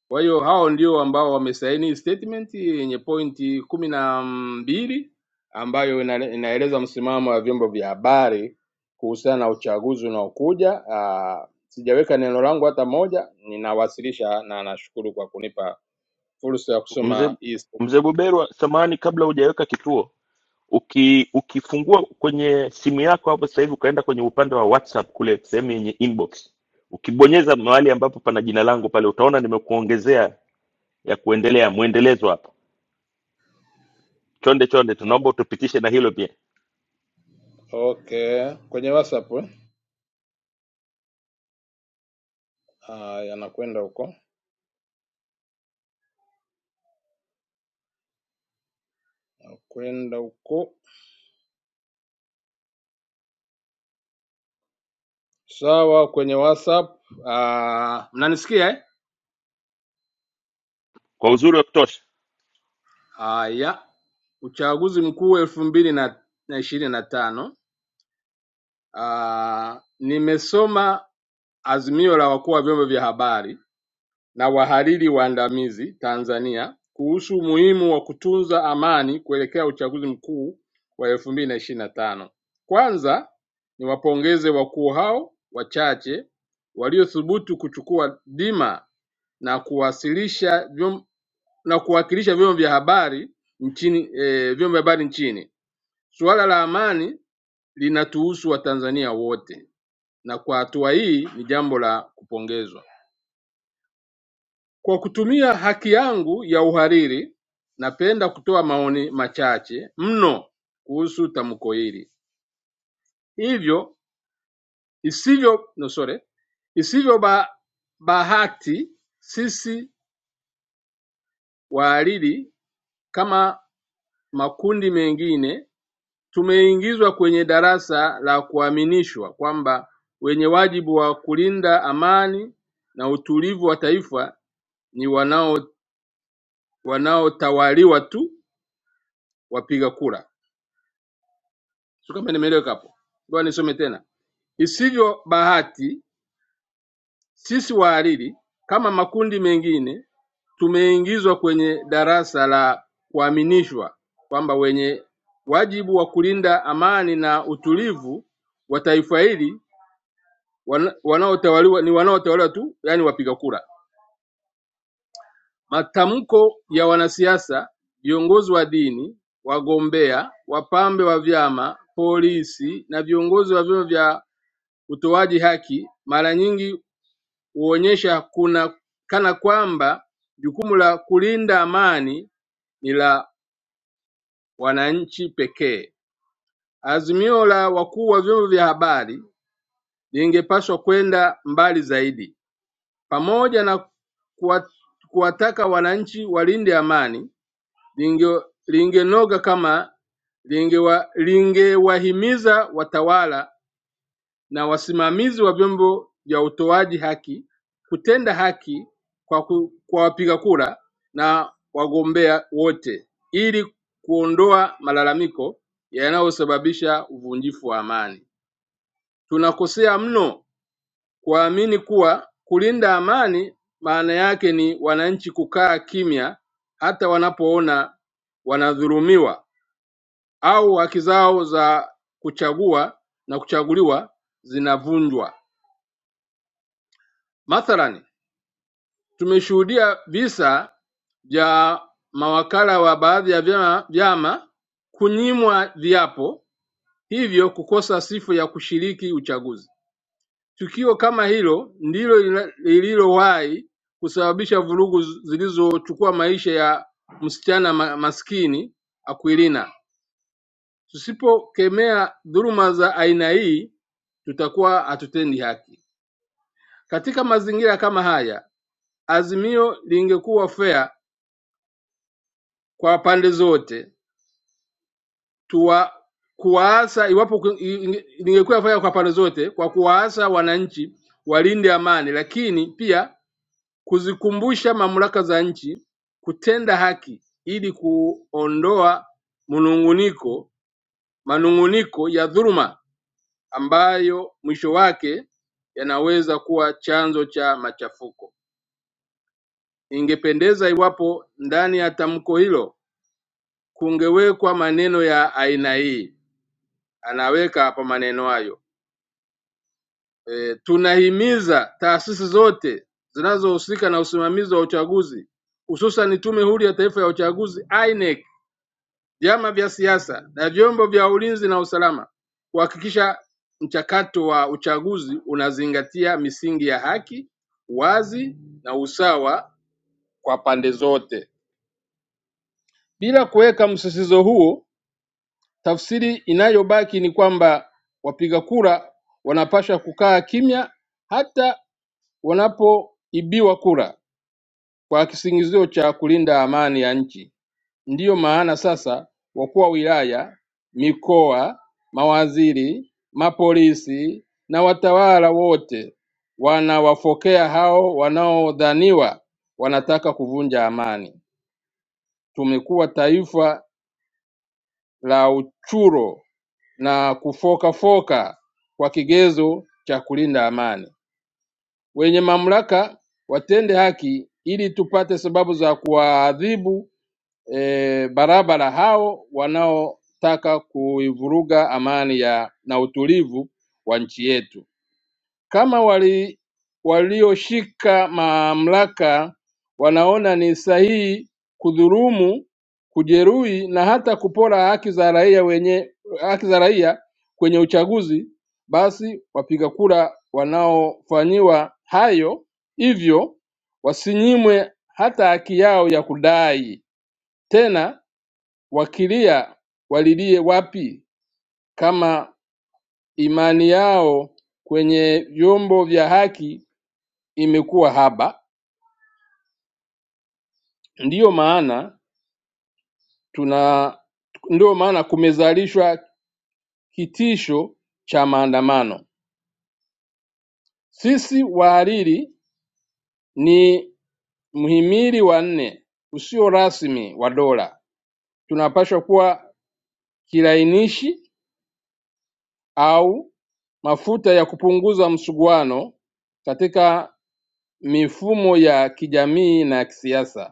Kwa hiyo hao ndio ambao wamesaini statement yenye pointi kumi na mbili ambayo ina- inaeleza msimamo wa vyombo vya habari kuhusiana na uchaguzi unaokuja. Uh, sijaweka neno langu hata moja, ninawasilisha na nashukuru kwa kunipa fursa ya mzee kusoma hii. mzee buberwa samani kabla hujaweka kituo uki ukifungua kwenye simu yako hapo sasa hivi ukaenda kwenye upande wa whatsapp kule sehemu yenye inbox ukibonyeza mahali ambapo pana jina langu pale utaona nimekuongezea ya kuendelea mwendelezo hapo chonde chonde tunaomba utupitishe na hilo pia Okay, kwenye WhatsApp eh? Ah, yanakwenda huko yanakwenda huko sawa, kwenye WhatsApp. Ah, mnanisikia eh? kwa uzuri wa kutosha Haya, uchaguzi mkuu elfu mbili na na ishirini na tano. Ah, nimesoma azimio la wakuu wa vyombo vya habari na wahariri waandamizi Tanzania kuhusu umuhimu wa kutunza amani kuelekea uchaguzi mkuu wa elfu mbili na ishirini na tano. Kwanza niwapongeze wakuu hao wachache waliothubutu kuchukua dima na kuwasilisha vyom, na kuwakilisha vyombo vya habari nchini e, vyombo vya habari nchini. Suala la amani linatuhusu Watanzania wote, na kwa hatua hii ni jambo la kupongezwa. Kwa kutumia haki yangu ya uhariri, napenda kutoa maoni machache mno kuhusu tamko hili, hivyo isivyo no, sorry, isivyo ba, bahati sisi wahariri kama makundi mengine tumeingizwa kwenye darasa la kuaminishwa kwamba wenye wajibu wa kulinda amani na utulivu wa taifa ni wanao wanaotawaliwa tu wapiga kura. Sio kama nimeeleweka hapo. Ngoja nisome tena. Isivyo bahati sisi wahariri kama makundi mengine tumeingizwa kwenye darasa la kuaminishwa kwamba wenye wajibu wa kulinda amani na utulivu wa taifa hili wana- wanaotawaliwa ni wanaotawaliwa tu, yani wapiga kura. Matamko ya wanasiasa, viongozi wa dini, wagombea, wapambe wa vyama, polisi na viongozi wa vyombo vya utoaji haki mara nyingi huonyesha kuna kana kwamba jukumu la kulinda amani ni la wananchi pekee. Azimio la wakuu wa vyombo vya habari lingepaswa kwenda mbali zaidi, pamoja na kuwa- kuwataka wananchi walinde amani, linge- lingenoga kama lingewa- lingewahimiza watawala na wasimamizi wa vyombo vya utoaji haki kutenda haki kwa, ku, kwa wapiga kura na wagombea wote ili kuondoa malalamiko yanayosababisha uvunjifu wa amani. Tunakosea mno kuamini kuwa kulinda amani maana yake ni wananchi kukaa kimya hata wanapoona wanadhulumiwa au haki zao za kuchagua na kuchaguliwa zinavunjwa. Mathalan, Tumeshuhudia visa vya mawakala wa baadhi ya vyama, vyama kunyimwa viapo hivyo kukosa sifa ya kushiriki uchaguzi. Tukio kama hilo ndilo lina- lililowahi kusababisha vurugu z- zilizochukua maisha ya msichana ma- maskini Aquilina. Tusipokemea dhuluma za aina hii, tutakuwa hatutendi haki. Katika mazingira kama haya, azimio lingekuwa fair kwa pande zote tuwa- kuwaasa iwapo ku- i- inge- ningekuwa fanya kwa pande zote, kwa kuwaasa wananchi walinde amani, lakini pia kuzikumbusha mamlaka za nchi kutenda haki ili kuondoa mnunguniko manunguniko ya dhuluma ambayo mwisho wake yanaweza kuwa chanzo cha machafuko. Ingependeza iwapo ndani ya tamko hilo kungewekwa maneno ya aina hii, anaweka hapa maneno hayo E, tunahimiza taasisi zote zinazohusika na usimamizi wa uchaguzi hususan Tume Huru ya Taifa ya Uchaguzi INEC, vyama vya siasa na vyombo vya ulinzi na usalama kuhakikisha mchakato wa uchaguzi unazingatia misingi ya haki, wazi na usawa kwa pande zote. Bila kuweka msisitizo huo, tafsiri inayobaki ni kwamba wapiga kura wanapaswa kukaa kimya hata wanapoibiwa kura kwa kisingizio cha kulinda amani ya nchi ndiyo maana sasa wakuu wa wilaya mikoa mawaziri mapolisi na watawala wote wanawafokea hao wanaodhaniwa wanataka kuvunja amani tumekuwa taifa la uchuro na kufokafoka kwa kigezo cha kulinda amani wenye mamlaka watende haki ili tupate sababu za kuwaadhibu e, barabara hao wanaotaka kuivuruga amani ya na utulivu wa nchi yetu kama wali- walioshika mamlaka wanaona ni sahihi kudhulumu, kujeruhi na hata kupora haki za raia wenye haki za raia kwenye uchaguzi, basi wapiga kura wanaofanyiwa hayo hivyo wasinyimwe hata haki yao ya kudai. Tena wakilia walilie wapi kama imani yao kwenye vyombo vya haki imekuwa haba, ndiyo maana tuna ndiyo maana kumezalishwa kitisho cha maandamano. Sisi wahariri ni mhimili wa nne usio rasmi wa dola, tunapaswa kuwa kilainishi au mafuta ya kupunguza msuguano katika mifumo ya kijamii na kisiasa.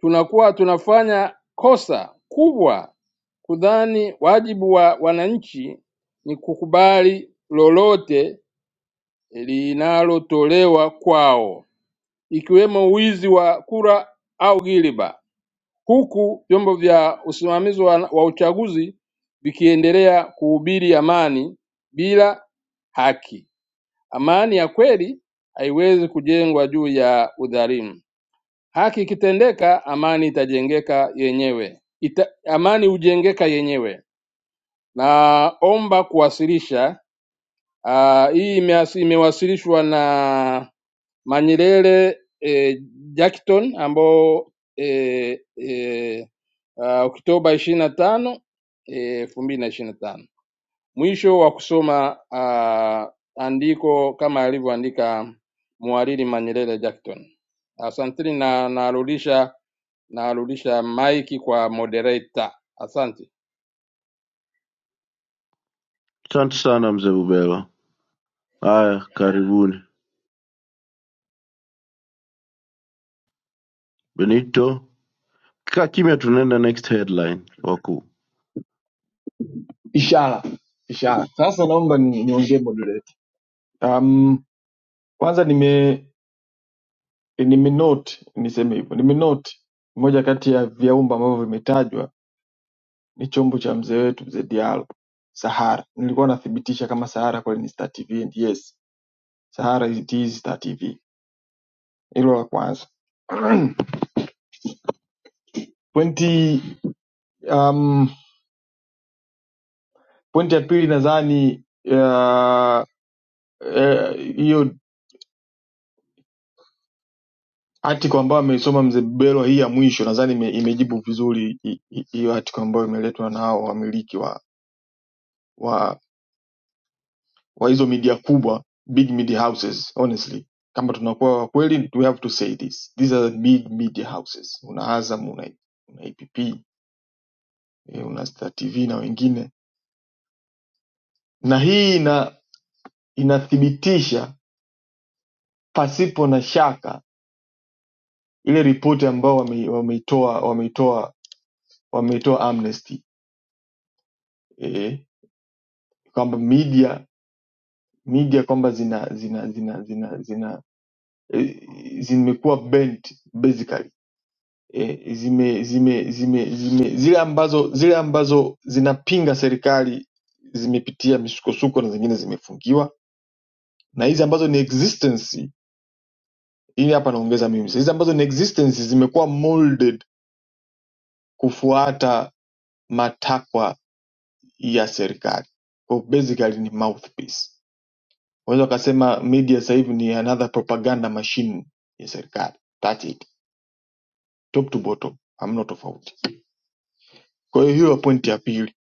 tunakuwa tunafanya kosa kubwa kudhani wajibu wa wananchi ni kukubali lolote linalotolewa kwao, ikiwemo wizi wa kura au ghiliba, huku vyombo vya usimamizi wa, wa uchaguzi vikiendelea kuhubiri amani bila haki. Amani ya kweli haiwezi kujengwa juu ya udhalimu. Haki ikitendeka, amani itajengeka yenyewe Ita, amani hujengeka yenyewe. Naomba kuwasilisha uh, hii imeas- imewasilishwa na Manyelele eh, Jackton ambao eh, eh, uh, Oktoba ishirini na tano eh, elfu mbili na ishirini na tano. Mwisho wa kusoma uh, andiko kama alivyoandika mhariri Manyelele Jackton. Asanteni na narudisha Narudisha maiki kwa moderator. Asante. Asante sana mzee Bubelo. Haya, karibuni Benito. Kaa kimya, tunaenda next headline wakuu. Ishara, ishara. Sasa naomba ni, niongee moderator. Um, kwanza nime nimenote niseme hivyo. Nimenote moja kati ya viumbe ambavyo vimetajwa ni chombo cha mzee wetu mzee Diallo Sahara. Nilikuwa nathibitisha kama Sahara kweli ni Star TV and yes Sahara it is Star TV. Hilo la kwanza. Pointi um, pointi ya pili nadhani ah, eh, hiyo uh, uh, article ambayo ameisoma mzee Belo hii ya mwisho nadhani ime, imejibu vizuri hi- hi- hiyo article ambayo imeletwa na hao wamiliki wa wa wa hizo media kubwa, big media houses honestly. Kama tunakuwa wa kweli we have to say this. These are the big media houses. Una Azam, una, una APP, eh, una Star TV na wengine. Na hii ina inathibitisha pasipo na shaka ile ripoti ambayo wame- wameitoa wameitoa wameitoa amnesty eh, kwamba media media kwamba zina zina zina zina zina eh, zimekuwa bent basically eh, zime, zime, zime, zime zile ambazo zile ambazo zinapinga serikali zimepitia misukosuko na zingine zimefungiwa na hizi ambazo ni existence hii hapa naongeza mimi hizi ambazo ni existence zimekuwa molded kufuata matakwa ya serikali kwa basically ni mouthpiece unaweza ukasema media sasa hivi ni another propaganda machine ya serikali that's it top to bottom hamna tofauti kwa hiyo hiyo pointi ya pili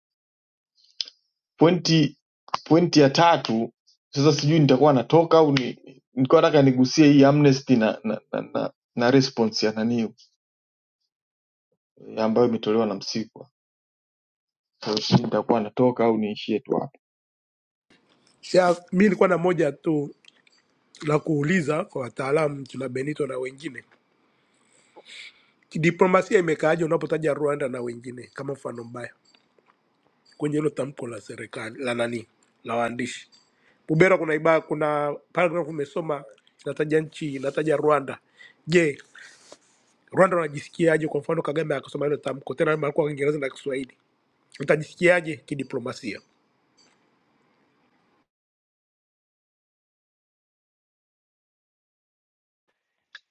pointi pointi ya tatu sasa sijui nitakuwa natoka au ni nilikuwa nataka nigusie hii amnesty na na, na, na, na response ya nani ambayo imetolewa na msikwa Kwa hiyo sijui nitakuwa natoka au niishie tu hapo Ya, mi nilikuwa na moja tu la kuuliza kwa wataalamu tuna Benito na wengine diplomasia imekaaje unapotaja Rwanda na wengine kama mfano mbaya kwenye hilo tamko la serikali la nani la waandishi? Bubera, kuna ibaa, kuna paragraph umesoma inataja nchi inataja Rwanda. Je, Rwanda wanajisikiaje? Kwa mfano Kagame akasoma hilo tamko tena alikuwa Kiingereza na Kiswahili, utajisikiaje kidiplomasia?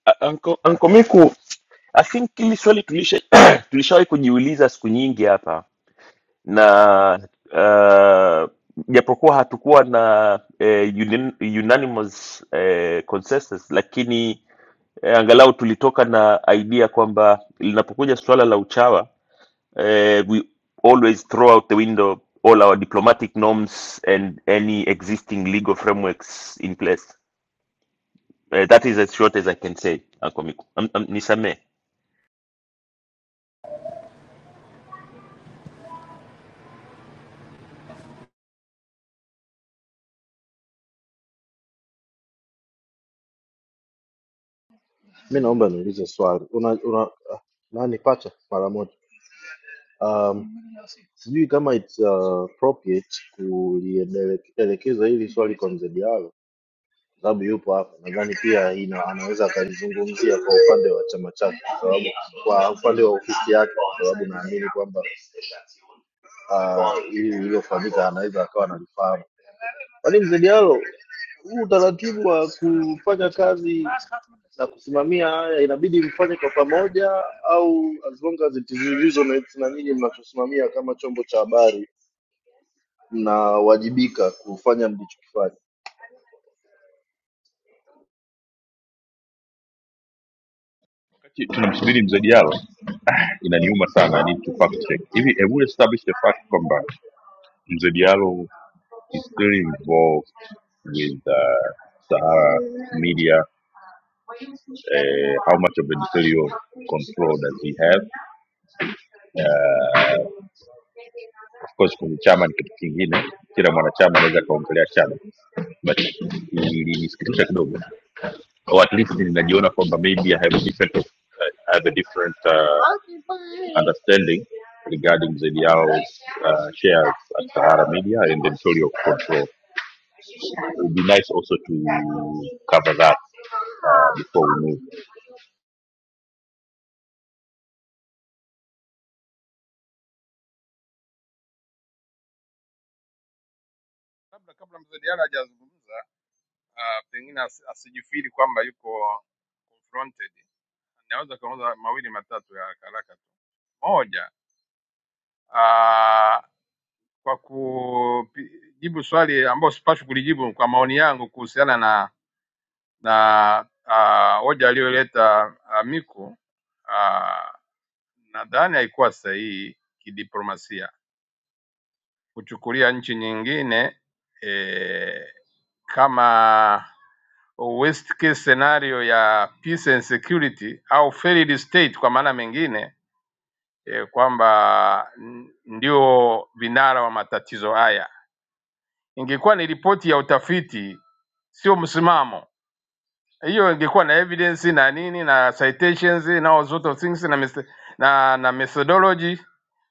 A- anko anko miku i think hili swali tulisha tulishawahi kujiuliza siku nyingi hapa na uh, japokuwa hatukuwa na eh, unin, unanimous eh, consensus lakini eh, angalau tulitoka na idea kwamba linapokuja suala la uchawa eh, we always throw out the window all our diplomatic norms and any existing legal frameworks in place eh, that is as short as i can say Uncle Miku. Am- am- nisamee Mi naomba niulize swali una, una, ah, nani pacha mara moja um, sijui kama it's uh, appropriate kulielekeza hili swali kwa mzee Diallo sababu yupo hapa, nadhani pia ina, anaweza akalizungumzia kwa upande wa chama chake, kwa sababu kwa upande wa ofisi yake, kwa sababu naamini kwamba uh, hili lililofanyika anaweza akawa analifahamu. Kwani mzee Diallo, huu utaratibu wa kufanya kazi na kusimamia haya inabidi mfanye kwa pamoja, au as long as it is reasonable, na nyinyi mnachosimamia kama chombo cha habari mnawajibika kufanya mlichokifanya? Wakati tunamsubiri mzee dialo inaniuma sana I need to fact check hivi have we established the fact kwamba mzee dialo is still involved with uh, Sahara Media. Uh, how much of editorial control does he have? Uh, of course kwenye chama ni kitu kingine, kila mwanachama anaweza akaongelea chama, but ilinisikitisha kidogo, or at least ninajiona kwamba maybe I have a different, uh, I have a different uh, understanding regarding the Diao's uh, shares at Sahara Media and editorial control. It would be nice also to cover that uh, before we move. Labda kabla mzee Diallo hajazungumza, uh, pengine as, asijifiri kwamba yuko confronted, naweza kaanza mawili matatu ya haraka haraka tu. Moja, uh, kwa kujibu swali ambayo sipaswi kulijibu kwa maoni yangu kuhusiana na na ah, hoja aliyoleta uh, Miku uh, nadhani haikuwa sahihi kidiplomasia kuchukulia nchi nyingine eh, kama worst case scenario ya peace and security au failed state kwa maana mengine eh, kwamba n- ndio vinara wa matatizo haya. Ingekuwa ni ripoti ya utafiti, sio msimamo hiyo ingekuwa na evidence na nini na citations na all sort of things na, mes- na, na methodology.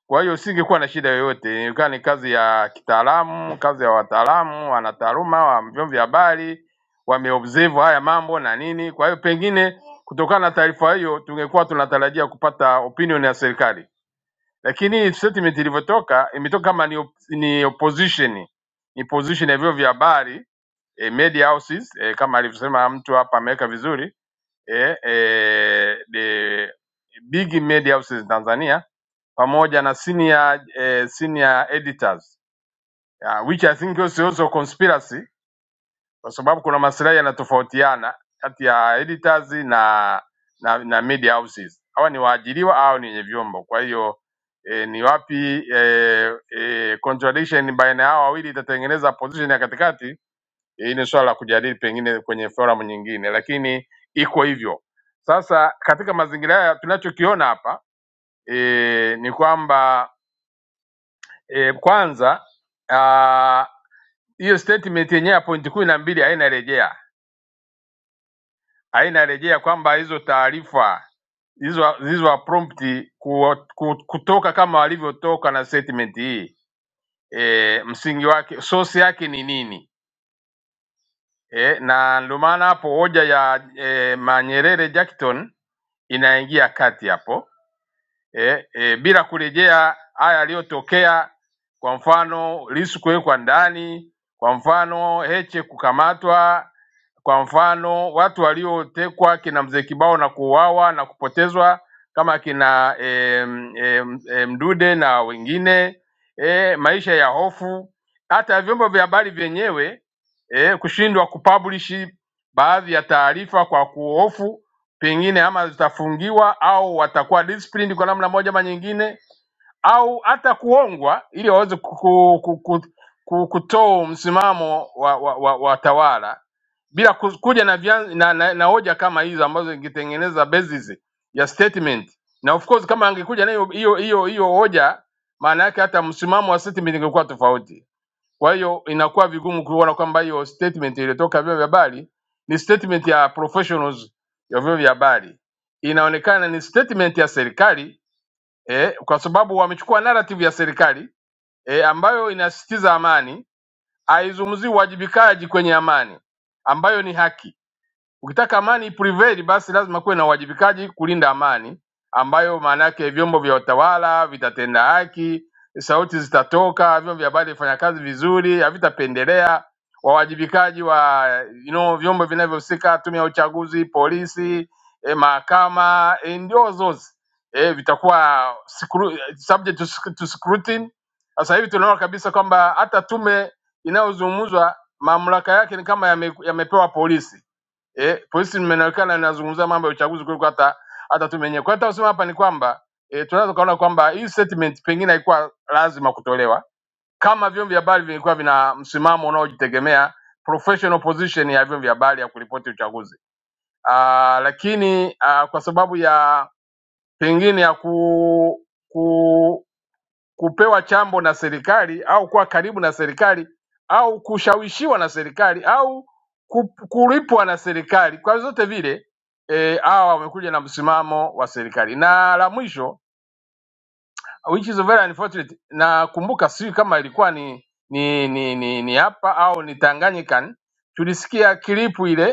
Kwa hiyo singekuwa na shida yoyote, ingekuwa ni kazi ya kitaalamu, kazi ya wataalamu, wanataaluma wa vyombo vya habari wameobserve haya mambo na nini. Kwa hiyo pengine kutokana na taarifa hiyo tungekuwa tunatarajia kupata opinion ya serikali. Lakini statement ilivyotoka imetoka kama ni, op ni opposition ni position ya vyombo vya habari e, media houses e, kama alivyosema mtu hapa ameweka vizuri e, e, the big media houses Tanzania pamoja na senior, eh, senior editors yeah, which I think is also conspiracy kwa sababu kuna maslahi yanatofautiana kati ya editors na na, na media houses. Hawa ni waajiriwa au ni wenye vyombo? Kwa hiyo e, ni wapi e, e, contradiction baina yao wawili itatengeneza position ya katikati? Hii ni swala la kujadili pengine kwenye forum nyingine, lakini iko hivyo. Sasa katika mazingira haya tunachokiona hapa e, ni kwamba e, kwanza ah, hiyo statement yenyewe ya pointi kumi na mbili haina rejea haina rejea kwamba hizo taarifa hizo hizo prompt ku- ku- kutoka kama walivyotoka na statement hii e, msingi wake source yake ni nini e, na ndio maana hapo hoja ya e, Manyerere Jackton inaingia kati hapo eh, eh, bila kurejea haya yaliyotokea, kwa mfano Lissu kuwekwa ndani, kwa mfano Heche kukamatwa, kwa mfano watu waliotekwa kina mzee Kibao na kuuawa na kupotezwa kama kina eh, eh, eh, Mdude na wengine eh, maisha ya hofu, hata vyombo vya habari vyenyewe eh, kushindwa kupublish baadhi ya taarifa kwa kuhofu pengine ama zitafungiwa au watakuwa disciplined kwa namna moja ama nyingine, au hata kuongwa ili waweze ku- ku- ku- ku- ku- kutoa msimamo wa, wa, wa, wa tawala bila ku- kuja na, vyan, na, na, na hoja kama hizo ambazo ingetengeneza basis ya statement, na of course kama angekuja na hiyo hiyo hiyo hiyo hoja, maana yake hata msimamo wa statement ingekuwa tofauti. Kwa hiyo inakuwa vigumu kuona kwamba hiyo statement iliyotoka vyombo vya habari ni statement ya professionals ya vyombo vya habari, inaonekana ni statement ya serikali eh, kwa sababu wamechukua narrative ya serikali eh, ambayo inasisitiza amani, haizungumzii uwajibikaji kwenye amani ambayo ni haki Ukitaka amani iprevail, basi lazima kuwe na uwajibikaji kulinda amani, ambayo maana yake vyombo vya utawala vitatenda haki, sauti zitatoka, vyombo vya habari vifanya kazi vizuri, havitapendelea wawajibikaji wa you know, vyombo vinavyohusika, tume ya uchaguzi, polisi, eh, mahakama eh, ndio those eh, vitakuwa scru- subject to sc- to scrutiny. Sasa hivi tunaona kabisa kwamba hata tume inayozungumzwa mamlaka yake ni kama yame, yamepewa polisi eh, polisi limeonekana linazungumzia mambo ya uchaguzi kuliko hata hata tume yenyewe. Kwa hiyo tunasema hapa ni kwamba eh, tunaweza kuona kwamba hii statement pengine haikuwa lazima kutolewa kama vyombo vya habari vilikuwa vina msimamo unaojitegemea professional position ya vyombo vya habari ya kuripoti uchaguzi. Ah, lakini ah, kwa sababu ya pengine ya ku, ku kupewa chambo na serikali au kuwa karibu na serikali au kushawishiwa na serikali au ku- kulipwa na serikali. Kwa zote vile eh, hawa e, wamekuja na msimamo wa serikali. Na la mwisho which is very unfortunate, nakumbuka sijui kama ilikuwa ni ni ni ni, ni hapa au ni Tanganyika, tulisikia kilipu ile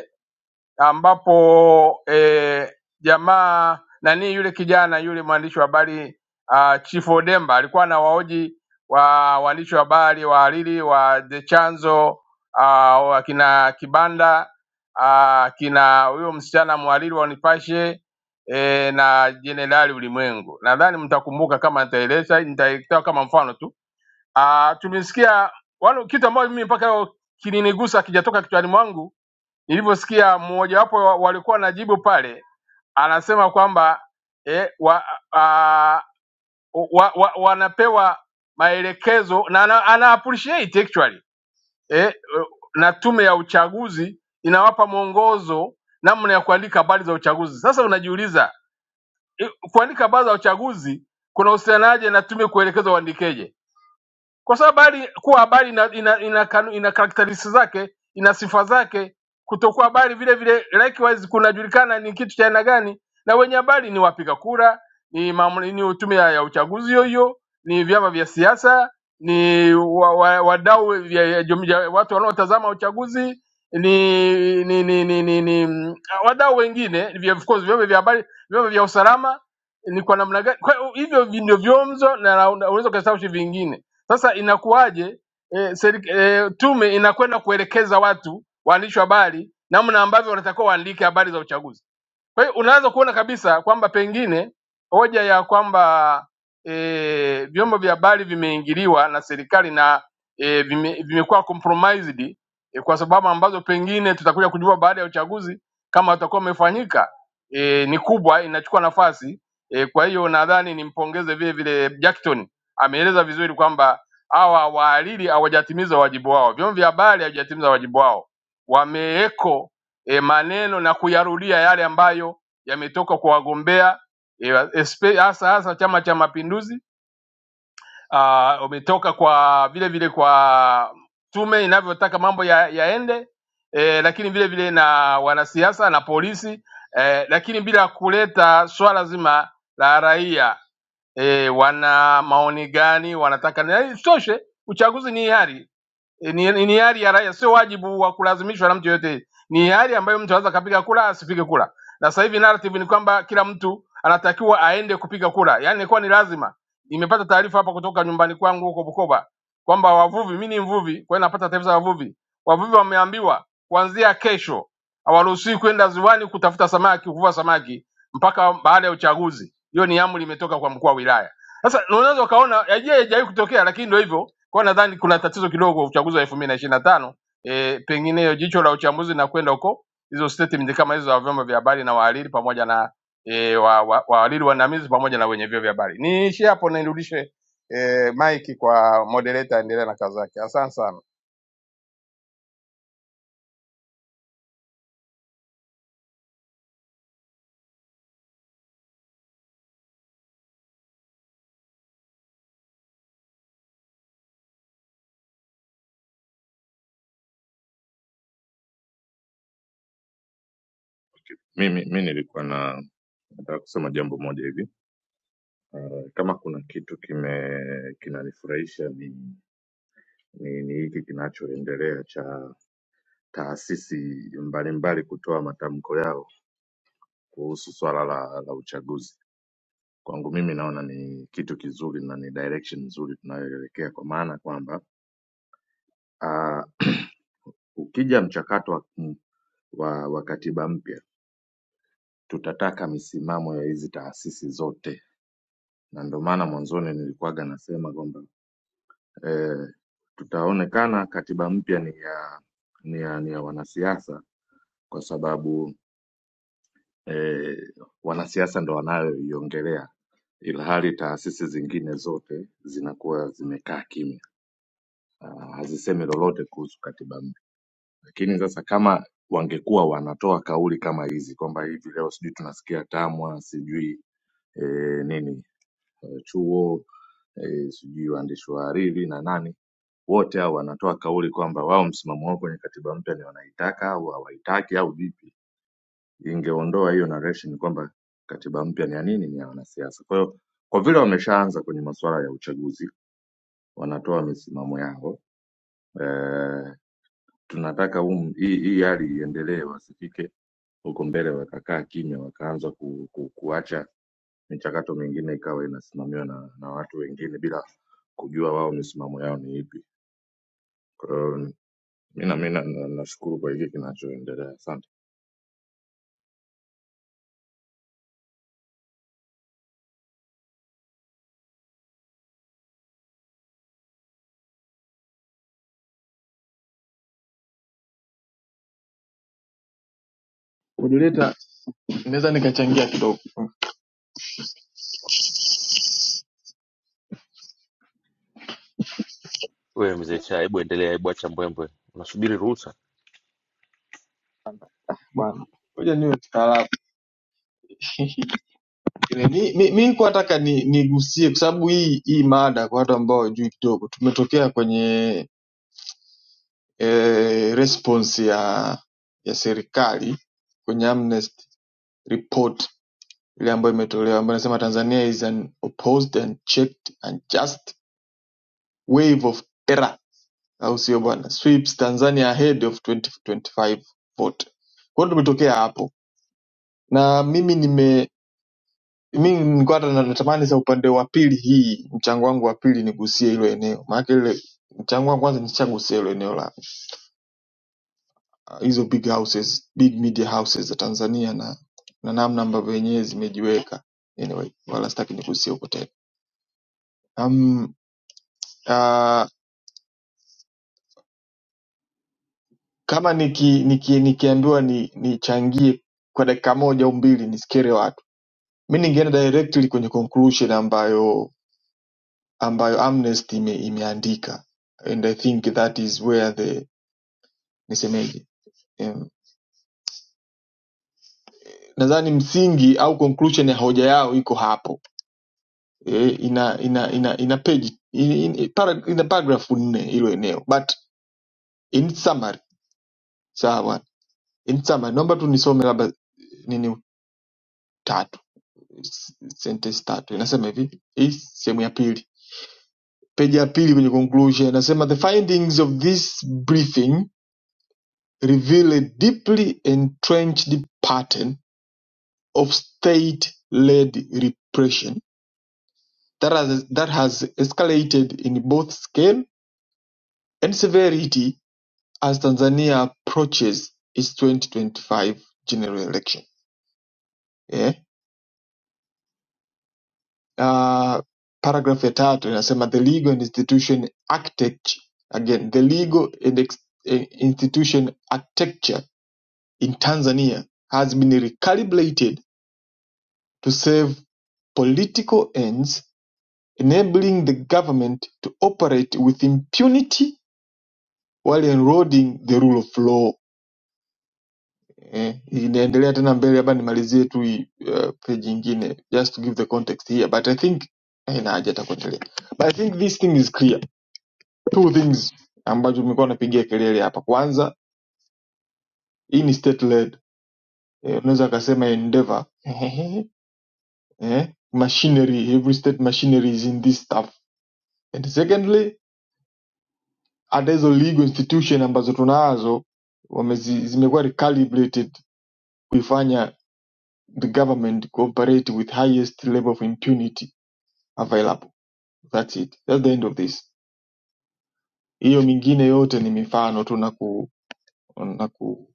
ambapo eh, jamaa nani yule kijana yule mwandishi wa habari uh, Chifu Odemba alikuwa anawahoji wa waandishi wa habari wahariri wa The Chanzo uh, wakina Kibanda uh, kina huyo msichana mhariri wa Nipashe eh, na Jenerali Ulimwengu. Nadhani mtakumbuka kama nitaeleza, nitaitoa kama mfano tu. Uh, tumesikia wale kitu ambayo mimi mpaka leo kilinigusa kijatoka kichwani mwangu nilivyosikia mmojawapo wa- walikuwa najibu pale anasema kwamba eh, wa, a, wa, wa, wanapewa maelekezo na ana, ana appreciate actually eh, na tume ya uchaguzi inawapa mwongozo namna ya kuandika habari za uchaguzi. Sasa unajiuliza eh, kuandika habari za uchaguzi kuna uhusianaje na tume kuelekeza uandikeje? kwa sababu habari kuwa habari ina, ina, ina, kanu- ina karakteristics zake ina sifa zake. Kutokuwa habari vile vile likewise kunajulikana ni kitu cha aina gani, na wenye habari ni wapiga kura, ni, mamle- ni tume ya ya uchaguzi hiyo hiyo, ni vyama vya siasa, ni wa, wa, wadau vya, ya jum- ya watu wanaotazama uchaguzi ni ni ni, ni, ni, ni mm, wadau wengine vya of course vyombo vya habari, vyombo vya usalama ni kwa namna gani? Kwa hiyo hivyo ndio vyomzo na na- unaweza kuhesabu vingine sasa inakuwaje e, seri, e, tume inakwenda kuelekeza watu waandishi wa habari namna ambavyo wanatakiwa waandike habari za uchaguzi? Kwa hiyo unaweza kuona kabisa kwamba pengine hoja ya kwamba e, vyombo vya habari vimeingiliwa na serikali na e, vime, vimekuwa compromised e, kwa sababu ambazo pengine tutakuja kujua baada ya uchaguzi kama utakuwa umefanyika e, ni kubwa, inachukua nafasi e, kwa hiyo nadhani nimpongeze vile vile Jackton, ameeleza vizuri kwamba hawa wahariri hawajatimiza wajibu wao, vyombo vya habari havijatimiza wajibu wao, wameeko e, maneno na kuyarudia yale ambayo yametoka kwa wagombea e, espe- hasa e, hasa Chama cha Mapinduzi, ah, umetoka kwa vile vile kwa tume inavyotaka mambo ya, yaende e, lakini vile vile na wanasiasa na polisi e, lakini bila kuleta swala zima la raia e, wana maoni gani wanataka na isitoshe uchaguzi ni hiari ni, ni ni hali ya raia, sio wajibu wa kulazimishwa na mtu yoyote. Ni hali ambayo mtu anaweza akapiga kura asipige kura, na sasa hivi narrative ni kwamba kila mtu anatakiwa aende kupiga kura, yaani ilikuwa ni lazima. Nimepata taarifa hapa kutoka nyumbani kwangu huko Bukoba kwamba wavuvi, mimi ni mvuvi, kwa hiyo napata taarifa za wavuvi. Wavuvi wameambiwa kuanzia kesho hawaruhusiwi kwenda ziwani kutafuta samaki, kuvua samaki mpaka baada ya uchaguzi. Hiyo ni amri imetoka kwa mkuu wa wilaya. Sasa unaweza ukaona, haijawahi kutokea, lakini ndio hivyo kwa hiyo nadhani kuna tatizo kidogo uchaguzi wa elfu mbili na ishirini na tano e, pengine hiyo jicho la uchambuzi na kwenda huko hizo statement kama hizo za vyombo vya habari na wahariri pamoja na e, wa, wa, wahariri waandamizi pamoja na wenye vyombo vya habari. Niishie hapo, na nirudishe e, mike kwa moderator, aendelee na kazi yake. Asante sana. Mimi mi nilikuwa na nataka kusema jambo moja hivi. Uh, kama kuna kitu kime kinanifurahisha ni ni ni hiki kinachoendelea cha taasisi mbalimbali kutoa matamko yao kuhusu swala la, la uchaguzi. Kwangu mimi naona ni kitu kizuri na ni direction nzuri tunayoelekea, kwa maana kwamba uh, ukija mchakato wa, wa, wa katiba mpya tutataka misimamo ya hizi taasisi zote na ndio maana mwanzoni nilikuwaga nasema kwamba eh, tutaonekana katiba mpya ni ya ni ya, ni ya wanasiasa kwa sababu eh, wanasiasa ndo wanayoiongelea, ila hali taasisi zingine zote zinakuwa zimekaa kimya, ah, hazisemi lolote kuhusu katiba mpya. Lakini sasa kama wangekuwa wanatoa kauli kama hizi kwamba hivi leo sijui tunasikia TAMWA sijui eh, nini eh, chuo eh, sijui waandishi wa hariri na nani wote hao wanatoa kauli kwamba wao msimamo wao kwenye katiba mpya ni wanaitaka au hawaitaki au vipi. Ingeondoa hiyo narration kwamba katiba mpya ni ya nini, ni ya wanasiasa. Kwa hiyo kwa vile wameshaanza kwenye masuala ya uchaguzi, wanatoa misimamo yao eh, tunataka um, hii hii hali iendelee, wasifike huko mbele wakakaa kimya wakaanza ku, ku, kuacha michakato mingine ikawa inasimamiwa na, na watu wengine bila kujua wao misimamo yao ni ipi. Kwa hiyo mi na mi na- na- nashukuru kwa hiki kinachoendelea, asante. moderator naweza nikachangia kidogo wewe mzee Shah, hebu endelea, hebu acha mbwembwe, unasubiri ruhusa. bwana ngoja niwe mtaalamu mi, mi, mi nikuwa nataka ni nigusie kwa sababu hii hii mada kwa watu ambao wajui kidogo, tumetokea kwenye eh, response ya ya serikali kwenye Amnesty report ile ambayo imetolewa ambayo inasema Tanzania is an opposed and checked and just wave of terror, au sio bwana? Sweeps Tanzania ahead of 2025 vote. Kwa hiyo tumetokea hapo na mimi nime mi nilikuwa hata na- natamani sa upande wa pili hii mchango wangu wa pili nigusie hilo eneo maanake ile mchango wangu kwanza nishagusia hilo eneo la uh, hizo big houses big media houses za tanzania na na namna ambavyo wenyewe zimejiweka anyway wala sitaki nigusie huko tena um, uh, kama niki, niki, nikiambiwa ni nichangie kwa dakika moja au mbili nisikere watu mi ningeenda directly kwenye conclusion ambayo ambayo amnesty ime, imeandika and i think that is where the nisemeje Em, nadhani msingi au conclusion ya hoja yao iko hapo e, ina ina ina ina page in, in, para, ina paragraph nne hilo eneo but in summary sawa in summary naomba tu nisome labda nini tatu s- sentence tatu inasema hivi hii sehemu ya pili peji ya pili kwenye conclusion inasema the findings of this briefing reveal a deeply entrenched pattern of state led repression that has, that has escalated in both scale and severity as Tanzania approaches its 2025 general election. Yeah. Uh, paragraph ya tatu inasema the legal institution architecture again the legal eh, institution architecture in Tanzania has been recalibrated to serve political ends enabling the government to operate with impunity while eroding the rule of law eh, inaendelea tena mbele labda nimalizie tu hii, uh, page ingine just to give the context here but i think eh, na haja hata kuendelea but i think this thing is clear two things ambazo nimekuwa napigia kelele hapa kwanza hii ni state led eh, unaweza akasema endeavor eh, machinery every state machinery is in this stuff and secondly hata hizo legal institution ambazo tunazo wamezi, zimekuwa recalibrated kuifanya the government cooperate with highest level of impunity available. That's it. That's the end of this. Hiyo mingine yote ni mifano tu na ku, na ku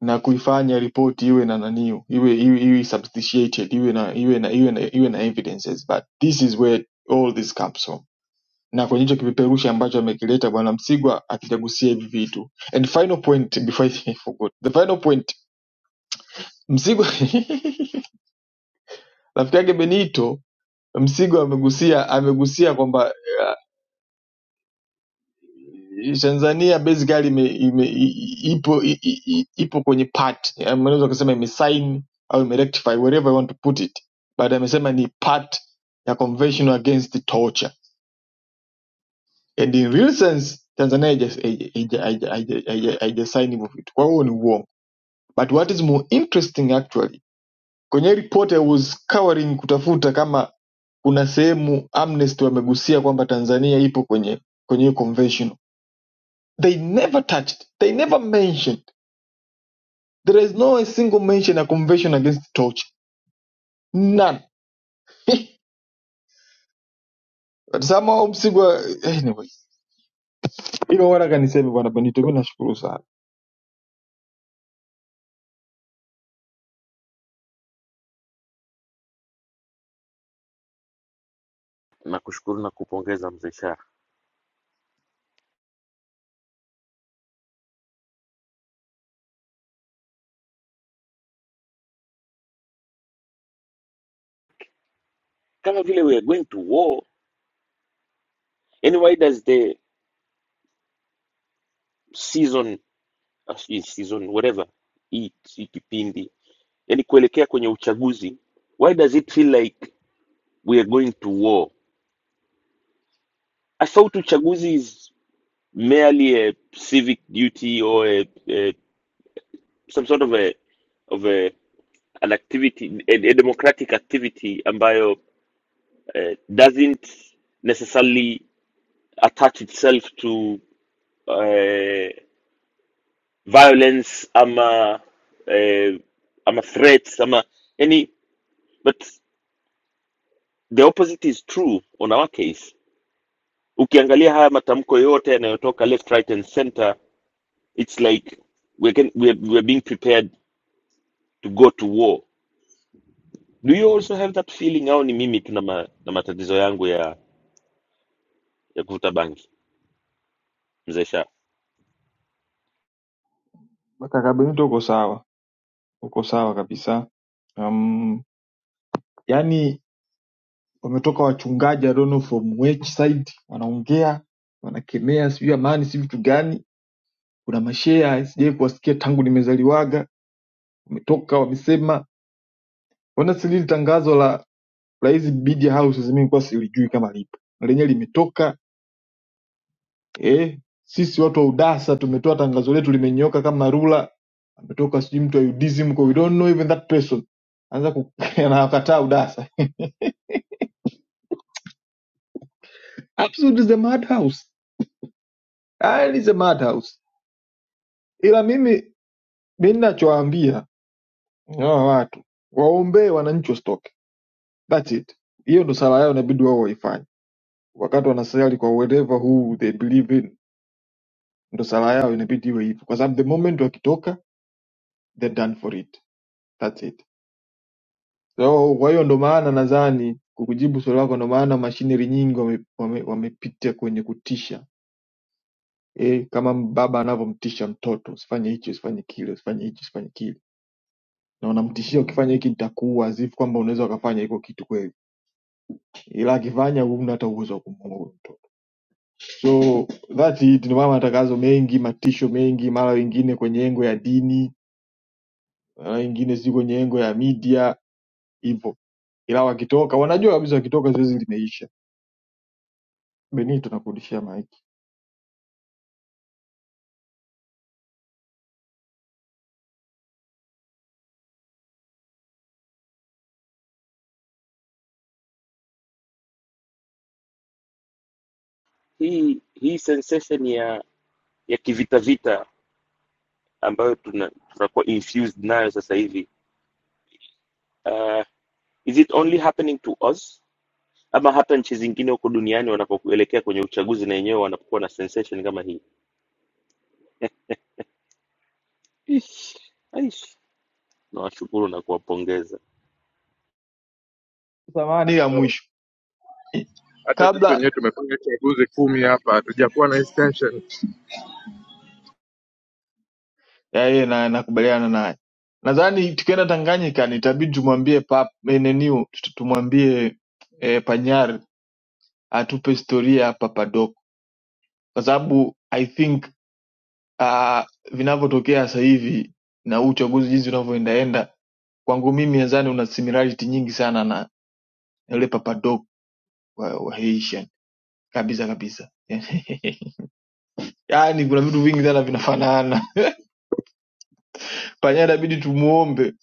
na kuifanya ripoti iwe na naniu iwe iwe, iwe substantiated iwe na iwe na iwe na iwe na evidences but this is where all this comes from na kwenye hicho kipeperushi ambacho amekileta bwana Msigwa akijagusia hivi vitu and final point before I forgot the final point Msigwa rafiki yake Benito Msigwa amegusia amegusia kwamba Tanzania basically ime, ime, i- i- ipo i, i, i- ipo kwenye part, Eh, unaweza kusema imesign au imerectify wherever you want to put it, but amesema ni part ya convention against torture and in real sense Tanzania haija- haija- haija- haija- haija- haija sign hivyo vitu, kwa hiyo ni uongo. But what is more interesting actually, kwenye report I was covering kutafuta kama kuna sehemu Amnesty wamegusia kwamba Tanzania ipo kwenye kwenye hiyo convention They never touched, they never mentioned. There is no a single mention a convention against torture. None. But somehow Msigwa anyway. Ilo waraka niseme bwana Benito, mimi nashukuru sana. Nakushukuru na kupongeza mzee Shah. kama vile we are going to war yani why does the season uh, si- season whatever hii hii kipindi yani kuelekea kwenye uchaguzi why does it feel like we are going to war i thought uchaguzi is merely a civic duty or a, a, some sort of a of a, an activity a, a democratic activity ambayo uh, doesn't necessarily attach itself to uh, violence ama eh, ama threats ama yani but the opposite is true on our case ukiangalia haya matamko yote yanayotoka left right and center it's like we can, we are, we are being prepared to go to war do you also have that feeling au ni mimi tu na, ma, na matatizo yangu ya ya kuvuta bangi mzee sha Kaka Benito uko sawa. Uko sawa kabisa. Um, yani wametoka wachungaji I don't know from which side wanaongea, wanakemea sijui amani si vitu gani. Kuna mashea sijai kuwasikia tangu nimezaliwaga. Wametoka wamesema. Ona sili tangazo la la hizi media houses mimi kwa silijui kama lipo lenye limetoka eh, sisi watu wa udasa tumetoa tangazo letu limenyoka kama rula ametoka sijui mtu wa udism kwa we don't know even that person anza ku- anawakataa udasa absolutely the madhouse yani the madhouse ila mimi mimi ninachowaambia hawa watu waombee wananchi wasitoke that's it hiyo ndo sala yao inabidi wao waifanye wakati wanasali kwa whatever who they believe in ndo sala yao inabidi iwe hivyo kwa sababu the moment wakitoka They're done for it. That's it. So kwa hiyo ndo maana nadhani kukujibu swali lako, ndo maana mashineri nyingi wamepitia wame, wame wamepitia kwenye kutisha eh, kama baba anavyomtisha mtoto, usifanye hichi, usifanye kile, usifanye hichi, usifanye kile, na unamtishia ukifanya hiki nitakuua, azifu kwamba unaweza ukafanya hiko kitu kweli, ila akifanya huna hata uwezo wa kumuua huyo mtoto. So that's it, ndio maana matangazo mengi, matisho mengi, mara wengine kwenye engo ya dini na wengine sijui kwenye engo ya media hivyo, ila wakitoka wanajua kabisa wakitoka zoezi limeisha. Benito, nakurudishia maiki. hii hii sensation ya ya kivita vita ambayo tuna- tunakuwa infused nayo sasa hivi uh, is it only happening to us ama hata nchi zingine huko duniani wanapokuelekea kwenye uchaguzi na wenyewe wanapokuwa na sensation kama hii Ish, aish. nawashukuru na kuwapongeza Samahani, ya So, mwisho eh, hata sisi kabla wenyewe tumefanya chaguzi kumi hapa, hatujakuwa na extension. ya yeye na nakubaliana naye. Nadhani tukienda Tanganyika nitabidi tumwambie pap neniu tumwambie eh, Panyar atupe historia ya Papa Doc kwa sababu I think uh, vinavyotokea sasa hivi na huu uchaguzi jinsi unavyoendaenda, kwangu mimi nadhani una similarity nyingi sana na yule Papa Doc wa, wa Haitian kabisa kabisa. Yaani kuna vitu vingi sana vinafanana. Panyara inabidi tumuombe,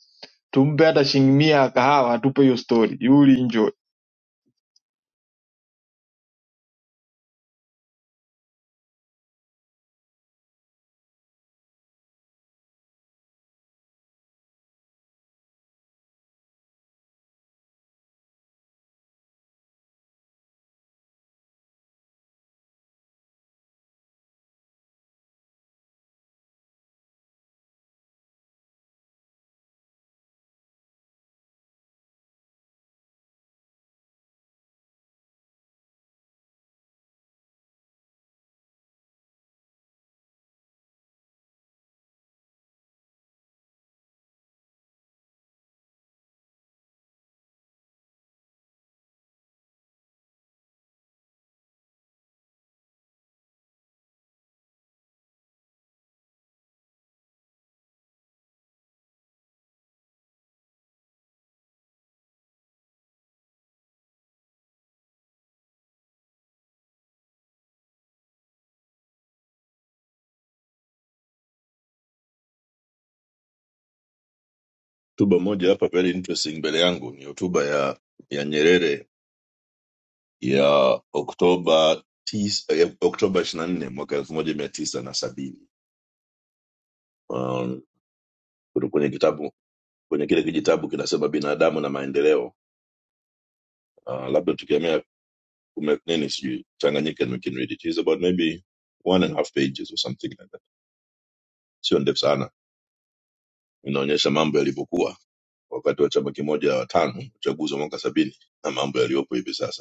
tumpe hata shilingi mia ya kahawa atupe hiyo story. Yuli enjoy. Hotuba moja hapa very interesting mbele yangu ni hotuba ya ya Nyerere ya Oktoba tis, ya Oktoba 24 mwaka 1970. Um, kutoka kwenye kitabu kwenye kile kijitabu kinasema binadamu na maendeleo. Uh, labda tukiamea kume- nini sijui Tanganyika and we can read it. It's about maybe one and a half pages or something like that. Sio ndefu sana. Inaonyesha mambo yalivyokuwa wakati wa chama kimoja watano uchaguzi wa mwaka sabini na mambo yaliyopo hivi sasa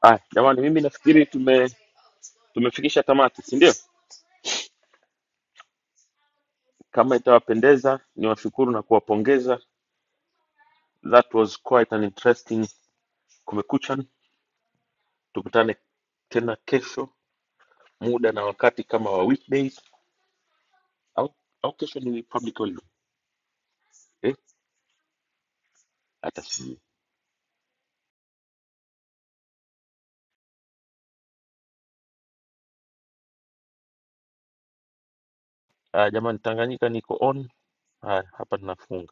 aya jamani mimi nafikiri tume tumefikisha tamati si ndio kama itawapendeza niwashukuru na kuwapongeza that was quite an interesting kumekucha tukutane tena kesho muda na wakati kama wa weekdays au, au kesho ni public holiday eh hata sijui Aya, jamani tanganyika niko on haya hapa tunafunga